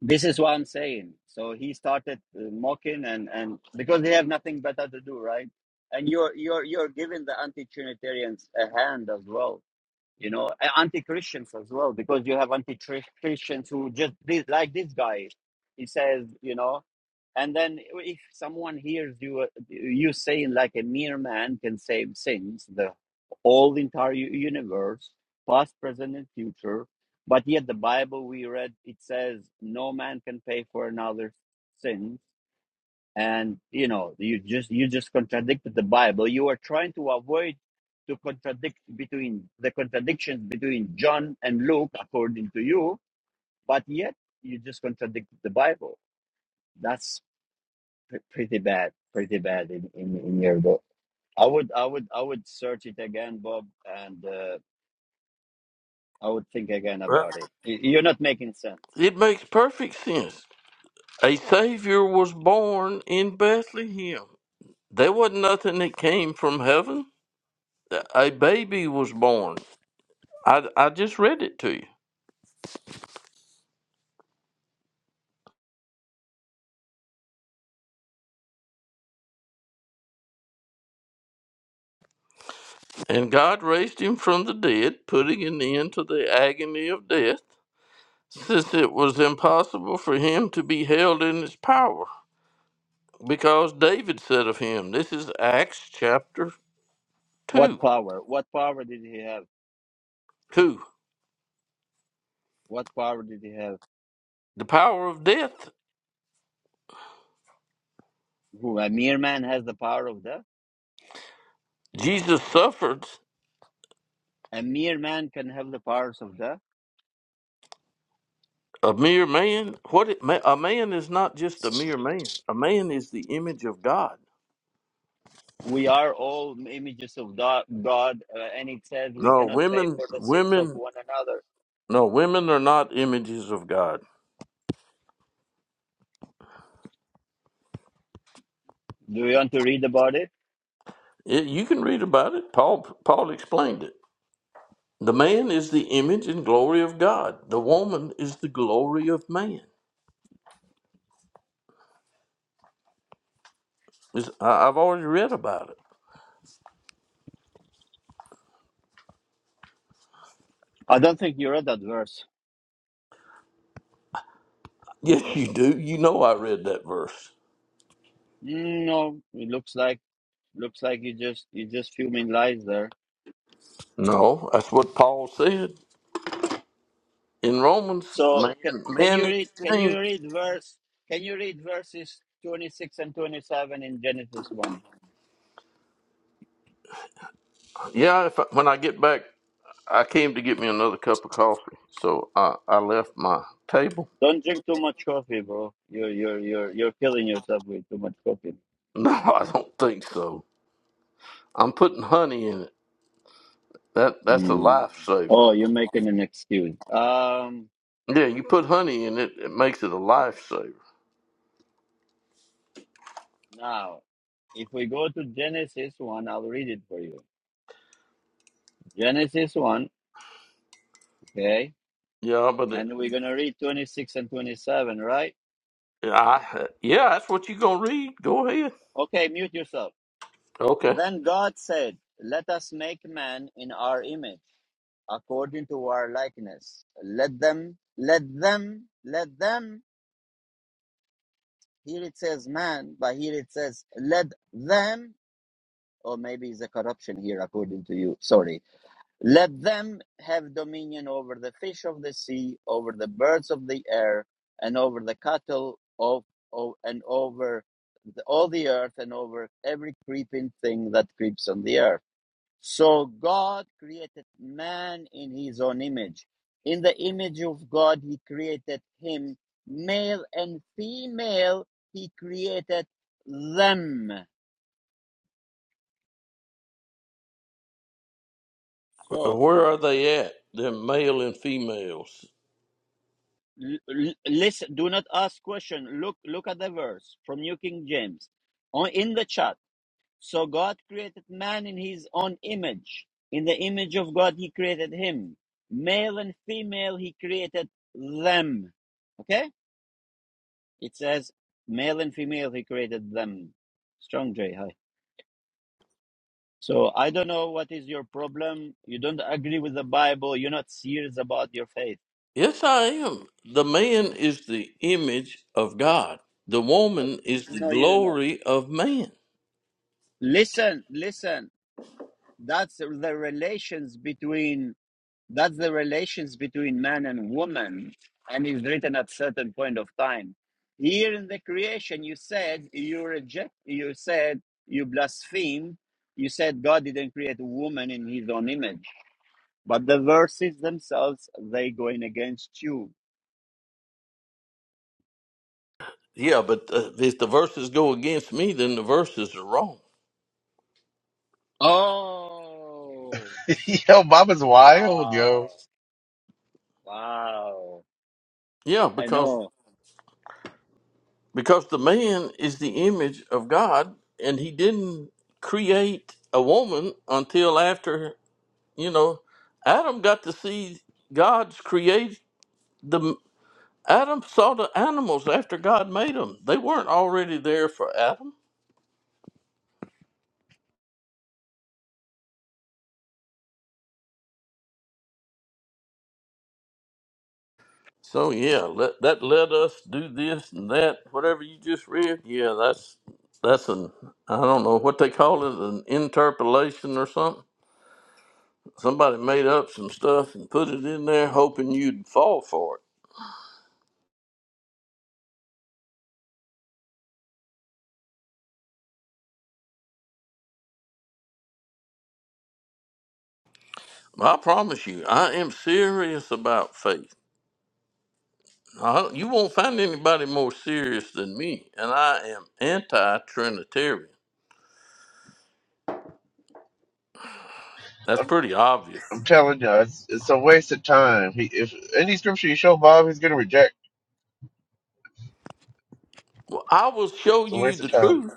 Speaker 1: This is what I'm saying. So he started uh, mocking and and because they have nothing better to do, right? And you're you're you're giving the anti-Trinitarians a hand as well. You know, a- anti-Christians as well, because you have anti-Christians who just this, like this guy. He says, you know. And then if someone hears you uh, you saying like a mere man can save sins, the all the entire universe, past, present, and future, but yet the Bible we read it says no man can pay for another's sins, and you know you just you just contradicted the Bible. You are trying to avoid to contradict between the contradictions between John and Luke, according to you, but yet you just contradicted the Bible. That's. Pre- pretty bad, pretty bad in in, in Europe. I would I would I would search it again, Bob, and uh, I would think again
Speaker 2: Right.
Speaker 1: about it. Y- You're not making sense.
Speaker 2: It makes perfect sense. A Savior was born in Bethlehem. There wasn't nothing that came from heaven. A baby was born. I, I just read it to you. And God raised him from the dead, putting an end to the agony of death, since it was impossible for him to be held in his power. Because David said of him, this is Acts chapter
Speaker 1: What
Speaker 2: 2.
Speaker 1: power? What power did he have?
Speaker 2: 2.
Speaker 1: What power did he have?
Speaker 2: The power of death.
Speaker 1: Who a mere man has the power of that?
Speaker 2: Jesus suffered
Speaker 1: A mere man can have the powers of that.
Speaker 2: a mere man. What it, ma- a man is not just a mere man. A man is the image of God.
Speaker 1: We are all images of God, God uh, and it says we
Speaker 2: No,
Speaker 1: cannot pay
Speaker 2: women
Speaker 1: for the sins of
Speaker 2: women
Speaker 1: one another.
Speaker 2: no, women are not images of God.
Speaker 1: Do you want to read about it?
Speaker 2: It- you can read about it. Paul Paul explained it. The man is the image and glory of God. The woman is the glory of man. It's- I- I've already read about it.
Speaker 1: I don't think you read that verse.
Speaker 2: Yes, you do. You know I read that verse.
Speaker 1: Mm, No, it looks like. Looks like you just you just fuming lies there.
Speaker 2: No, that's what Paul said in Romans.
Speaker 1: So
Speaker 2: Man,
Speaker 1: ca- can
Speaker 2: man,
Speaker 1: you read
Speaker 2: it's
Speaker 1: can you
Speaker 2: changed.
Speaker 1: read verse can you read verses twenty six and twenty seven in Genesis one?
Speaker 2: Yeah, if I, when I get back, I came to get me another cup of coffee, so I, I left my table.
Speaker 1: Don't drink too much coffee, bro. You're you're you're you're killing yourself with too much coffee.
Speaker 2: No, I don't think so. I'm putting honey in it. That that's a
Speaker 1: Hmm.
Speaker 2: lifesaver.
Speaker 1: Oh, you're making an excuse. Um,
Speaker 2: Yeah, you put honey in it, it makes it a lifesaver.
Speaker 1: now if we go to Genesis one, I'll read it for you. Genesis one, okay,
Speaker 2: Yeah, but it,
Speaker 1: and we're gonna read twenty six and twenty seven, right?
Speaker 2: I yeah, that's what you gonna read. Go ahead.
Speaker 1: Okay, mute yourself.
Speaker 2: Okay.
Speaker 1: Then God said, Let us make man in our image, according to our likeness. Let them, let them, let them. Here it says man, but here it says let them, or maybe it's a corruption here, according to you. Sorry. Let them have dominion over the fish of the sea, over the birds of the air, and over the cattle of, of and over the, all the earth, and over every creeping thing that creeps on the earth. So God created man in his own image. In the image of God, he created him. Male and female, he created them.
Speaker 2: Well,
Speaker 1: So
Speaker 2: where are they at? They're male and females.
Speaker 1: l- listen, do not ask question. Look, look at the verse from New King James on, in the chat. So God created man in his own image. In the image of God, he created him. Male and female, he created them. Okay? It says male and female he created them. Strong J, hi. So I don't know what is your problem. You don't agree with the Bible. You're not serious about your faith.
Speaker 2: Yes, I am. The man is the image of God. The
Speaker 1: Oh,
Speaker 2: woman is the
Speaker 1: no, you're not.
Speaker 2: glory of man.
Speaker 1: Listen, listen. That's the relations between that's the relations between man and woman, and is written at certain point of time. Here in the creation, you said you reject. You said you blaspheme. You said God didn't create a woman in His own image But the verses themselves, they going against you.
Speaker 2: Yeah, but uh, if the verses go against me, then the verses are wrong.
Speaker 1: Oh,
Speaker 3: yo, Mama's wild,
Speaker 1: wow,
Speaker 3: yo.
Speaker 1: wow.
Speaker 2: Yeah,
Speaker 1: I
Speaker 2: because
Speaker 1: know.
Speaker 2: because the man is the image of God, and he didn't create a woman until after you know Adam got to see God's create the Adam saw the animals after God made them. They weren't already there for Adam. So yeah, let that let us do this and that. Whatever you just read, yeah, that's that's an I don't know what they call it, an interpolation or something. Somebody made up some stuff and put it in there, hoping you'd fall for it. I promise you, I am serious about faith. I, you won't find anybody more serious than me, and I am anti-Trinitarian. That's
Speaker 3: I'm,
Speaker 2: pretty obvious.
Speaker 3: I'm telling you, it's, it's a waste of time. He, if any scripture you show Bob, he's gonna reject.
Speaker 2: Well, I will show
Speaker 3: It's a
Speaker 2: you
Speaker 3: waste
Speaker 2: the
Speaker 3: of time.
Speaker 2: truth.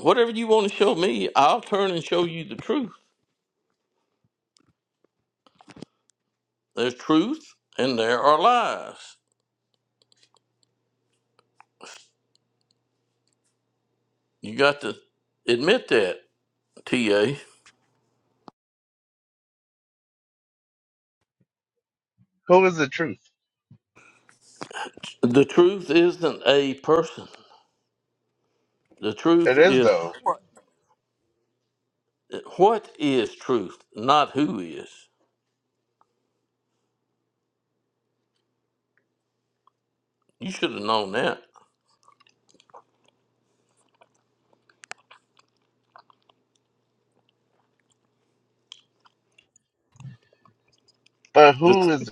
Speaker 2: Whatever you want to show me, I'll turn and show you the truth. There's truth and there are lies. You got to admit that, TA.
Speaker 3: Who is the truth?
Speaker 2: The truth isn't a person. The truth
Speaker 3: It is
Speaker 2: is
Speaker 3: though,
Speaker 2: what is truth, not who is. You should have known that.
Speaker 3: but
Speaker 2: The
Speaker 3: who
Speaker 2: truth,
Speaker 3: is?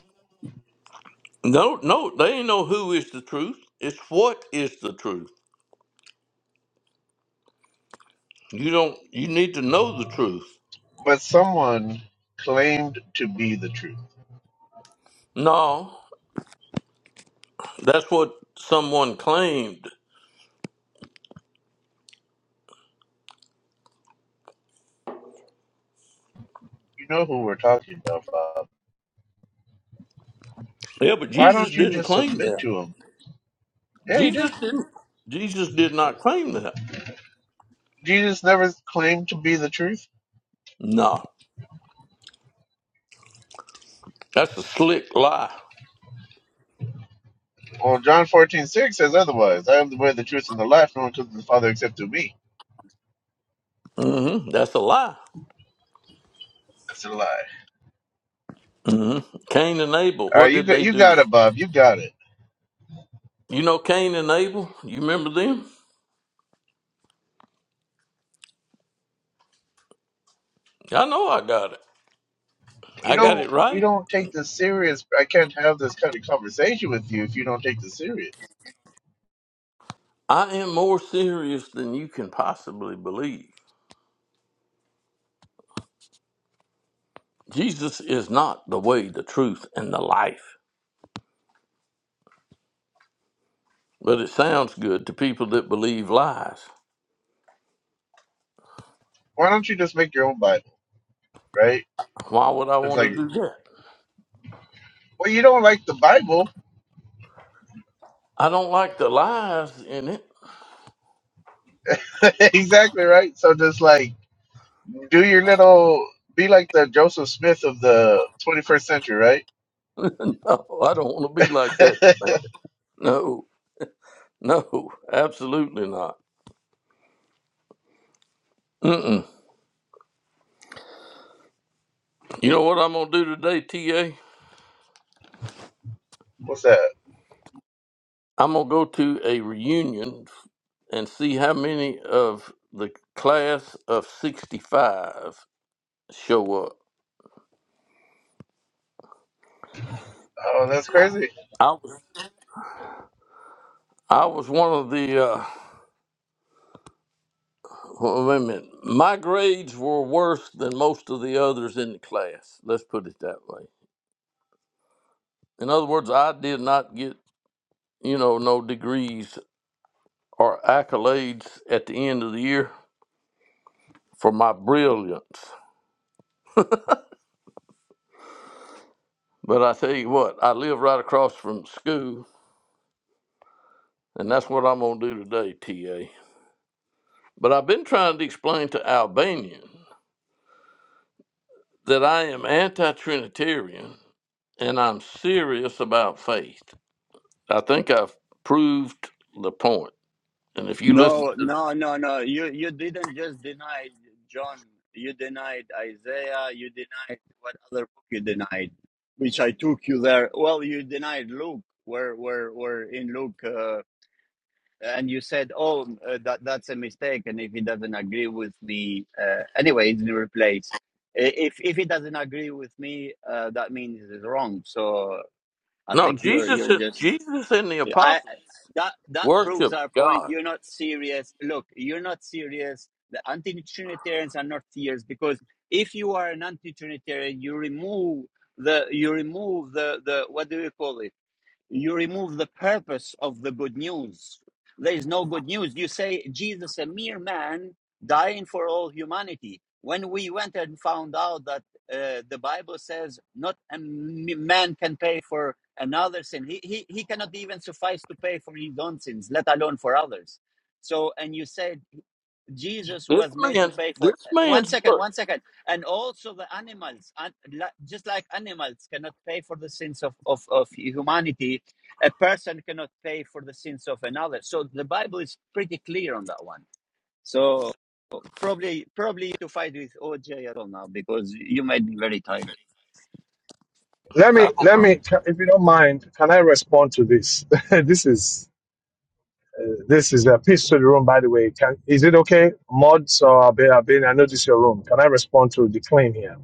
Speaker 2: no, no, they ain't know who is the truth. It's what is the truth. You don't. You need to know the truth.
Speaker 3: But someone claimed to be the truth.
Speaker 2: No, that's what someone claimed.
Speaker 3: You know who we're talking about, Bob.
Speaker 2: Yeah, but
Speaker 3: Why
Speaker 2: Jesus
Speaker 3: don't you
Speaker 2: didn't
Speaker 3: just
Speaker 2: claim
Speaker 3: submit
Speaker 2: that.
Speaker 3: to him? Yeah, he
Speaker 2: Jesus
Speaker 3: did.
Speaker 2: didn't. Jesus did not claim that.
Speaker 3: Jesus never claimed to be the truth.
Speaker 2: No. That's a slick lie.
Speaker 3: Well, John fourteen six says otherwise. I am the way, the truth, and the life. No one comes to the Father except through me.
Speaker 2: hmm That's a lie.
Speaker 3: That's a lie.
Speaker 2: hmm Cain and Abel,
Speaker 3: All
Speaker 2: what
Speaker 3: right, you
Speaker 2: did
Speaker 3: got
Speaker 2: they
Speaker 3: you
Speaker 2: do?
Speaker 3: got it, Bob. You got it.
Speaker 2: You know Cain and Abel? You remember them? I know I got it.
Speaker 3: you
Speaker 2: I got
Speaker 3: don't
Speaker 2: it
Speaker 3: you
Speaker 2: right.
Speaker 3: don't take this serious. I can't have this kind of conversation with you if you don't take this serious.
Speaker 2: I am more serious than you can possibly believe. Jesus is not the way, the truth, and the life. But it sounds good to people that believe lies.
Speaker 3: Why don't you just make your own Bible, right?
Speaker 2: Why would I
Speaker 3: It's like,
Speaker 2: want to do that?
Speaker 3: well, you don't like the Bible,
Speaker 2: I don't like the lies in it.
Speaker 3: exactly right. So just like do your little, be like the Joseph Smith of the 21st century, right?
Speaker 2: no, I don't want to be like that. No, no, absolutely not. Mm-mm. You know what I'm gonna do today, TA?
Speaker 3: What's that?
Speaker 2: I'm gonna go to a reunion and see how many of the class of '65 show up.
Speaker 3: Oh, that's crazy.
Speaker 2: I was I was one of the. Uh, well, wait a minute. My grades were worse than most of the others in the class. Let's put it that way. In other words, I did not get you know no degrees or accolades at the end of the year for my brilliance. But I tell you what, I live right across from school, and that's what I'm going to do today, TA. But I've been trying to explain to Albanian that I am anti Trinitarian and I'm serious about faith. I think I've proved the point. And if you listen
Speaker 1: No,
Speaker 2: to
Speaker 1: no, no, no. You you didn't just deny John. You denied Isaiah. You denied what other book you denied, which I took you there. Well, you denied Luke. Where where where in Luke? Uh, and you said, "Oh, uh, that that's a mistake," and if he doesn't agree with the uh, anyway, it's the replace. I- If if he doesn't agree with me, uh, that means it's wrong. So I
Speaker 2: no,
Speaker 1: think you're
Speaker 2: Jesus
Speaker 1: you're
Speaker 2: and
Speaker 1: just
Speaker 2: Jesus and the
Speaker 1: I
Speaker 2: apostles
Speaker 1: that that
Speaker 2: worship
Speaker 1: proves our point.
Speaker 2: God.
Speaker 1: You're not serious. Look, you're not serious. The anti-Trinitarians are not serious because if you are an anti-Trinitarian, you remove the you remove the the what do you call it? You remove the purpose of the good news. There is no good news. You say Jesus, a mere man, dying for all humanity. When we went and found out that uh, the Bible says not a m- man can pay for another sin, he, he, he cannot even suffice to pay for his own sins, let alone for others. So, and you said Jesus
Speaker 2: This
Speaker 1: was made to
Speaker 2: man's
Speaker 1: pay for.
Speaker 2: this
Speaker 1: One
Speaker 2: man's
Speaker 1: second,
Speaker 2: book.
Speaker 1: one second. And also the animals, and just like animals cannot pay for the sins of, of, of humanity, a person cannot pay for the sins of another. So the Bible is pretty clear on that one. So probably probably to fight with OJ at all now because you made me very tired.
Speaker 4: Let
Speaker 2: I
Speaker 4: me,
Speaker 2: don't
Speaker 4: let
Speaker 2: know.
Speaker 4: me, ca- if you don't mind, can I respond to this? this is, uh, this is a piece to the room, by the way. Can, is it okay? Mods or Abin, Abin, I know this is your room. Can I respond to the claim here?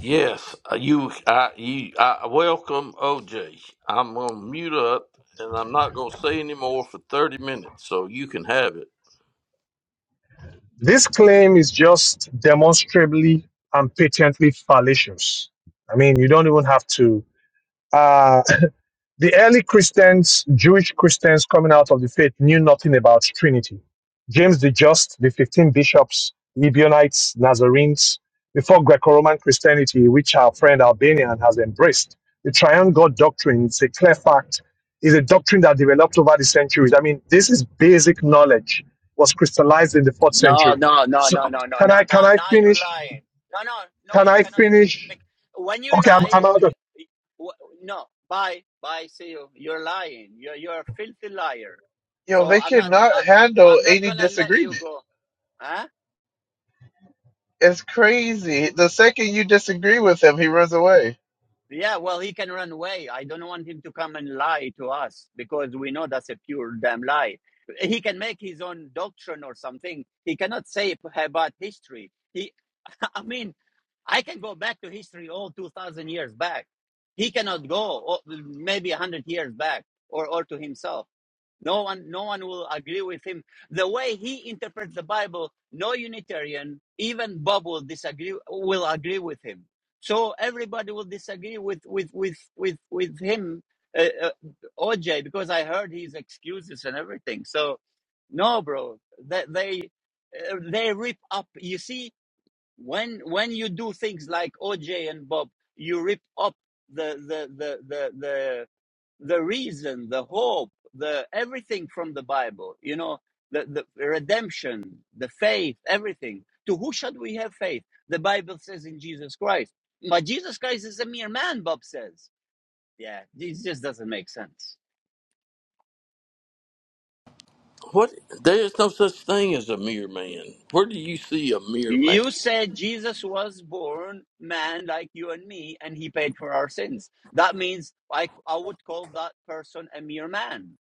Speaker 2: Yes, uh, you, I, you, I welcome OJ. I'm gonna mute up, and I'm not gonna say any more for thirty minutes, so you can have it.
Speaker 4: This claim is just demonstrably and patently fallacious. I mean, you don't even have to. Uh, The early Christians, Jewish Christians coming out of the faith, knew nothing about Trinity. James the Just, the 15 bishops, Ebionites, Nazarenes, before Greco Roman Christianity, which our friend Albanian has embraced. The triune God doctrine is a clear fact, is a doctrine that developed over the centuries. I mean, this is basic knowledge, was crystallized in the fourth
Speaker 1: No,
Speaker 4: century.
Speaker 1: no, no,
Speaker 4: So,
Speaker 1: no, no, no, no.
Speaker 4: can I
Speaker 1: Now,
Speaker 4: can I
Speaker 1: now you're
Speaker 4: finish?
Speaker 1: lying. No, no, no,
Speaker 4: Can
Speaker 1: you
Speaker 4: I
Speaker 1: cannot finish.
Speaker 4: finish?
Speaker 1: Bec- When you
Speaker 4: Okay, I'm,
Speaker 1: lie,
Speaker 4: I'm out of
Speaker 1: you, you- w- no, bye, bye, see you. You're lying. You're, you're a filthy liar.
Speaker 3: Yo,
Speaker 1: So
Speaker 3: they
Speaker 1: I'm not,
Speaker 3: cannot
Speaker 1: I,
Speaker 3: handle
Speaker 1: I'm not
Speaker 3: any
Speaker 1: gonna let you
Speaker 3: disagreement.
Speaker 1: go. Huh?
Speaker 3: It's crazy. The second you disagree with him, he runs away.
Speaker 1: Yeah, well, he can run away. I don't want him to come and lie to us because we know that's a pure damn lie. He can make his own doctrine or something. He cannot say p- about history. He I mean, I can go back to history all 2,000 years back. He cannot go oh, maybe 100 years back or, or to himself. No one, no one will agree with him. The way he interprets the Bible, no Unitarian, even Bob will disagree, will agree with him. So everybody will disagree with, with, with, with, with him, uh, uh, OJ, because I heard his excuses and everything. So no, bro, they, they, uh, they rip up. You see, when when you do things like OJ and Bob, you rip up the the the the the, the reason, the hope, the everything from the Bible. You know, the, the redemption, the faith, everything. To who should we have faith? The Bible says in Jesus Christ. But Jesus Christ is a mere man, Bob says. Yeah, this just doesn't make sense.
Speaker 2: What? There's no such thing as a mere man. Where do you see a mere man?
Speaker 1: You said Jesus was born man like you and me, and he paid for our sins. That means I, I would call that person a mere man.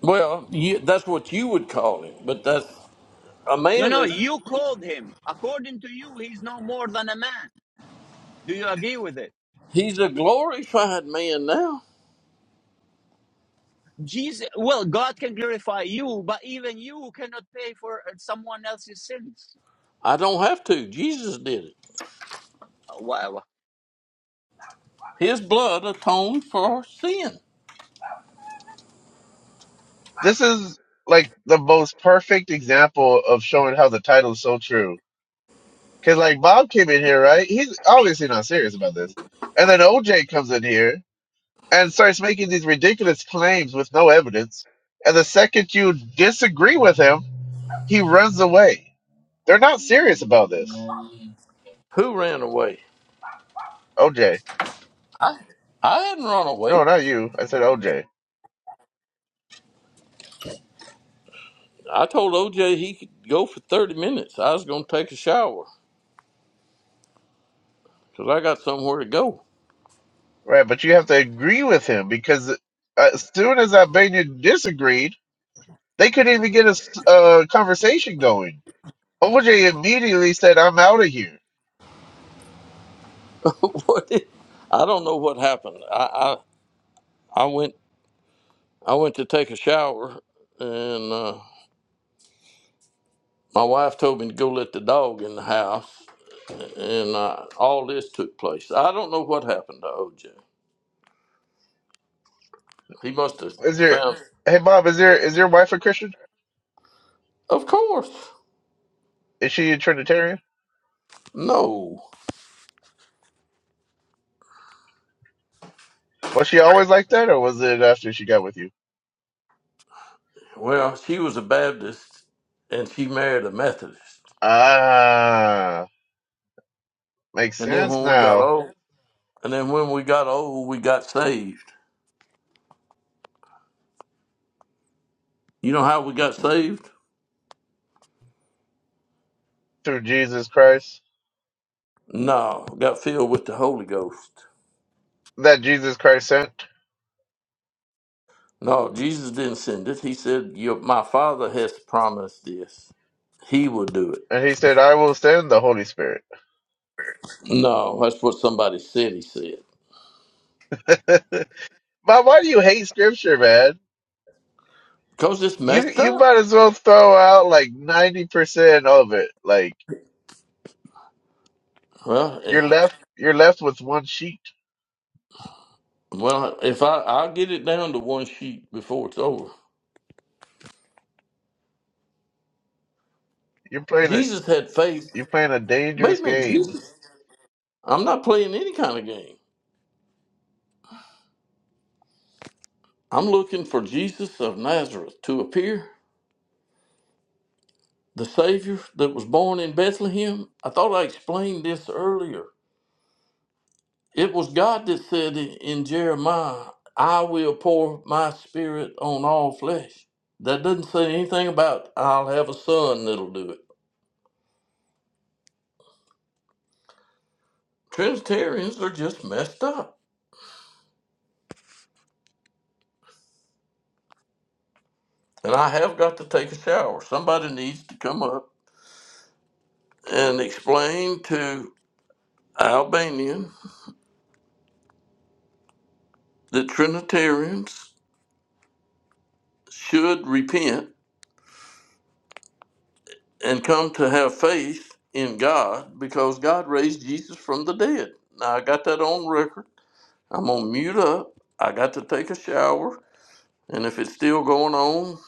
Speaker 2: Well, you, that's what you would call him, but that's a
Speaker 1: No,
Speaker 2: man
Speaker 1: no,
Speaker 2: is
Speaker 1: you called him. According to you, he's no more than a man. Do you agree with it?
Speaker 2: he's a glorified man now.
Speaker 1: Jesus, well, God can glorify you, but even you cannot pay for someone else's sins.
Speaker 2: I don't have to. Jesus did it.
Speaker 1: Uh, Wow.
Speaker 2: His blood atoned for sin.
Speaker 3: This is like the most perfect example of showing how the title is so true. Cause like Bob came in here, right? He's obviously not serious about this. And then OJ comes in here and starts making these ridiculous claims with no evidence. And the second you disagree with him, he runs away. They're not serious about this.
Speaker 2: Who ran away?
Speaker 3: OJ.
Speaker 2: I I hadn't run away.
Speaker 3: No, not you. I said OJ.
Speaker 2: I told OJ he could go for 30 minutes. I was going to take a shower because I got somewhere to go.
Speaker 3: Right, but you have to agree with him because uh, as soon as Albania disagreed, they couldn't even get a s- a conversation going OJ immediately said, "I'm out of here."
Speaker 2: what did, I don't know what happened. I, I, I went I went to take a shower and uh, my wife told me to go let the dog in the house and uh, all this took place. I don't know what happened to OJ. He must have
Speaker 3: Is there?
Speaker 2: found.
Speaker 3: Hey, Bob, is there? Is your wife a Christian?
Speaker 2: Of course.
Speaker 3: Is she a Trinitarian?
Speaker 2: No.
Speaker 3: Was she always like that, or was it after she got with you?
Speaker 2: Well, she was a Baptist and she married a Methodist.
Speaker 3: Ah, makes
Speaker 2: And then
Speaker 3: sense
Speaker 2: when we got
Speaker 3: now.
Speaker 2: old, And then when we got old, we got saved. You know how we got saved?
Speaker 3: Through Jesus Christ,
Speaker 2: No, got filled with the Holy Ghost.
Speaker 3: that Jesus Christ sent,
Speaker 2: No, Jesus didn't send it. He said, Your, My Father has promised this. He will do it.
Speaker 3: and He said, "I will send the Holy Spirit."
Speaker 2: No, that's what somebody said he said.
Speaker 3: Bob, why do you hate Scripture, man?
Speaker 2: Because it's
Speaker 3: You
Speaker 2: messed
Speaker 3: you
Speaker 2: up.
Speaker 3: might as well throw out like ninety percent of it. Like
Speaker 2: Well, eh,
Speaker 3: you're left you're left with one sheet.
Speaker 2: well, if I, I'll get it down to one sheet before it's over.
Speaker 3: You're playing a
Speaker 2: Jesus had faith.
Speaker 3: you're playing a
Speaker 2: Wait
Speaker 3: dangerous
Speaker 2: a minute,
Speaker 3: game.
Speaker 2: Jesus. I'm not playing any kind of game. I'm looking for Jesus of Nazareth to appear. the Savior that was born in Bethlehem? I thought I explained this earlier. It was God that said in Jeremiah, I will pour my spirit on all flesh. That doesn't say anything about I'll have a son that'll do it. Trinitarians are just messed up. And I have got to take a shower. Somebody needs to come up and explain to Albanian that Trinitarians should repent and come to have faith in God because God raised Jesus from the dead. Now I got that on record. I'm gonna mute up. I got to take a shower, and if it's still going on,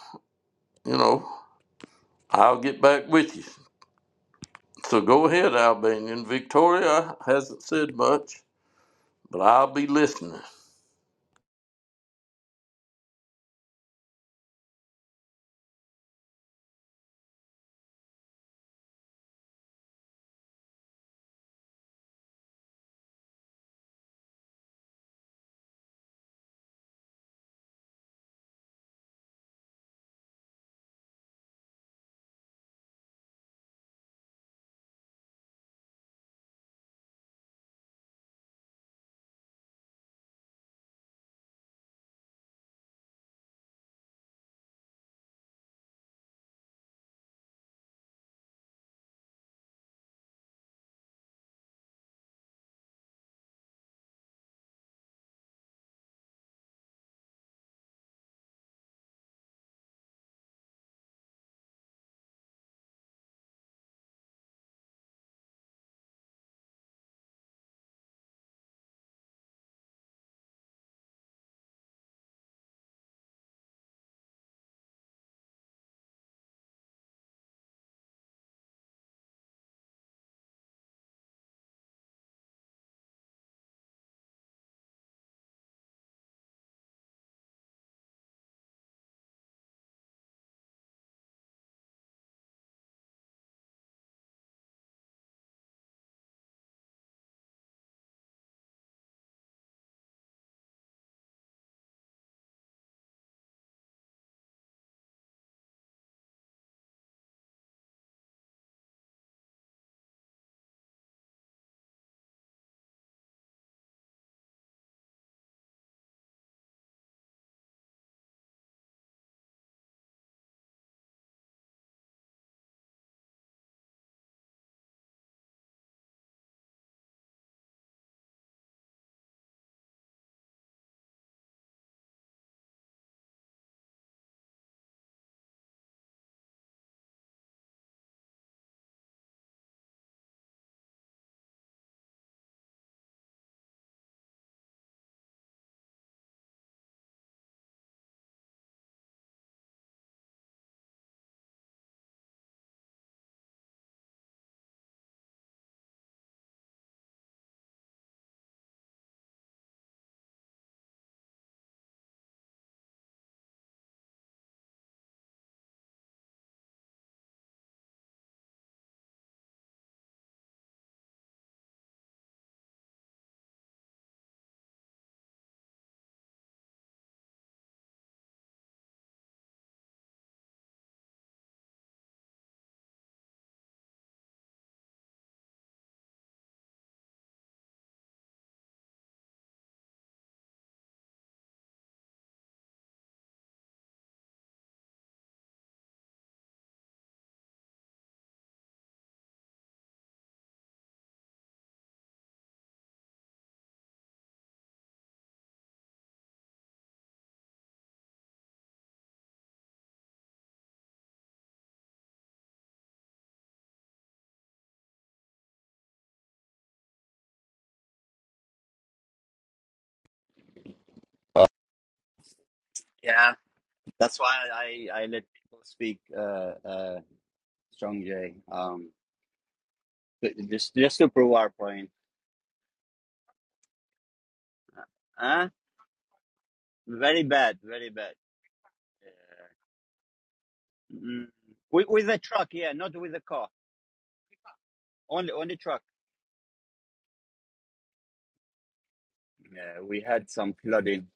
Speaker 2: you know, I'll get back with you. So go ahead, Albanian. Victoria hasn't said much, but I'll be listening.
Speaker 1: Uh, Yeah, that's why I, I let people speak, uh, uh, Strong J. Um, th- just, just to prove our point. Huh? Very bad, very bad. Mm, with, with a truck, yeah, not with a car. Only only truck. Yeah, we had some flooding.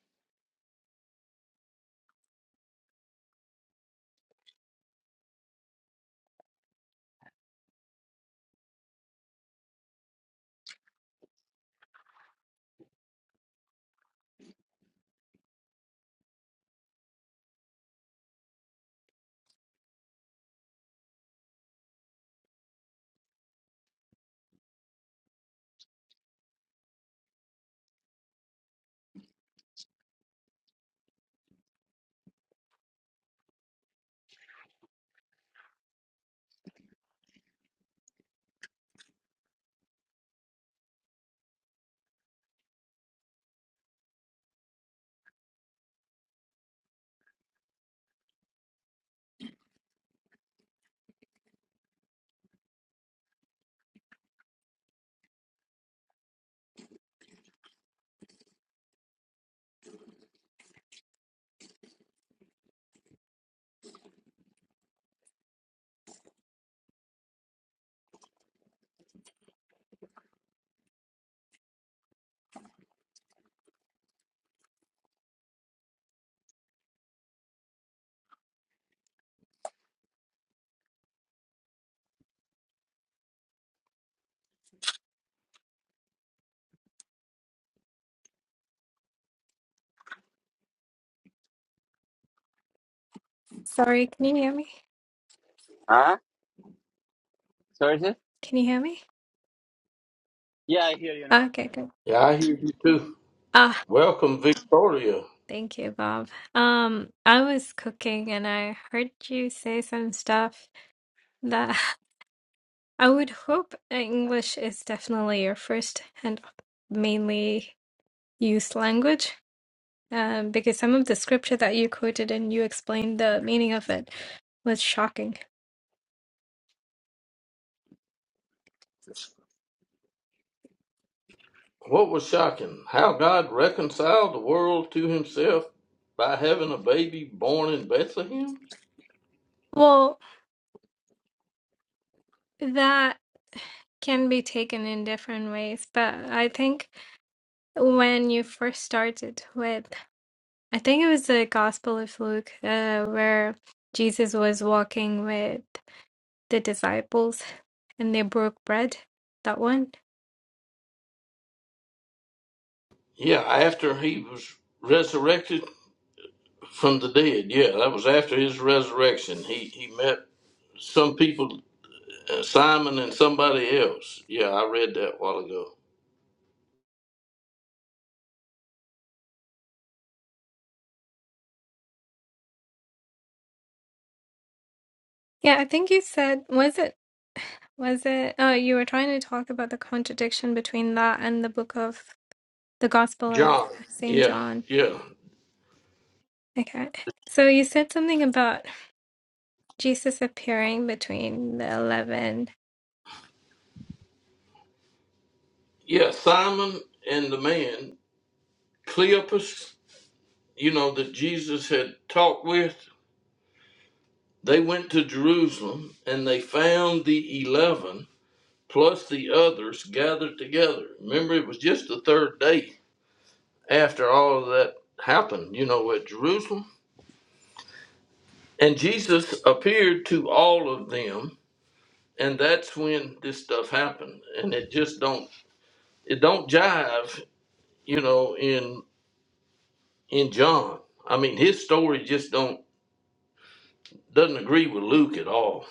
Speaker 5: Sorry, can you hear me?
Speaker 1: Huh? Sorry, sis?
Speaker 5: Can you hear me?
Speaker 1: Yeah, I hear you now.
Speaker 5: Ah, Okay, good.
Speaker 2: Yeah, I hear you too.
Speaker 5: Ah,
Speaker 2: Welcome, Victoria.
Speaker 5: thank you, Bob. Um, I was cooking and I heard you say some stuff that I would hope English is definitely your first and mainly used language. Um, because some of the scripture that you quoted and you explained the meaning of it was shocking.
Speaker 2: What was shocking? How God reconciled the world to Himself by having a baby born in Bethlehem?
Speaker 5: Well, that can be taken in different ways, but I think when you first started with I think it was the Gospel of Luke, uh, where Jesus was walking with the disciples and they broke bread. That one.
Speaker 2: Yeah, after he was resurrected from the dead. Yeah, that was after his resurrection. He he met some people, uh, Simon and somebody else. Yeah, I read that a while ago.
Speaker 5: Yeah, I think you said, was it, was it, oh, you were trying to talk about the contradiction between that and the book of the Gospel of
Speaker 2: John.
Speaker 5: St.
Speaker 2: Yeah,
Speaker 5: John.
Speaker 2: yeah,
Speaker 5: Okay. So you said something about Jesus appearing between the 11.
Speaker 2: yeah. Simon and the man Cleopas, you know that Jesus had talked with. They went to Jerusalem and they found the eleven plus the others gathered together. Remember, it was just the third day after all of that happened, you know, at Jerusalem. And Jesus appeared to all of them, and that's when this stuff happened. And it just don't it don't jive, you know, in in John. I mean, his story just don't doesn't agree with Luke at all.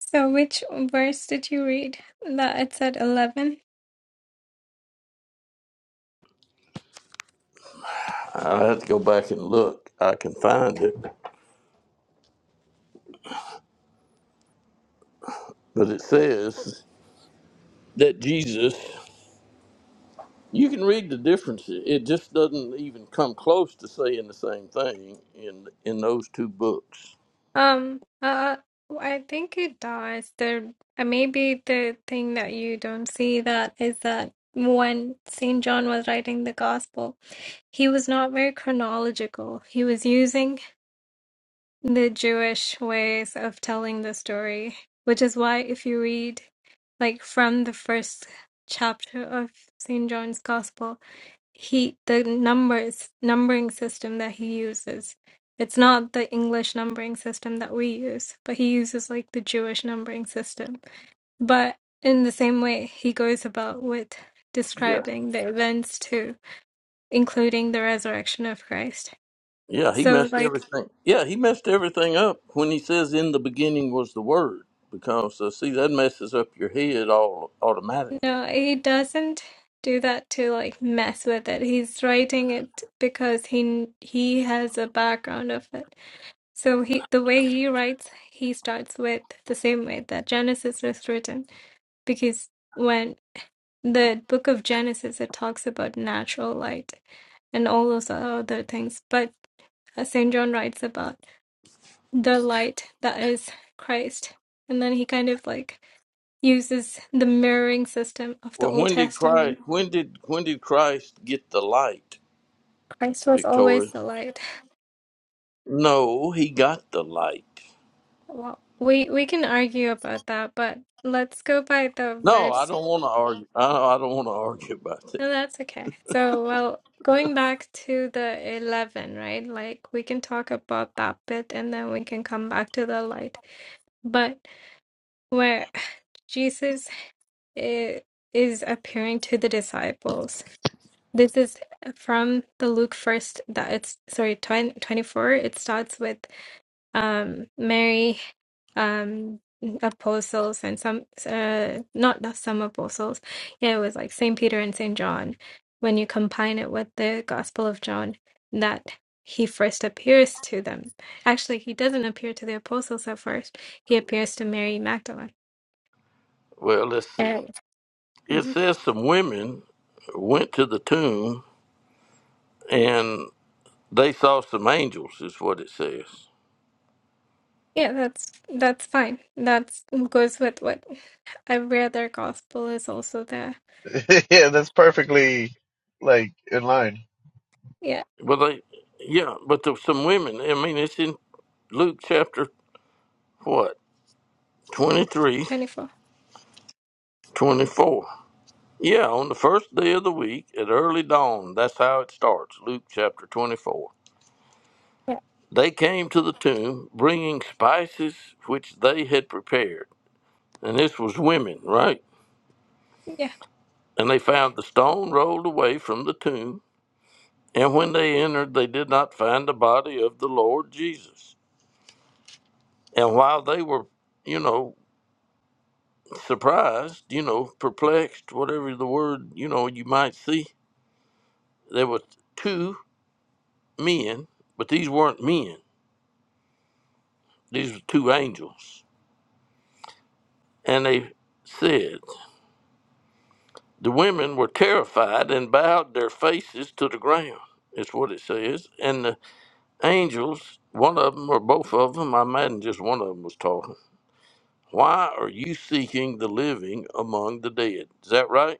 Speaker 5: So which verse did you read that it said 11?
Speaker 2: I have to go back and look. I can find it, but it says that Jesus. You can read the differences. It just doesn't even come close to saying the same thing in in those two books.
Speaker 5: Um, uh, I think it does. There, uh, maybe the thing that you don't see that is that when Saint John was writing the gospel, he was not very chronological. He was using the Jewish ways of telling the story, which is why if you read like from the first chapter of Saint John's gospel, he the numbers numbering system that he uses it's not the english numbering system that we use but he uses like the jewish numbering system but in the same way he goes about with
Speaker 2: Yeah.
Speaker 5: describing the events too including the resurrection of christ
Speaker 2: Yeah, he
Speaker 5: so
Speaker 2: messed
Speaker 5: like
Speaker 2: everything. Yeah, he messed everything up when he says in the beginning was the word because uh, see that messes up your head all automatically.
Speaker 5: no he doesn't do that to like mess with it he's writing it because he he has a background of it So he, the way he writes, he starts with the same way that Genesis is written, because when the book of Genesis, it talks about natural light and all those other things, but uh, Saint John writes about the light that is Christ, and then he kind of like uses the mirroring system of the
Speaker 2: Well,
Speaker 5: Old
Speaker 2: when did
Speaker 5: Testament.
Speaker 2: Christ when did when did Christ get the light,
Speaker 5: Christ was always
Speaker 2: Victoria?
Speaker 5: the light.
Speaker 2: No, he got the light.
Speaker 5: Well, we we can argue about that, but let's go by the
Speaker 2: No, I
Speaker 5: verse
Speaker 2: don't want to argue. I, I don't want to argue about that.
Speaker 5: No, that's okay. So, well, going back to the 11, right? Like, we can talk about that bit and then we can come back to the light. But where Jesus i- is appearing to the disciples, this is from the Luke first that it's sorry, 20 24. It starts with um Mary um apostles and some uh not the some apostles yeah it was like saint peter and saint john when you combine it with the gospel of john that he first appears to them actually he doesn't appear to the apostles at first he appears to mary magdalene
Speaker 2: Well, let's see.
Speaker 5: and
Speaker 2: It
Speaker 5: Mhm.
Speaker 2: says some women went to the tomb and they saw some angels is what it says.
Speaker 5: yeah that's that's fine that's goes with what i've read their gospel is also there
Speaker 3: yeah, that's perfectly like in line.
Speaker 5: yeah
Speaker 2: Well, they, yeah, but there's some women. I mean, it's in Luke chapter what 23,
Speaker 5: 24
Speaker 2: 24. Yeah, on the first day of the week at early dawn. That's how it starts. Luke chapter 24.
Speaker 5: yeah
Speaker 2: They came to the tomb bringing spices which they had prepared. And this was women, right?
Speaker 5: yeah
Speaker 2: And they found the stone rolled away from the tomb. And when they entered, they did not find the body of the Lord Jesus. And while they were, you know, surprised, you know, perplexed, whatever the word, you know, you might see. There were two men, but these weren't men. These were two angels. And they said, the women were terrified and bowed their faces to the ground. Is what it says. And the angels, one of them or both of them, I imagine just one of them was talking. Why are you seeking the living among the dead? Is that right?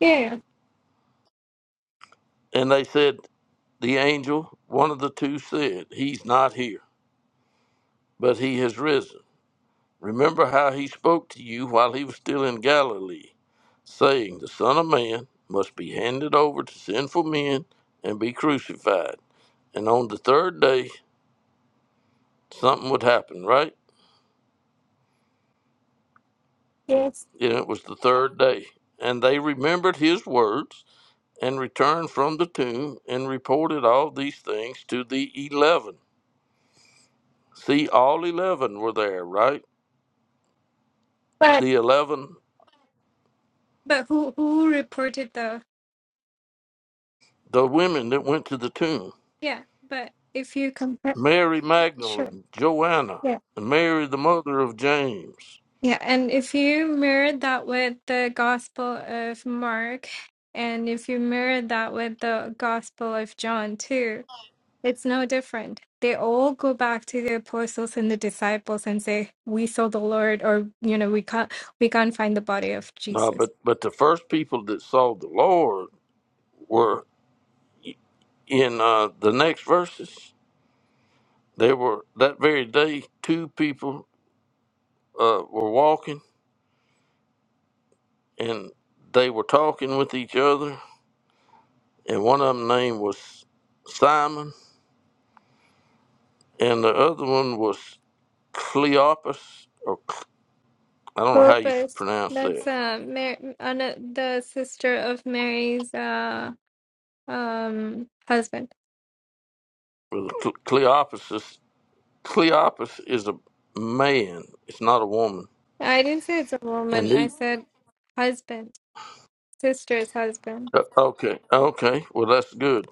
Speaker 5: yeah yeah.
Speaker 2: And they said, the angel, one of the two said, he's not here but he has risen. Remember how he spoke to you while he was still in Galilee, saying, The Son of Man must be handed over to sinful men and be crucified. And on the third day, something would happen, right?
Speaker 5: yes
Speaker 2: And it was the third day. And they remembered his words and returned from the tomb and reported all these things to the eleven. See, all eleven were there, right?
Speaker 5: but
Speaker 2: The eleven,
Speaker 5: but who who reported the
Speaker 2: the women that went to the tomb.
Speaker 5: Yeah, but if you compare,
Speaker 2: Mary
Speaker 5: sure.
Speaker 2: Magdalene, Joanna,
Speaker 5: Yeah.
Speaker 2: and Mary the mother of James.
Speaker 5: Yeah. And if you mirror that with the Gospel of Mark, and if you mirror that with the Gospel of John too, it's no different. They all go back to the apostles and the disciples and say, "We saw the Lord," or you know, "We can't, we can't find the body of
Speaker 2: No,
Speaker 5: Jesus."
Speaker 2: but but the first people that saw the Lord were in uh, the next verses. They were that very day. Two people uh, were walking, and they were talking with each other. And one of them name was Simon, and the other one was Cleopas, or Cle- I don't know how you
Speaker 5: Purpose.
Speaker 2: pronounce
Speaker 5: That's
Speaker 2: that.
Speaker 5: uh, Mar- Anna, the sister of Mary's uh, um, husband.
Speaker 2: Well, Cle- Cleopas Cleopas is a man. It's not a woman.
Speaker 5: I didn't say it's a
Speaker 2: And
Speaker 5: woman. I
Speaker 2: the
Speaker 5: said husband, sister's husband.
Speaker 2: uh, okay, okay. Well, that's good.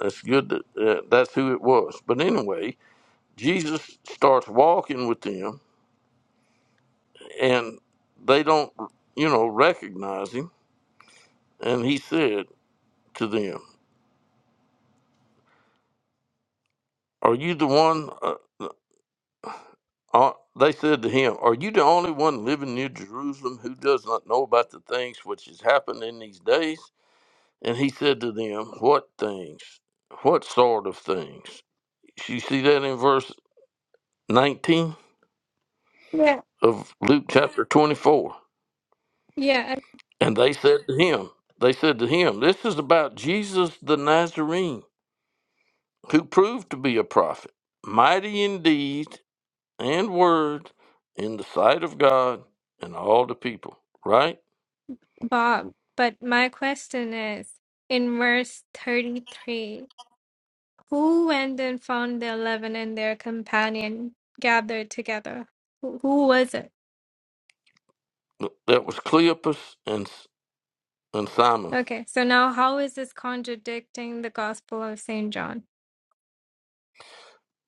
Speaker 2: That's good that uh, that's who it was. But anyway, Jesus starts walking with them, and they don't, you know, recognize him. And he said to them, "Are you the one?" Uh, uh, uh," they said to him, "Are you the only one living near Jerusalem who does not know about the things which has happened in these days?" And he said to them, What things? What sort of things? You see that in verse 19
Speaker 5: Yeah.
Speaker 2: of Luke chapter 24.
Speaker 5: Yeah, and
Speaker 2: And they said to him, They said to him, This is about Jesus the Nazarene, who proved to be a prophet, mighty in deed and word in the sight of God and all the people. Right?
Speaker 5: Bob. But my question is in verse 33 who went and found the eleven and their companion gathered together? Who, who was it?
Speaker 2: That was Cleopas and, and Simon,
Speaker 5: Okay, so now how is this contradicting the Gospel of St. John?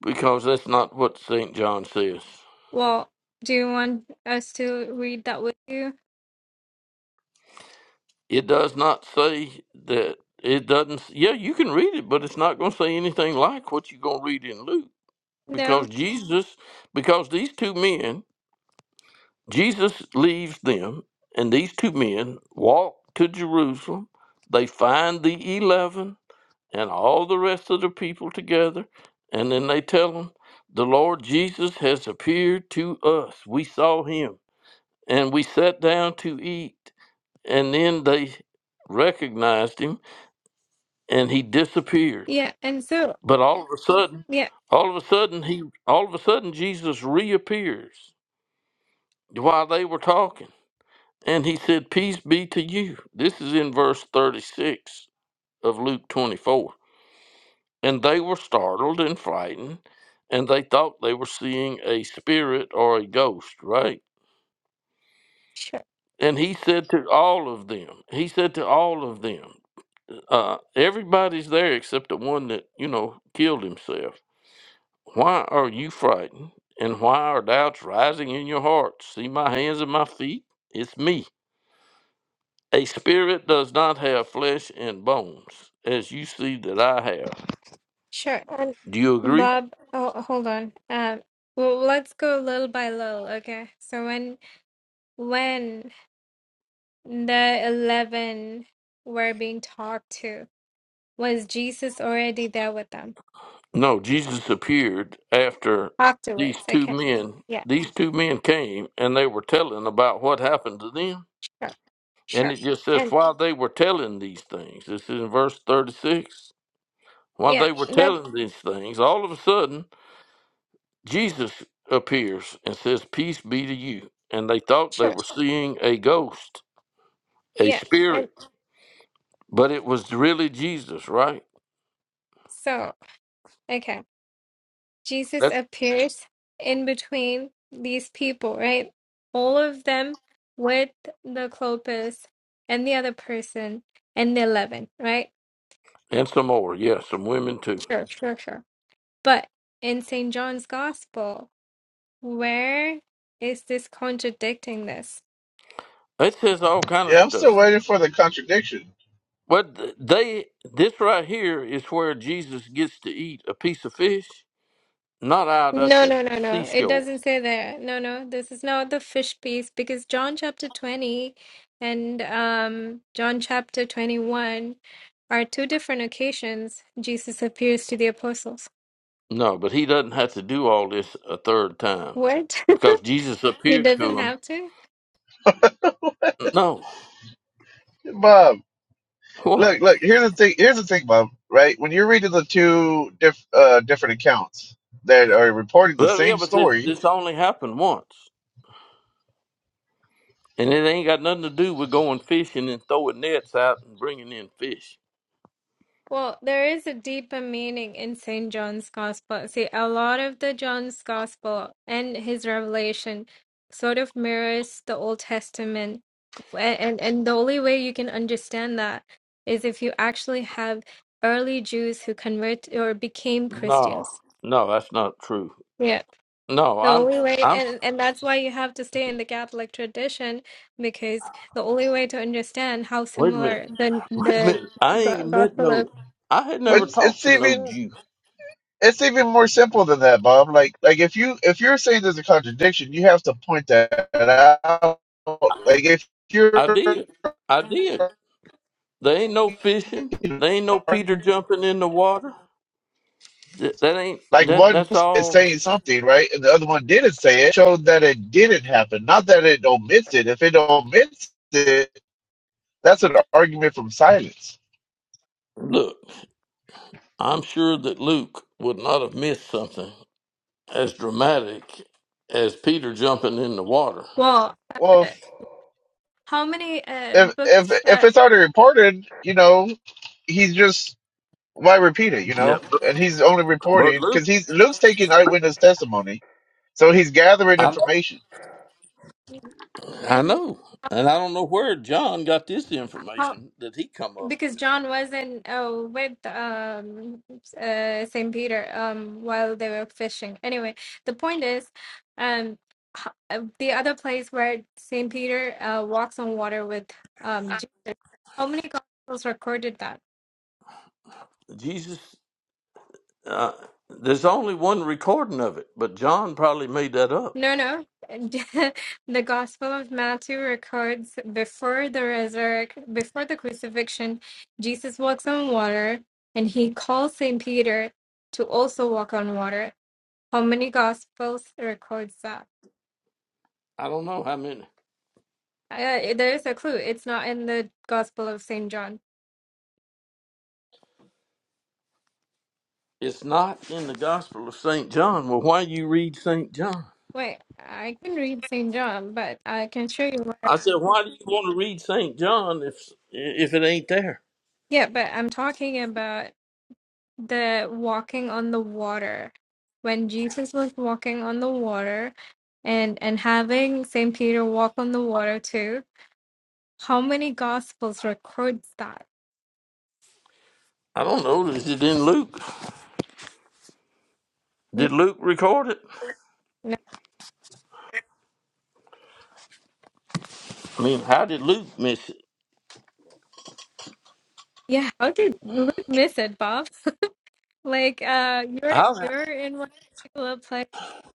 Speaker 2: because that's not what St. John says.
Speaker 5: Well, do you want us to read that with you?
Speaker 2: It does not say that it doesn't. Yeah, you can read it, but it's not going to say anything like what you're going to read in Luke because
Speaker 5: No?
Speaker 2: Jesus, because these two men, Jesus leaves them, and these two men walk to Jerusalem. They find the 11 and all the rest of the people together, and then they tell them, The Lord Jesus has appeared to us. We saw him, and we sat down to eat. And then they recognized him and he disappeared.
Speaker 5: Yeah, and so,
Speaker 2: But all of a sudden,
Speaker 5: yeah,
Speaker 2: all of a sudden he all of a sudden Jesus reappears while they were talking. And he said, Peace be to you. This is in verse 36 of Luke 24. And they were startled and frightened, and they thought they were seeing a spirit or a ghost, right?
Speaker 5: sure.
Speaker 2: And he said to all of them, he said to all of them, uh, everybody's there except the one that, you know, killed himself Why are you frightened? And why are doubts rising in your hearts? See my hands and my feet? It's me. A spirit does not have flesh and bones, as you see that I have.
Speaker 5: Sure. And
Speaker 2: Do you agree?
Speaker 5: Bob, oh, hold on. Um, well, let's go little by little, okay? So when when the 11 were being talked to, was Jesus already there with them
Speaker 2: No, Jesus appeared after these
Speaker 5: afterwards?
Speaker 2: two
Speaker 5: Okay.
Speaker 2: men.
Speaker 5: Yeah,
Speaker 2: These two men came and they were telling about what happened to them.
Speaker 5: sure.
Speaker 2: And
Speaker 5: Sure.
Speaker 2: it just says,
Speaker 5: And
Speaker 2: while they were telling these things, this is in verse 36. While
Speaker 5: yeah,
Speaker 2: they were
Speaker 5: that
Speaker 2: telling these things, all of a sudden, Jesus appears and says, Peace be to you. And they thought they
Speaker 5: sure.
Speaker 2: were seeing a ghost, a
Speaker 5: Yeah. And
Speaker 2: spirit, but it was really Jesus, right?
Speaker 5: so, okay. Jesus
Speaker 2: That's
Speaker 5: appears in between these people, right? All of them with the Clopas and the other person and the 11, right?
Speaker 2: and some more, yeah, some women too.
Speaker 5: Sure, sure, sure. But in St. John's Gospel, where is this contradicting this?
Speaker 2: It says all kind of
Speaker 3: Yeah, I'm
Speaker 2: stuff.
Speaker 3: still waiting for the contradiction.
Speaker 2: But they this right here is where Jesus gets to eat a piece of fish, not out at
Speaker 5: No,
Speaker 2: the
Speaker 5: no, no, no. It
Speaker 2: seashore.
Speaker 5: doesn't say there. No, no. This is not the fish piece because John chapter 20 and um, John chapter 21 are two different occasions Jesus appears to the apostles.
Speaker 2: No, but he doesn't have to do all this a third time
Speaker 5: What?
Speaker 2: because Jesus
Speaker 5: He
Speaker 2: appeared
Speaker 5: doesn't
Speaker 2: to him.
Speaker 5: have to?
Speaker 2: No,
Speaker 3: Bob,
Speaker 2: what?
Speaker 3: look, look. Here's the thing. Here's the thing, Bob. Right when you're reading the two diff, uh, different accounts that are reporting the
Speaker 2: Well, yeah,
Speaker 3: same
Speaker 2: but this
Speaker 3: story,
Speaker 2: this only happened once. And it ain't got nothing to do with going fishing and throwing nets out and bringing in fish.
Speaker 5: Well, there is a deeper meaning in St. John's Gospel. See, a lot of the John's Gospel and his revelation sort of mirrors the Old Testament. And, and, and the only way you can understand that is if you actually have early Jews who convert or became
Speaker 2: No,
Speaker 5: Christians.
Speaker 2: no, that's not true.
Speaker 5: Yeah.
Speaker 2: No,
Speaker 5: The
Speaker 2: I'm,
Speaker 5: only way,
Speaker 2: I'm.
Speaker 5: and, and that's why you have to stay in the Catholic tradition because the only way to understand how
Speaker 2: Wait a minute,
Speaker 5: similar the,
Speaker 2: wait a
Speaker 5: the
Speaker 2: minute. I ain't
Speaker 5: go-
Speaker 2: met
Speaker 5: Gospel
Speaker 2: no.
Speaker 5: of.
Speaker 2: I had never
Speaker 5: Hmm?
Speaker 3: it's it's
Speaker 2: talked to no
Speaker 3: even
Speaker 2: Jew.
Speaker 3: it's even more simple than that, Bob. Like like if you if you're saying there's a contradiction, you have to point that out. Like if you're
Speaker 2: I did, I did. There ain't no fishing.
Speaker 3: making
Speaker 2: There ain't no
Speaker 3: an
Speaker 2: Peter jumping in the water. Th- That ain't
Speaker 3: Like
Speaker 2: that.
Speaker 3: one
Speaker 2: That's
Speaker 3: is
Speaker 2: all.
Speaker 3: saying something, right? And the other one didn't say it, showed that it didn't happen, not that it omits it. If it omits it, that's an argument from silence.
Speaker 2: Look, I'm sure that Luke would not have missed something as dramatic as Peter jumping in the water.
Speaker 5: Well,
Speaker 3: Well,
Speaker 5: uh,
Speaker 3: if
Speaker 5: How many uh,
Speaker 3: if if,
Speaker 5: books
Speaker 3: if
Speaker 5: uh,
Speaker 3: it's already reported, you know, he's just why repeat it, you
Speaker 2: Yeah,
Speaker 3: know?
Speaker 2: but
Speaker 3: And he's only
Speaker 2: but
Speaker 3: reporting
Speaker 2: Luke
Speaker 3: because he's Luke's taking eyewitness testimony, so he's gathering
Speaker 2: I know,
Speaker 3: information.
Speaker 2: I
Speaker 5: and
Speaker 2: know, and I don't know where John got this
Speaker 5: how
Speaker 2: information that he come up
Speaker 5: because
Speaker 2: with.
Speaker 5: John was in oh with um uh, Saint Peter um while they were fishing. Anyway, the point is, um, h- uh, the other place where Saint Peter uh, walks on water with um Jesus. How many gospels recorded that?
Speaker 2: Jesus, uh, there's only one recording of it, but John probably made that up.
Speaker 5: No, no. The Gospel of Matthew records before the resurrect, before the crucifixion, Jesus walks on water, and he calls Saint Peter to also walk on water. How many Gospels records that?
Speaker 2: I don't know how many.
Speaker 5: Uh, there is a clue. It's not in the Gospel of Saint John.
Speaker 2: It's not in the Gospel of Saint John. Well, why you read Saint John?
Speaker 5: Wait, I can read Saint John, but I can show you. Where.
Speaker 2: I said, why do you want to read Saint John if if it ain't there?
Speaker 5: Yeah, but I'm talking about the walking on the water when jesus was walking on the water and and having saint peter walk on the water too how many gospels records that
Speaker 2: I don't know. Is it in Luke?
Speaker 5: no,
Speaker 2: Did Luke record it?
Speaker 5: no.
Speaker 2: I mean, how did Luke miss it?
Speaker 5: yeah how did luke miss it bob like uh you're
Speaker 2: I
Speaker 5: you're in one particular place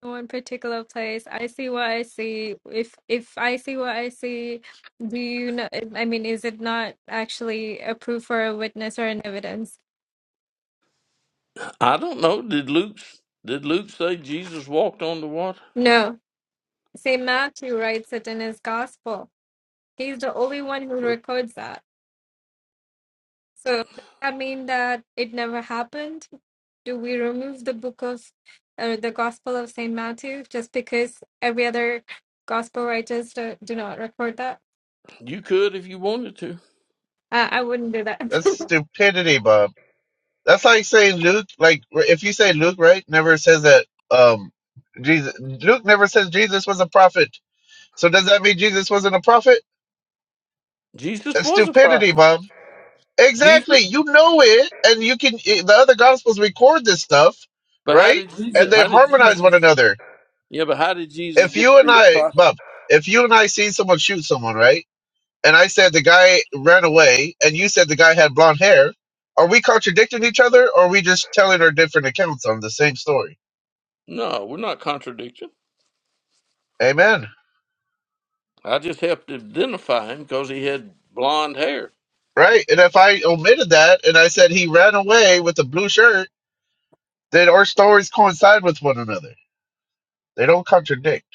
Speaker 5: in one particular place i see what i see if if i see what i see do you know i mean is it not actually approved for a witness or an evidence
Speaker 2: I don't know. Did Luke did Luke say Jesus walked on the water?
Speaker 5: no St. Matthew writes it in his gospel. He's the only one who
Speaker 2: Well,
Speaker 5: records that. So does that mean that it never happened? Do we remove the book of or the gospel of Saint Matthew just because every other gospel writers do, do not record that?
Speaker 2: you could if you wanted to.
Speaker 5: Uh, I wouldn't do that.
Speaker 3: That's stupidity, Bob. That's like saying Luke. Like if you say Luke, right? Never says that. Um, Jesus. Luke never says Jesus was a prophet. So does that mean Jesus wasn't a prophet?
Speaker 2: Jesus
Speaker 3: That's
Speaker 2: was a
Speaker 3: stupidity,
Speaker 2: prophet.
Speaker 3: mom. Exactly.
Speaker 2: Jesus,
Speaker 3: You know it, and you can. i- The other gospels record this stuff,
Speaker 2: but how
Speaker 3: right?
Speaker 2: did Jesus?
Speaker 3: And they
Speaker 2: How did
Speaker 3: harmonize
Speaker 2: Jesus?
Speaker 3: one another.
Speaker 2: Yeah, but how did Jesus
Speaker 3: If
Speaker 2: get to
Speaker 3: you and
Speaker 2: be a
Speaker 3: I,
Speaker 2: prophet?
Speaker 3: Bob, if you and I see someone shoot someone, right? And I said the guy ran away, and you said the guy had blonde hair. Are we contradicting each other, or are we just telling our different accounts on the same story?
Speaker 2: No, we're not contradicting.
Speaker 3: Amen.
Speaker 2: I just helped identify him because he had blonde hair.
Speaker 3: Right. And if I omitted that and I said he ran away with a blue shirt, then our stories coincide with one another. They don't contradict.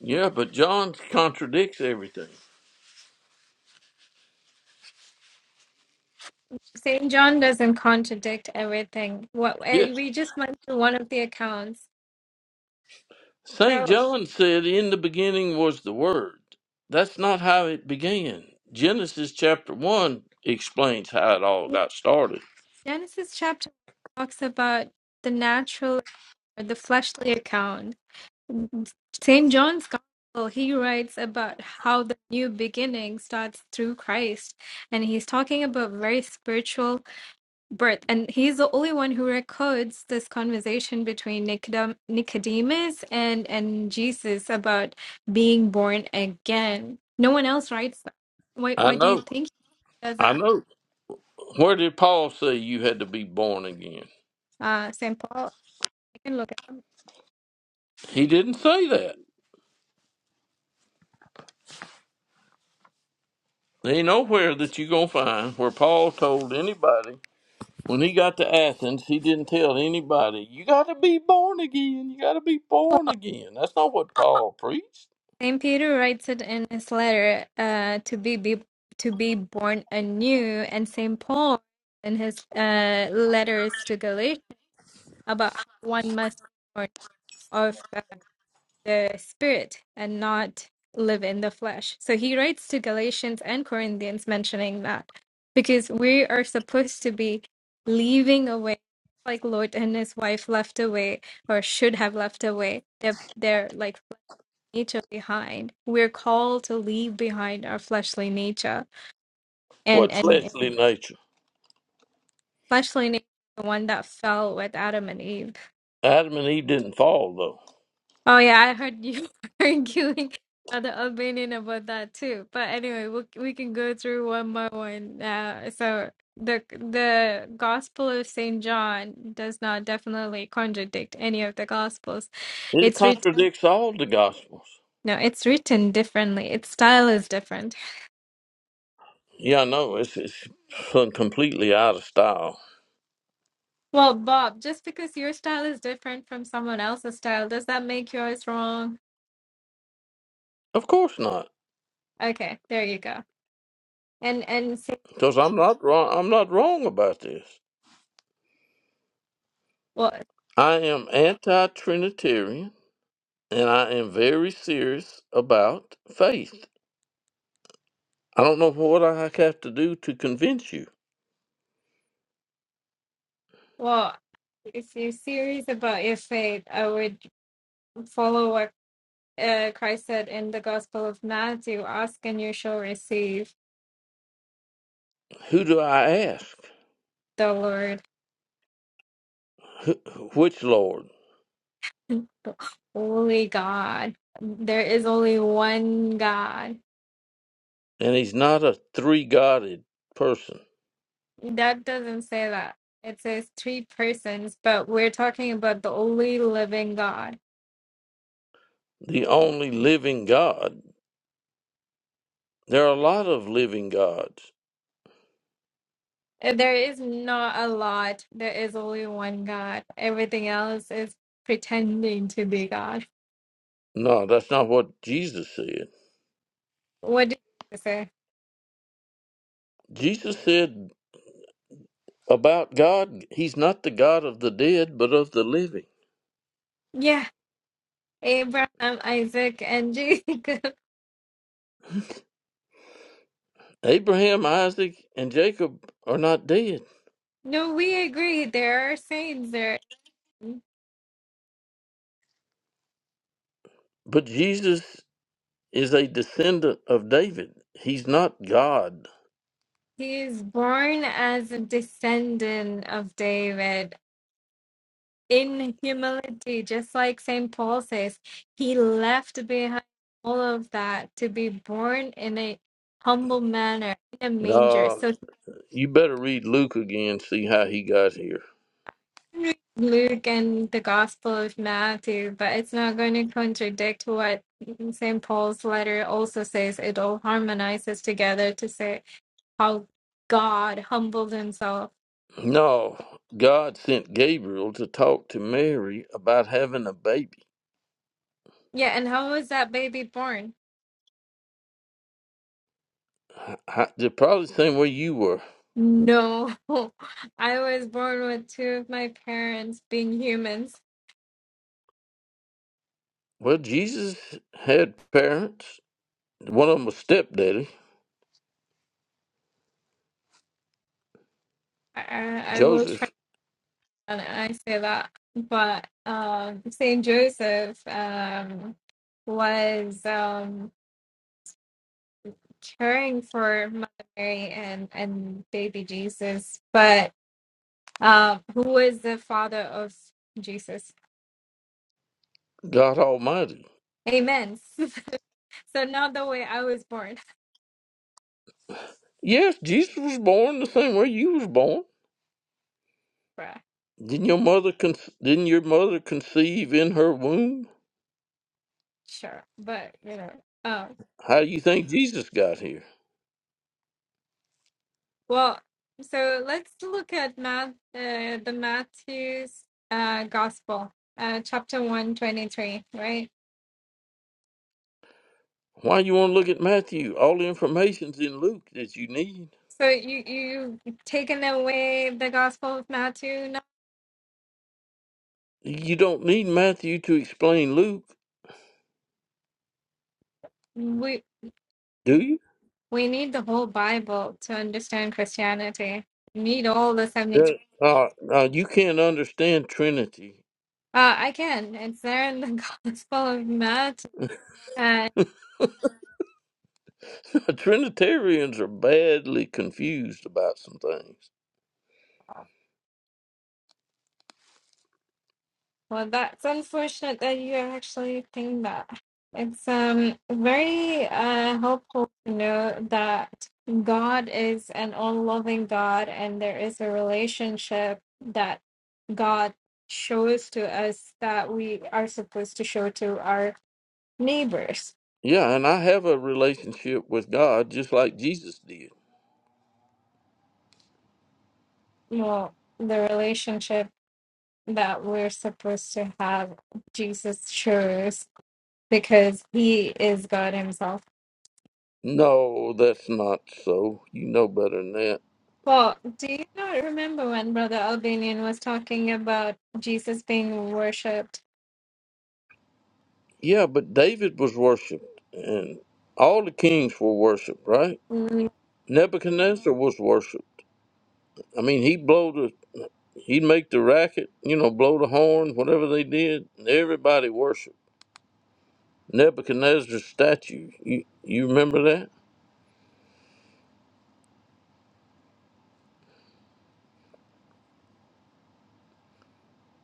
Speaker 2: Yeah, but John contradicts everything.
Speaker 5: Saint John doesn't contradict everything. What
Speaker 2: Yeah,
Speaker 5: eh, we just went through one of the accounts.
Speaker 2: Saint
Speaker 5: So
Speaker 2: John said, "In the beginning was the Word." That's not how it began. Genesis chapter one explains how it all
Speaker 5: yeah,
Speaker 2: got started.
Speaker 5: Genesis chapter talks about the natural or the fleshly account St. John's Gospel, he writes about how the new beginning starts through Christ. And he's talking about very spiritual birth. And he's the only one who records this conversation between Nicodem- Nicodemus and, and Jesus about being born again. No one else writes that. Why,
Speaker 2: I
Speaker 5: why do you
Speaker 2: know.
Speaker 5: think he does
Speaker 2: I
Speaker 5: that?
Speaker 2: know. Where did Paul say you had to be born again?
Speaker 5: Uh, St. Paul, I can look it
Speaker 2: He didn't say that. There ain't nowhere that you're going to find where Paul told anybody when he got to Athens, he didn't tell anybody, you got to be born again. You got to be
Speaker 5: up.
Speaker 2: born again. That's not what Paul preached.
Speaker 5: Saint Peter writes it in his letter uh, to be, be to be born anew, and Saint Paul in his uh, letters to Galatians about how one must be born of uh, the Spirit and not live in the flesh. So he writes to Galatians and Corinthians mentioning that because we are supposed to be leaving away like Lot and his wife left away or should have left away their their like nature behind. We're called to leave behind our fleshly nature, and
Speaker 2: What
Speaker 5: and
Speaker 2: fleshly nature?
Speaker 5: fleshly nature, the one that fell with Adam and Eve.
Speaker 2: Adam and Eve didn't fall, though.
Speaker 5: Oh yeah, I heard you arguing uh, the opinion about that too. But anyway, we we can go through one by one. Uh, so the the Gospel of Saint John does not definitely contradict any of the Gospels.
Speaker 2: It
Speaker 5: It's written.
Speaker 2: contradicts all the Gospels.
Speaker 5: No, it's written differently. Its style is different
Speaker 2: Yeah, I know. It's, it's completely out of style.
Speaker 5: Well, Bob, just because your style is different from someone else's style, does that make yours wrong?
Speaker 2: Of course not.
Speaker 5: Okay, there you go. And and see,
Speaker 2: Because I'm not wrong. I'm not wrong about this.
Speaker 5: well,
Speaker 2: I am anti Trinitarian and I am very serious about faith. I don't know what I have to do to convince you.
Speaker 5: well, if you're serious about your faith, I would follow what uh, Christ said in the Gospel of Matthew: "Ask and you shall receive."
Speaker 2: Who do I ask?
Speaker 5: The Lord,
Speaker 2: Which Lord?
Speaker 5: holy God, there is only one God.
Speaker 2: And he's not a three Godded person,
Speaker 5: That doesn't say that. It says three persons, but we're talking about the only living God
Speaker 2: the only living God. There are a lot of living gods.
Speaker 5: Uh, There is not a lot. There is only one God. Everything else is pretending to be God.
Speaker 2: No, that's not what Jesus said.
Speaker 5: What did you say?
Speaker 2: Jesus said about God, he's not the God of the dead, but of the living.
Speaker 5: Yeah, Abraham, Isaac, and Jacob.
Speaker 2: Abraham, Isaac, and Jacob are not dead
Speaker 5: No, we agree. There are saints there.
Speaker 2: But Jesus is a descendant of David. He's not God.
Speaker 5: He is born as a descendant of David in humility, just like St. Paul says. He left behind all of that to be born in a humble manner in a manger.
Speaker 2: No,
Speaker 5: So
Speaker 2: you better read Luke again, see how he got here.
Speaker 5: Luke and the Gospel of Matthew, but it's not going to contradict what St. Paul's letter also says. It all harmonizes together to say how God humbled himself.
Speaker 2: No, God sent Gabriel to talk to Mary about having a baby.
Speaker 5: Yeah, and how was that baby born?
Speaker 2: I- They're probably the same way you were.
Speaker 5: No, I was born with two of my parents being humans.
Speaker 2: Well, Jesus had parents. One of them was stepdaddy,
Speaker 5: I, I I will try
Speaker 2: Joseph,
Speaker 5: and I say that. But um, St. Joseph um, was. Um, Caring for Mother Mary and and baby Jesus, but um, who was the father of Jesus?
Speaker 2: God Almighty.
Speaker 5: Amen. so not the way I was born,
Speaker 2: Yes, Jesus was born the same way you was born.
Speaker 5: bruh.
Speaker 2: Didn't your mother con- didn't your mother conceive in her womb?
Speaker 5: Sure, but you know, um,
Speaker 2: How do you think Jesus got here?
Speaker 5: well, so let's look at Matt, uh, the Matthew's uh, Gospel, uh, chapter one twenty three, right?
Speaker 2: Why you want to look at Matthew? All the information's in Luke that you need.
Speaker 5: So you you taken away the Gospel of Matthew
Speaker 2: You don't need Matthew to explain Luke,
Speaker 5: now?
Speaker 2: do you?
Speaker 5: We need the whole Bible to understand Christianity. We need all the 72.
Speaker 2: Yeah. Uh, uh, you can't understand Trinity.
Speaker 5: Uh, I can. It's there in the Gospel of Matthew. And
Speaker 2: Trinitarians are badly confused about some things.
Speaker 5: well, that's unfortunate that you actually think that. It's um very uh helpful to know that God is an all-loving God, and there is a relationship that God shows to us that we are supposed to show to our neighbors.
Speaker 2: Yeah, and I have a relationship with God just like Jesus did.
Speaker 5: Well, the relationship that we're supposed to have Jesus shows because he is God himself.
Speaker 2: No, that's not so. You know better than that.
Speaker 5: Well, do you not remember when Brother Albanian was talking about Jesus being worshipped?
Speaker 2: Yeah, but David was worshipped, and all the kings were worshipped, right?
Speaker 5: Mm,
Speaker 2: Nebuchadnezzar was worshipped. I mean, he blow the, he'd make the racket, you know, blow the horn, whatever they did. Everybody worshipped Nebuchadnezzar's statue. You, you remember that?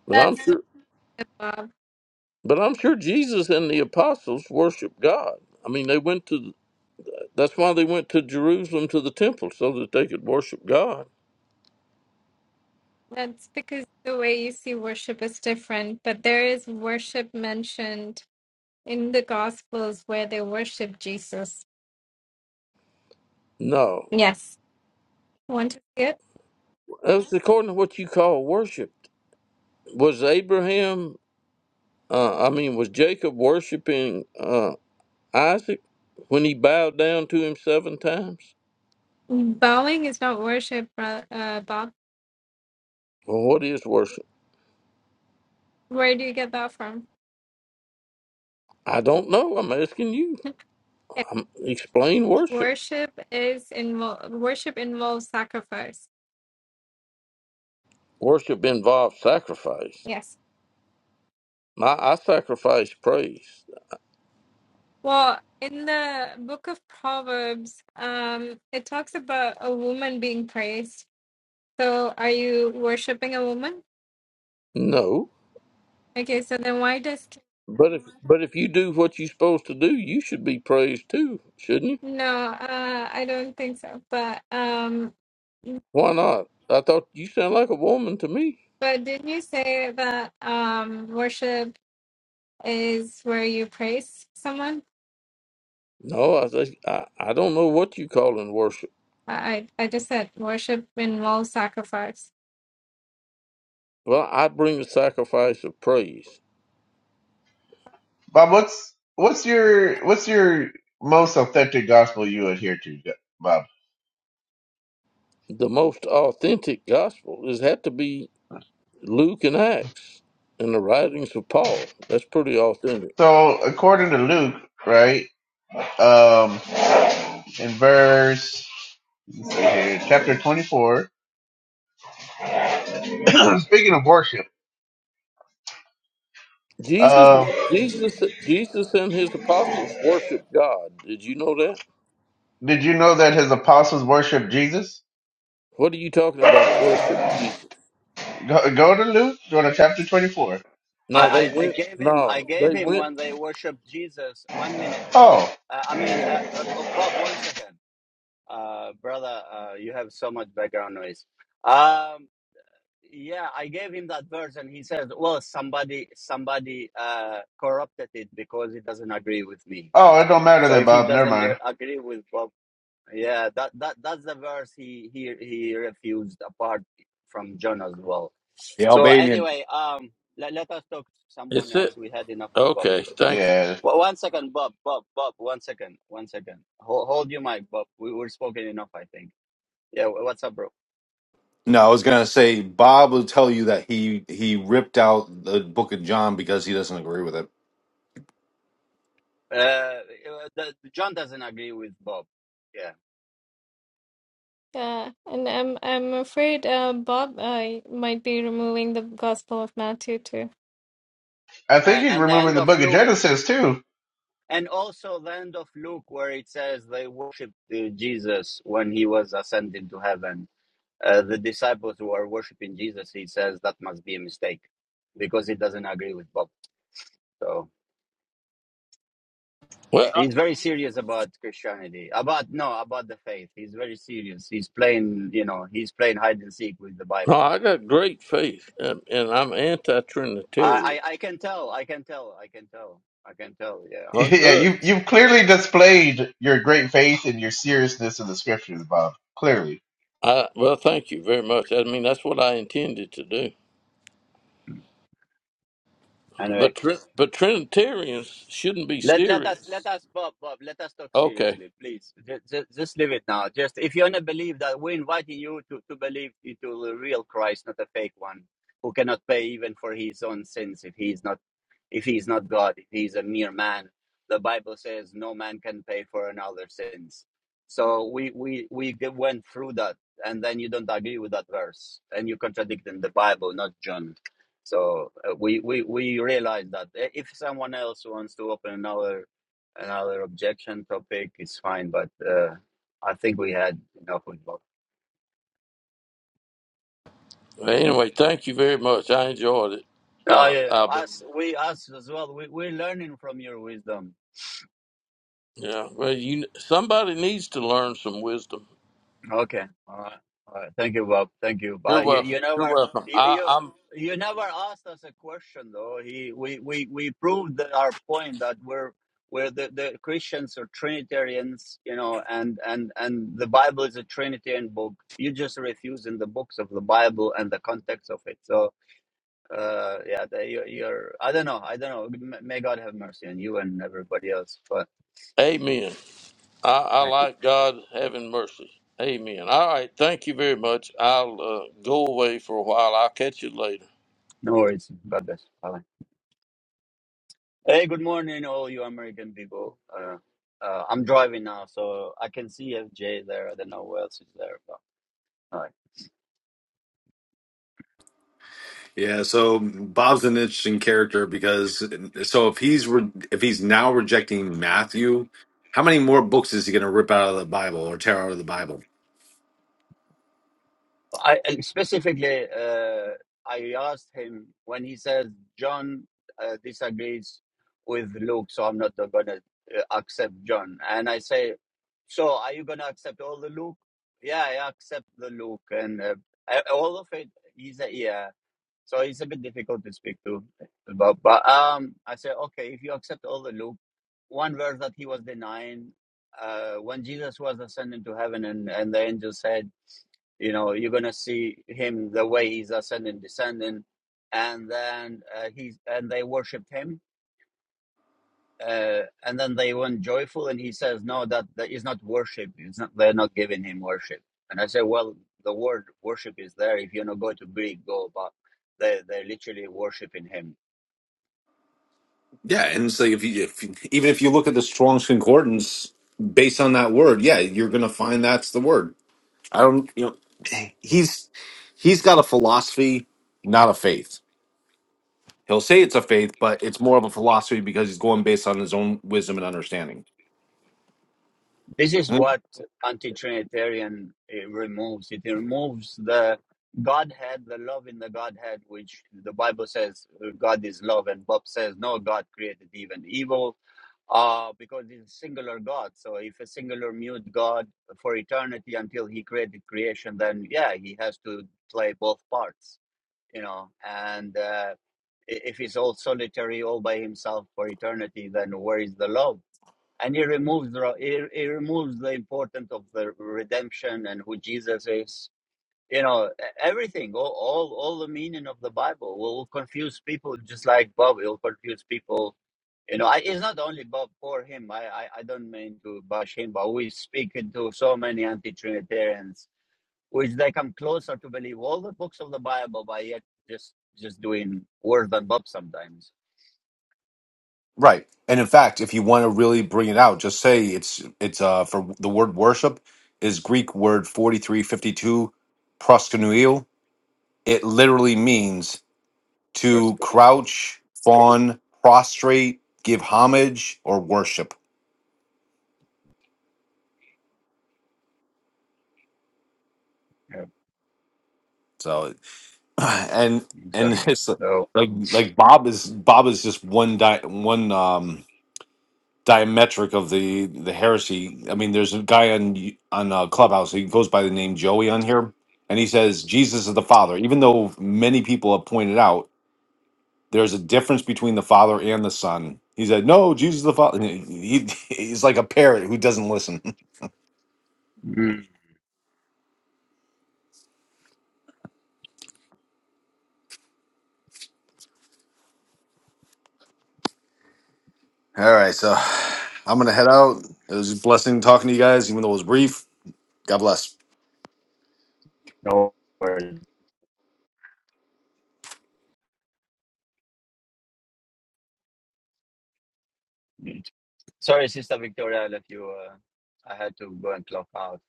Speaker 2: But I'm
Speaker 5: That's not
Speaker 2: sure,
Speaker 5: above.
Speaker 2: but I'm sure Jesus and the apostles worshipped God. I mean, they went to, that's why they went to Jerusalem to the temple so that they could worship God.
Speaker 5: That's because the way you see worship is different, but there is worship mentioned in the Gospels where they worship Jesus.
Speaker 2: No,
Speaker 5: Yes. Want to see it?
Speaker 2: that's according to what you call worshipped. Was Abraham, uh, I mean, was Jacob worshiping? Uh, Isaac when he bowed down to him seven times?
Speaker 5: Bowing is not worship, bro- uh, Bob.
Speaker 2: Well, what is worship?
Speaker 5: Where do you get that from?
Speaker 2: I don't know. I'm asking you. i explain worship.
Speaker 5: Worship is involved. Worship involves sacrifice.
Speaker 2: Worship involves sacrifice.
Speaker 5: Yes.
Speaker 2: My, I sacrifice praise.
Speaker 5: Well, in the book of Proverbs, um, it talks about a woman being praised. So, are you worshiping a woman?
Speaker 2: No,
Speaker 5: Okay. So then, why does
Speaker 2: but if but if you do what you're supposed to do, you should be praised too, shouldn't you?
Speaker 5: no? Uh, I don't think so. But um,
Speaker 2: Why not? I thought you sound like a woman to me.
Speaker 5: but didn't you say that um, worship is where you praise someone?
Speaker 2: No, I think- I, I don't know what you call in worship.
Speaker 5: I I I just said worship involves sacrifice.
Speaker 2: Well, I bring the sacrifice of praise
Speaker 3: Bob, what's what's your what's your most authentic gospel you adhere to, Bob?
Speaker 2: the most authentic gospel is had to be Luke and Acts and the writings of Paul. That's pretty authentic.
Speaker 3: So according to Luke, right, um, in verse let's see here, chapter twenty-four. Speaking of worship,
Speaker 2: Jesus,
Speaker 3: um,
Speaker 2: Jesus, Jesus, and his apostles worshiped God. Did you know that?
Speaker 3: did you know that his apostles worshiped Jesus?
Speaker 2: What are you talking about? Worship Jesus?
Speaker 3: Go, go to Luke, go to chapter twenty-four.
Speaker 2: No, they
Speaker 1: I, I, I
Speaker 2: went.
Speaker 1: gave him I
Speaker 2: No,
Speaker 1: gave
Speaker 2: they
Speaker 1: him
Speaker 2: went.
Speaker 1: when they worshipped Jesus. One minute,
Speaker 3: Oh.
Speaker 1: Paul. Uh, I mean, uh, uh, uh, Bob. One second, uh, brother. Uh, you have so much background noise. Um, yeah, I gave him that verse, and he says, "Well, somebody somebody uh, corrupted it because he doesn't agree with me."
Speaker 3: Oh, it don't matter
Speaker 1: So
Speaker 3: then,
Speaker 1: if he
Speaker 3: Bob. Never
Speaker 1: doesn't get,
Speaker 3: mind.
Speaker 1: agree with Bob, yeah, that that that's the verse he he he refused apart from John as well.
Speaker 6: The
Speaker 1: So
Speaker 6: Albanian.
Speaker 1: anyway, um, let, let us talk to someone
Speaker 2: It's
Speaker 1: else.
Speaker 2: it.
Speaker 1: We had enough of Bob.
Speaker 2: Okay, thank you.
Speaker 3: Yeah,
Speaker 1: Wha- one second, Bob, Bob, Bob. One second, one second. Hold, hold your mic, Bob. We were spoken enough, I think. Yeah, wha- what's up, bro?
Speaker 6: No, I was gonna say Bob will tell you that he he ripped out the Book of John because he doesn't agree with it.
Speaker 1: Uh, uh, the, John doesn't agree with Bob. Yeah,
Speaker 5: Yeah, and I'm I'm afraid uh, Bob uh, might be removing the Gospel of Matthew too.
Speaker 3: I think
Speaker 1: uh,
Speaker 3: he's
Speaker 1: and the
Speaker 3: removing
Speaker 1: end
Speaker 3: the
Speaker 1: of
Speaker 3: book of
Speaker 1: Luke.
Speaker 3: Genesis too.
Speaker 1: and also the end of Luke, where it says they worshipped uh, Jesus when he was ascended to heaven. Uh, the disciples who are worshipping Jesus, he says that must be a mistake because he doesn't agree with Bob. So
Speaker 2: Well, I-
Speaker 1: he's very serious about Christianity, about no, about the faith. He's very serious. He's playing, you know, he's playing hide and seek with the
Speaker 2: no,
Speaker 1: Bible.
Speaker 2: I got great faith, and, and I'm anti-Trinitarian.
Speaker 1: I, I, I can tell. I can tell. I can tell. I can tell. Yeah, I
Speaker 2: Well,
Speaker 1: know.
Speaker 3: Yeah,
Speaker 2: good.
Speaker 3: you you've clearly displayed your great faith and your seriousness in the scriptures, Bob. Clearly.
Speaker 2: I, well, thank you very much. I mean, that's what I intended to do.
Speaker 1: Anyway.
Speaker 2: But Trin- but Trinitarians shouldn't be
Speaker 1: Let let us let
Speaker 2: serious.
Speaker 1: us Bob Bob let us talk
Speaker 2: Okay.
Speaker 1: seriously, please. Just, just, leave it now. Just if you're gonna believe that we're inviting you to, to believe into the real Christ, not a fake one, who cannot pay even for his own sins if he is not if he is not God, if he is a mere man. The Bible says no man can pay for another's sins. So we we we g- went through that, and then you don't agree with that verse, and you contradicting the Bible, not John. So uh, we, we we realize that I- if someone else wants to open another another objection topic, it's fine. But uh, I think we had enough with both.
Speaker 2: Well, anyway, thank you very much. I enjoyed it.
Speaker 1: Oh
Speaker 2: Uh,
Speaker 1: yeah,
Speaker 2: I've been,
Speaker 1: us we us as well. We we're learning from your wisdom.
Speaker 2: yeah. Well, you somebody needs to learn some wisdom.
Speaker 1: Okay. All right. All right. Thank you, Bob. Thank you.
Speaker 2: You're
Speaker 1: But you,
Speaker 2: welcome.
Speaker 1: you never
Speaker 2: You're welcome.
Speaker 1: you,
Speaker 2: I,
Speaker 1: you
Speaker 2: I'm.
Speaker 1: you never asked us a question though. He we we we proved that our point that we're we're the, the Christians are Trinitarians, you know, and and and the Bible is a Trinitarian book. You just refuse in the books of the Bible and the context of it. So uh yeah, the, you're, you're I don't know. I don't know. May may God have mercy on you and everybody else. But
Speaker 2: Amen. I, I
Speaker 1: thank you.
Speaker 2: like God having mercy. Amen. All right. Thank you very much. I'll uh, go away for a while. I'll catch you later.
Speaker 1: No worries. God bless. Bye. Hey, good morning, all you American people. Uh, uh, I'm driving now, so I can see FJ there. I don't know who else is there, but all right.
Speaker 6: Yeah, so Bob's an interesting character because so if he's re- if he's now rejecting Matthew, how many more books is he going to rip out of the Bible or tear out of the Bible?
Speaker 1: But I and specifically, uh, I asked him when he says John uh, disagrees with Luke, so I'm not gonna uh, accept John. And I say, so are you gonna accept all the Luke? Yeah, I accept the Luke and uh, all of it. He said, yeah. So it's a bit difficult to speak to about. But um, I say, okay, if you accept all the loop, one verse that he was denying, uh, when Jesus was ascending to heaven, and and the angel said, you know, you're gonna see him the way he's ascending, descending, and then uh, he's and they worshipped him uh, and then they went joyful and he says no that that is not worship it's not they're not giving him worship and i say well the word worship is there if you not go to greek go but they they're literally worshiping him
Speaker 6: Yeah, and so if you if, even if you look at the Strong's concordance based on that word, yeah, you're going to find that's the word. I don't, you know, he's he's got a philosophy, not a faith. He'll say it's a faith, but it's more of a philosophy because he's going based on his own wisdom and understanding.
Speaker 1: This is
Speaker 6: Mm,
Speaker 1: what anti-Trinitarian it removes. It removes the Godhead, the love in the Godhead, which the Bible says uh, God is love, and Bob says no, God created even evil, uh, because it's a singular God. So if a singular mute God for eternity until He created creation, then yeah, He has to play both parts, you know. And uh, if He's all solitary, all by Himself for eternity, then where is the love? and he removes the he, he removes the importance of the redemption and who jesus is you know e- everything all all, all the meaning of the bible will confuse people just like bob it will confuse people you know I, it's not only bob for him I, I i don't mean to bash him but we speak to so many anti-trinitarians which they come closer to believe all the books of the bible but yet just just doing worse than bob sometimes
Speaker 6: Right. And in fact, if you want to really bring it out, just say it's it's uh for the word worship is Greek word 4352 proskuneo. It literally means
Speaker 1: Verse
Speaker 6: to
Speaker 1: 20.
Speaker 6: crouch, fawn, prostrate, give homage or worship.
Speaker 1: yeah,
Speaker 6: So and and
Speaker 1: exactly
Speaker 6: it's
Speaker 1: so
Speaker 6: like like Bob is Bob is just one di- one um diametric of the the heresy. I mean, there's a guy on y- on uh, Clubhouse. He goes by the name Joey on here, and he says Jesus is the Father. Even though many people have pointed out there's a difference between the Father and the Son, he said, "No, Jesus is the Father." He, he's like a parrot who doesn't listen.
Speaker 1: mm,
Speaker 6: All right, so I'm gonna head out. It was a blessing talking to you guys, even though it was brief. God bless.
Speaker 1: no worries. Mm. Sorry, Sister Victoria, that you. Uh, I had to go and clock out.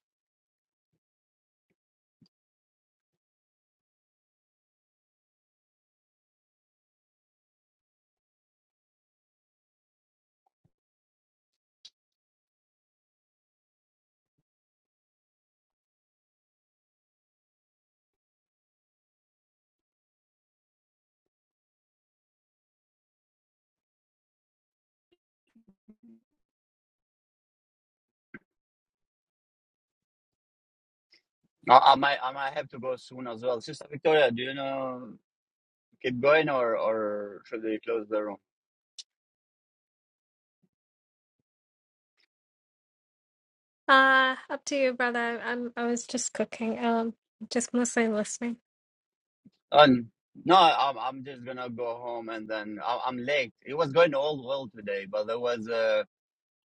Speaker 1: I, I might, I might have to go soon as well. Sister Victoria, do you know keep going or or should we close the room?
Speaker 5: Uh, up to you, brother. I'm I was just cooking. Um, just mostly listening.
Speaker 1: Um, no, I'm I'm just gonna go home and then I, I'm late. It was going all well today, but there was a,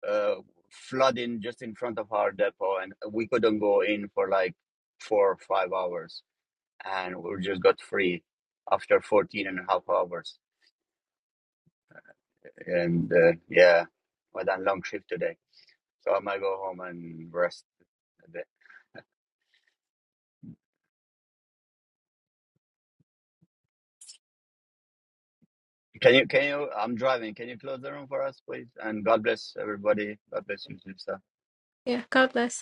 Speaker 1: a flooding just in front of our depot, and we couldn't go in for like four or five hours, and we just got free after 14 and a half hours. And uh, yeah, well done long shift today. So I might go home and rest a bit. Can you, can you, I'm driving. Can you close the room for us, please? And God bless everybody. God bless you, sister.
Speaker 5: Yeah, God bless.